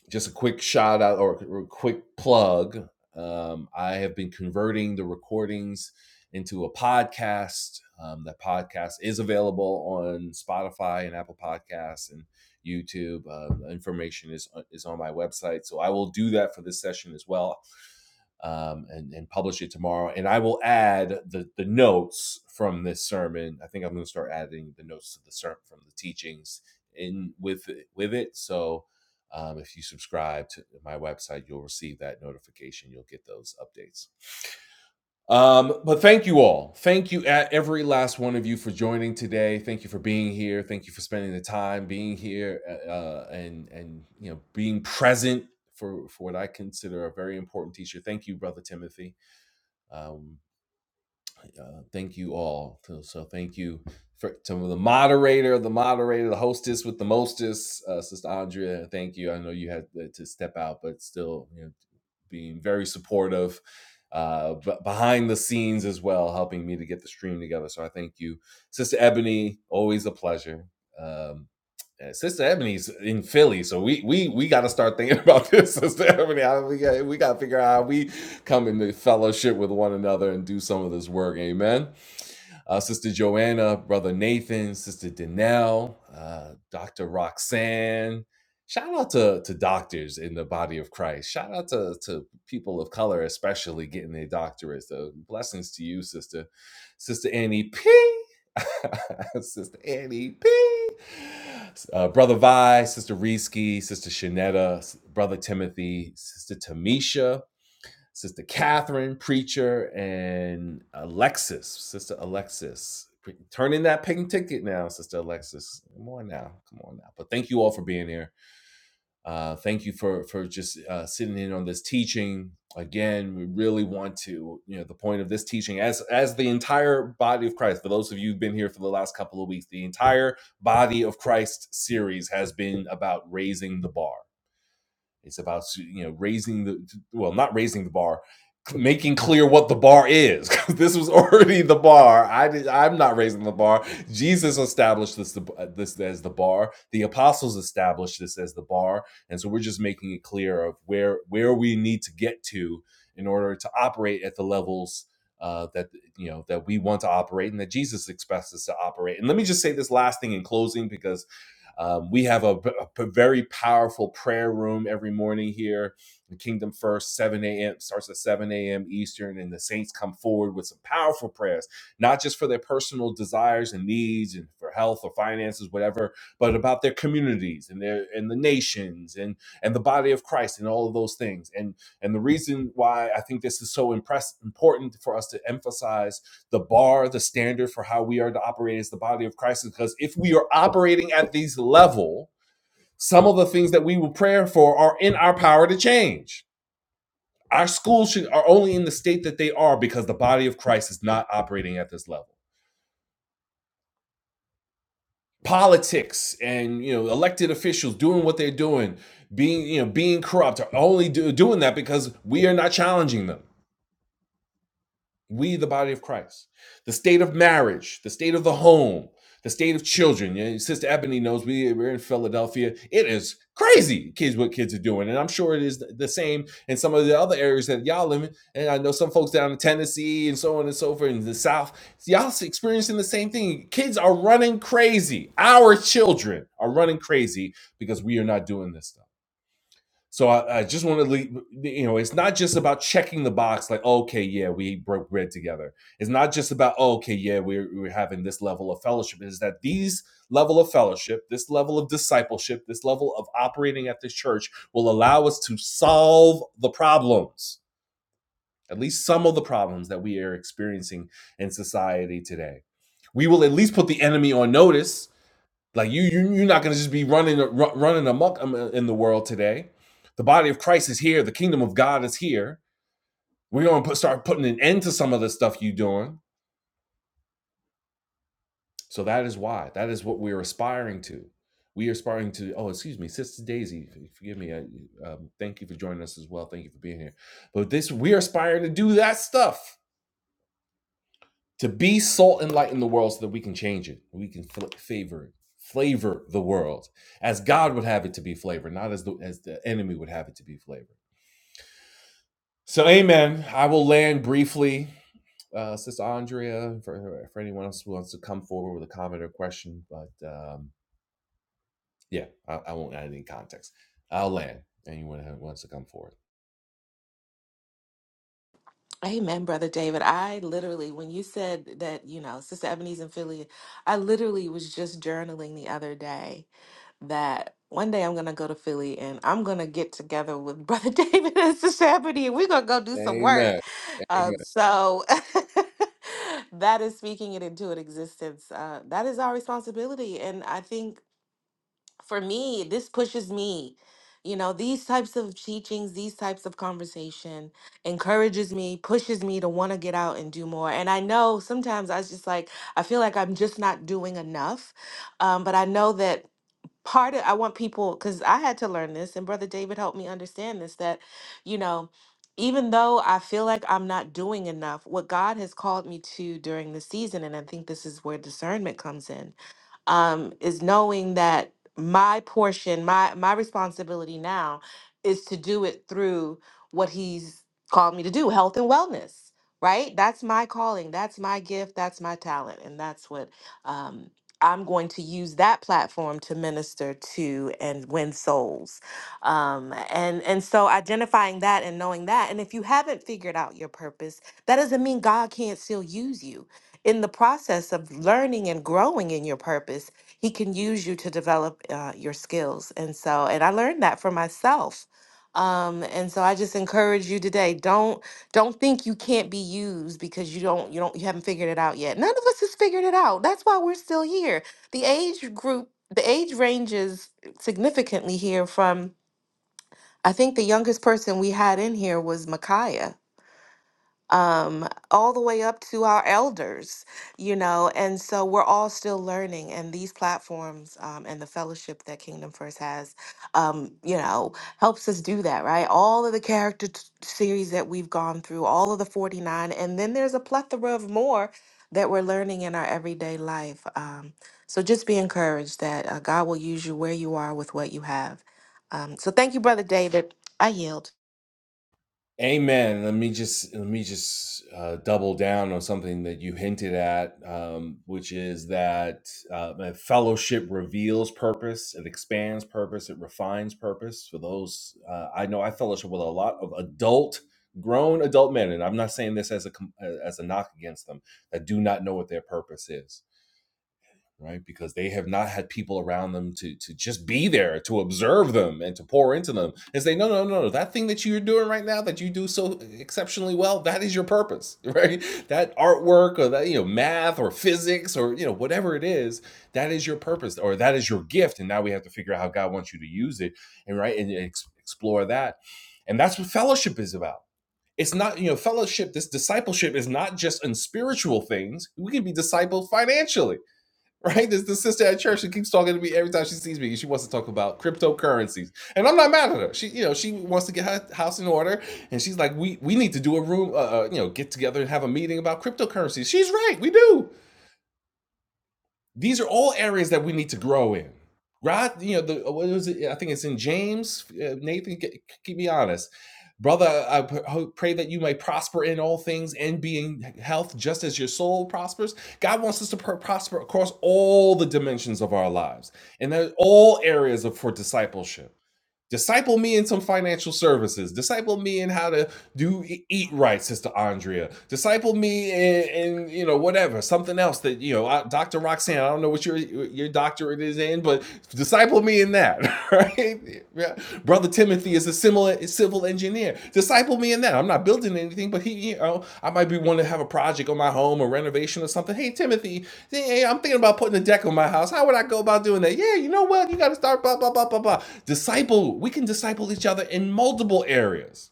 S1: just a quick shout out or a quick plug. Um, I have been converting the recordings into a podcast. Um, that podcast is available on Spotify and Apple Podcasts and YouTube. Uh, information is uh, is on my website, so I will do that for this session as well, um, and and publish it tomorrow. And I will add the the notes from this sermon. I think I'm going to start adding the notes to the sermon from the teachings in with with it. So um, if you subscribe to my website, you'll receive that notification. You'll get those updates. Um, but thank you all. Thank you, at every last one of you, for joining today. Thank you for being here. Thank you for spending the time being here uh, uh, and and you know being present for for what I consider a very important teacher. Thank you, brother Timothy. Um, uh, thank you all. So, so thank you for, to the moderator, the moderator, the hostess with the mostest, uh, Sister Andrea. Thank you. I know you had to step out, but still, you know, being very supportive. Uh, but behind the scenes as well, helping me to get the stream together. So I thank you, Sister Ebony. Always a pleasure. Um, yeah, Sister Ebony's in Philly, so we we we got to start thinking about this, Sister Ebony. I, we got we got to figure out how we come into fellowship with one another and do some of this work. Amen. Uh, Sister Joanna, Brother Nathan, Sister Danelle, uh, Dr. Roxanne. Shout out to, to doctors in the body of Christ. Shout out to, to people of color, especially getting their doctorates. So blessings to you, Sister. Sister Annie P. Sister Annie P. Uh, Brother Vi, Sister Risky, Sister Shanetta, Brother Timothy, Sister Tamisha, Sister Catherine, preacher, and Alexis, Sister Alexis. Pre- Turn in that pink ticket now, Sister Alexis. Come on now, come on now. But thank you all for being here. Uh, thank you for for just uh, sitting in on this teaching. Again, we really want to, you know, the point of this teaching, as as the entire body of Christ. For those of you who've been here for the last couple of weeks, the entire body of Christ series has been about raising the bar it's about you know raising the well, not raising the bar, making clear what the bar is. this was already the bar. I did, I'm not raising the bar. Jesus established this this as the bar. The apostles established this as the bar, and so we're just making it clear of where where we need to get to in order to operate at the levels. Uh, that you know that we want to operate and that jesus expects us to operate and let me just say this last thing in closing because um, we have a, a very powerful prayer room every morning here. The Kingdom First, 7 a.m. starts at 7 a.m. Eastern, and the saints come forward with some powerful prayers, not just for their personal desires and needs and for health or finances, whatever, but about their communities and their and the nations and and the body of Christ and all of those things. And and the reason why I think this is so impress important for us to emphasize the bar, the standard for how we are to operate as the body of Christ. Because if we are operating at these level, some of the things that we will pray for are in our power to change. Our schools should, are only in the state that they are because the body of Christ is not operating at this level. Politics and you know elected officials doing what they're doing, being you know being corrupt, are only do, doing that because we are not challenging them We, the body of Christ, the state of marriage, the state of the home, the state of children. Yeah, Sister Ebony knows we, we're in Philadelphia. It is crazy, kids, what kids are doing. And I'm sure it is th- the same in some of the other areas that y'all live in. And I know some folks down in Tennessee and so on and so forth in the South. Y'all experiencing the same thing. Kids are running crazy. Our children are running crazy because we are not doing this stuff. So I, I just want to, leave, you know, it's not just about checking the box, like oh, okay, yeah, we broke bread together. It's not just about oh, okay, yeah, we're we're having this level of fellowship. Is that these level of fellowship, this level of discipleship, this level of operating at this church will allow us to solve the problems, at least some of the problems that we are experiencing in society today. We will at least put the enemy on notice like you, you you're not going to just be running running amok um, in the world today. The body of Christ is here. The kingdom of God is here. We're going to put, start putting an end to some of the stuff you're doing. So that is why. That is what we're aspiring to. We are aspiring to. Oh, excuse me, Sister Daisy. Forgive me. I, um, thank you for joining us as well. Thank you for being here. But this, we are aspiring to do that stuff. to be salt and light in the world so that we can change it. We can fl- favor it, flavor the world as God would have it to be flavored, not as the as the enemy would have it to be flavored. So, Amen. I will land briefly, uh, Sister Andrea, for for anyone else who wants to come forward with a comment or question. But um, yeah, I, I won't add any context. I'll land. Anyone who wants to come forward.
S3: Amen, Brother David. I literally, when you said that, you know, Sister Ebony's in Philly, I literally was just journaling the other day. that one day I'm gonna go to Philly and I'm gonna get together with Brother David and Sister Ebony and we're gonna go do some work.
S1: Amen. Amen.
S3: Um, so that is speaking it into an existence. Uh, that is our responsibility, and I think for me, this pushes me. You know, these types of teachings, these types of conversation encourages me, pushes me to want to get out and do more. And I know sometimes I was just like, I feel like I'm just not doing enough. Um, but I know that part of I want people because I had to learn this, and Brother David helped me understand this that, you know, even though I feel like I'm not doing enough, what God has called me to during the season, and I think this is where discernment comes in um, is knowing that my portion, my my responsibility now is to do it through what he's called me to do, health and wellness. Right? That's my calling. That's my gift. That's my talent, and that's what um, I'm going to use that platform to minister to and win souls. Um, and and so identifying that and knowing that, and if you haven't figured out your purpose, that doesn't mean God can't still use you in the process of learning and growing in your purpose, he can use you to develop uh, your skills. And so, and I learned that for myself. Um, and so I just encourage you today, don't don't think you can't be used because you don't you don't you haven't figured it out yet. None of us has figured it out. That's why we're still here. The age group, the age ranges significantly here from I think the youngest person we had in here was Micaiah um, all the way up to our elders, you know, and so we're all still learning. And these platforms um, and the fellowship that Kingdom First has, um, you know, helps us do that, right? All of the character t- series that we've gone through, all of the 49, and then there's a plethora of more that we're learning in our everyday life. Um, so just be encouraged that uh, God will use you where you are with what you have. Um, so thank you, Brother David. I yield.
S1: Amen. Let me just let me just uh, double down on something that you hinted at, um, which is that uh, that fellowship reveals purpose, it expands purpose, it refines purpose. For those, uh, I know I fellowship with a lot of adult, grown adult men, and I'm not saying this as a com- as a knock against them that do not know what their purpose is right? Because they have not had people around them to to just be there to observe them and to pour into them and say, no, no, no, no, that thing that you're doing right now that you do so exceptionally well, that is your purpose, right? That artwork or that you know math or physics or you know whatever it is, that is your purpose or that is your gift, and now we have to figure out how God wants you to use it and right and ex- explore that, and that's what fellowship is about. It's not, you know, fellowship, this discipleship is not just in spiritual things. We can be discipled financially right? There's the sister at church. She keeps talking to me every time she sees me. She wants to talk about cryptocurrencies, and I'm not mad at her. She, you know, she wants to get her house in order, and she's like, "We we need to do a room, uh, uh, you know, get together and have a meeting about cryptocurrencies." She's right. We do. These are all areas that we need to grow in. Right? You know, the uh, what was it? I think it's in James. Uh, Nathan, ke- keep me honest. Brother, I pray that you may prosper in all things and be in health just as your soul prospers. God wants us to prosper across all the dimensions of our lives and they're all areas of, for discipleship Disciple me in some financial services. Disciple me in how to do e, eat right, Sister Andrea. Disciple me in, in you know whatever something else that you know, uh, Doctor Roxanne. I don't know what your your doctorate is in, but disciple me in that, right? Yeah. Brother Timothy is a similar civil engineer. Disciple me in that. I'm not building anything, but he, you know, I might be wanting to have a project on my home or renovation or something. Hey, Timothy, hey, I'm thinking about putting a deck on my house. How would I go about doing that? Yeah, you know what? You got to start blah blah blah blah blah. Disciple. We can disciple each other in multiple areas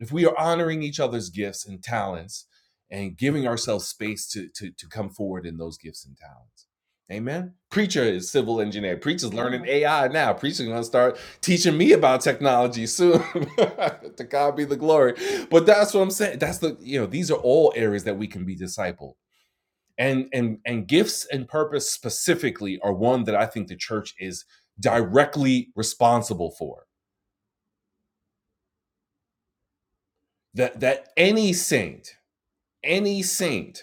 S1: if we are honoring each other's gifts and talents and giving ourselves space to to, to come forward in those gifts and talents amen preacher is civil engineer preacher's learning ai now preacher's going to start teaching me about technology soon to god be the glory but that's what i'm saying that's the you know these are all areas that we can be discipled and and and gifts and purpose specifically are one that i think the church is directly responsible for that that any saint any saint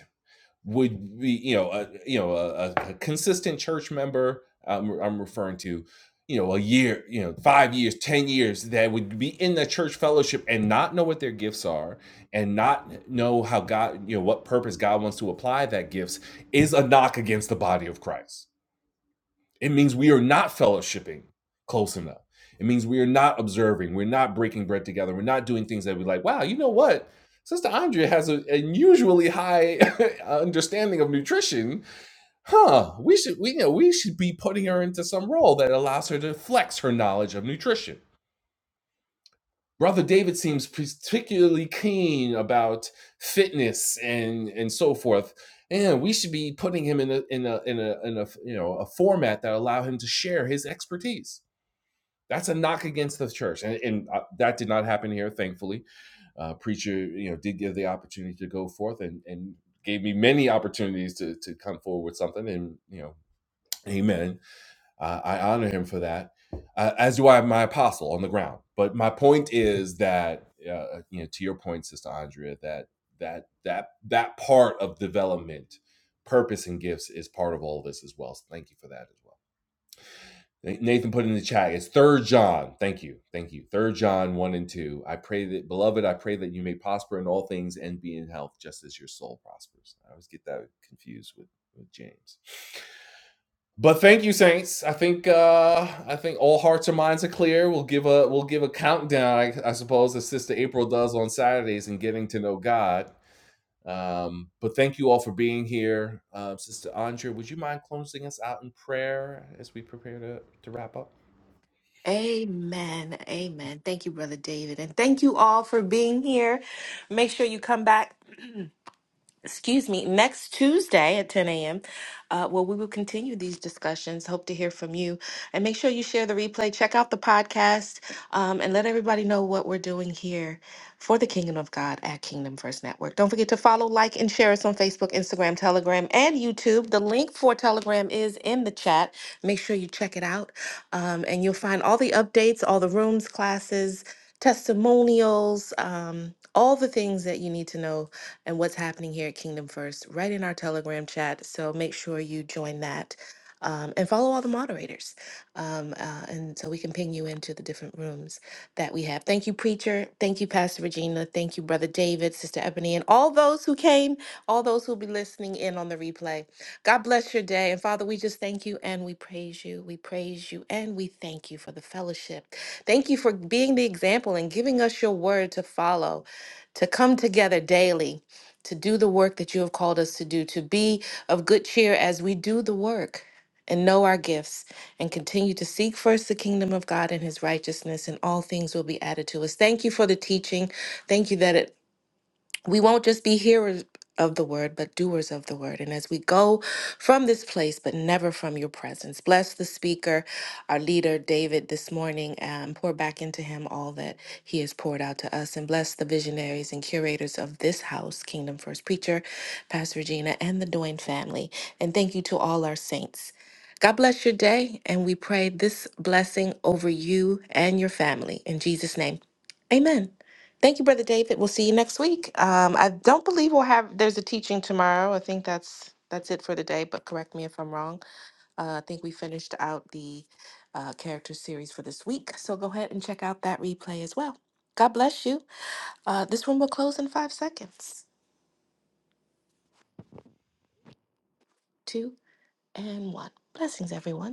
S1: would be you know a, you know a, a consistent church member um, I'm referring to you know a year you know 5 years 10 years that would be in the church fellowship and not know what their gifts are and not know how God you know what purpose God wants to apply that gifts is a knock against the body of Christ it means we are not fellowshipping close enough. It means we are not observing. We're not breaking bread together. We're not doing things that we like. Wow, you know what? Sister Andrea has an unusually high understanding of nutrition. Huh? We should we you know we should be putting her into some role that allows her to flex her knowledge of nutrition Brother David seems particularly keen about fitness and and so forth. And we should be putting him in a in a in a in a you know a format that allow him to share his expertise. That's a knock against the church, and, and uh, that did not happen here, thankfully. Uh, preacher, you know, did give the opportunity to go forth and and gave me many opportunities to to come forward with something, and you know, Amen uh, I honor him for that, uh, as do I my apostle on the ground. But my point is that, uh, you know, to your point, Sister Andrea, that that that that part of development, purpose, and gifts is part of all this as well. So thank you for that as well. Nathan put in the chat. It's Third John. Thank you, thank you. Third John one and two. I pray that, beloved, I pray that you may prosper in all things and be in health, just as your soul prospers. I always get that confused with with James. But thank you, Saints. I think uh, I think all hearts and minds are clear. We'll give a we'll give a countdown, I, I suppose, as Sister April does on Saturdays in getting to know God. Um, but thank you all for being here, uh, Sister Andrea. Would you mind closing us out in prayer as we prepare to to wrap up?
S3: Amen. Amen. Thank you, Brother David. And thank you all for being here. Make sure you come back excuse me, next Tuesday at 10 a.m., uh, where we will continue these discussions. Hope to hear from you. And make sure you share the replay, check out the podcast, um, and let everybody know what we're doing here for the Kingdom of God at Kingdom First Network. Don't forget to follow, like, and share us on Facebook, Instagram, Telegram, and YouTube. The link for Telegram is in the chat. Make sure you check it out, um, and you'll find all the updates, all the rooms, classes, testimonials, um, all the things that you need to know and what's happening here at Kingdom First right in our Telegram chat. So make sure you join that um, and follow all the moderators. Um, uh, and so we can ping you into the different rooms that we have. Thank you, Preacher. Thank you, Pastor Regina. Thank you, Brother David, Sister Ebony, and all those who came, all those who'll be listening in on the replay. God bless your day. And Father, we just thank you and we praise you. We praise you and we thank you for the fellowship. Thank you for being the example and giving us your word to follow, to come together daily to do the work that you have called us to do, to be of good cheer as we do the work and know our gifts and continue to seek first the kingdom of God and his righteousness, and all things will be added to us. Thank you for the teaching. Thank you that it we won't just be hearers of the word, but doers of the word. And as we go from this place, but never from your presence, bless the speaker, our leader, David, this morning, and pour back into him all that he has poured out to us. And bless the visionaries and curators of this house, Kingdom First Preacher, Pastor Regina, and the Doyne family. And thank you to all our saints. God bless your day, and we pray this blessing over you and your family. In Jesus' name, amen. Thank you, Brother David. We'll see you next week. Um, I don't believe we'll have, there's a teaching tomorrow. I think that's that's it for today, but correct me if I'm wrong. Uh, I think we finished out the uh, character series for this week. So go ahead and check out that replay as well. God bless you. Uh, this room will close in five seconds. Two and one. Blessings, everyone.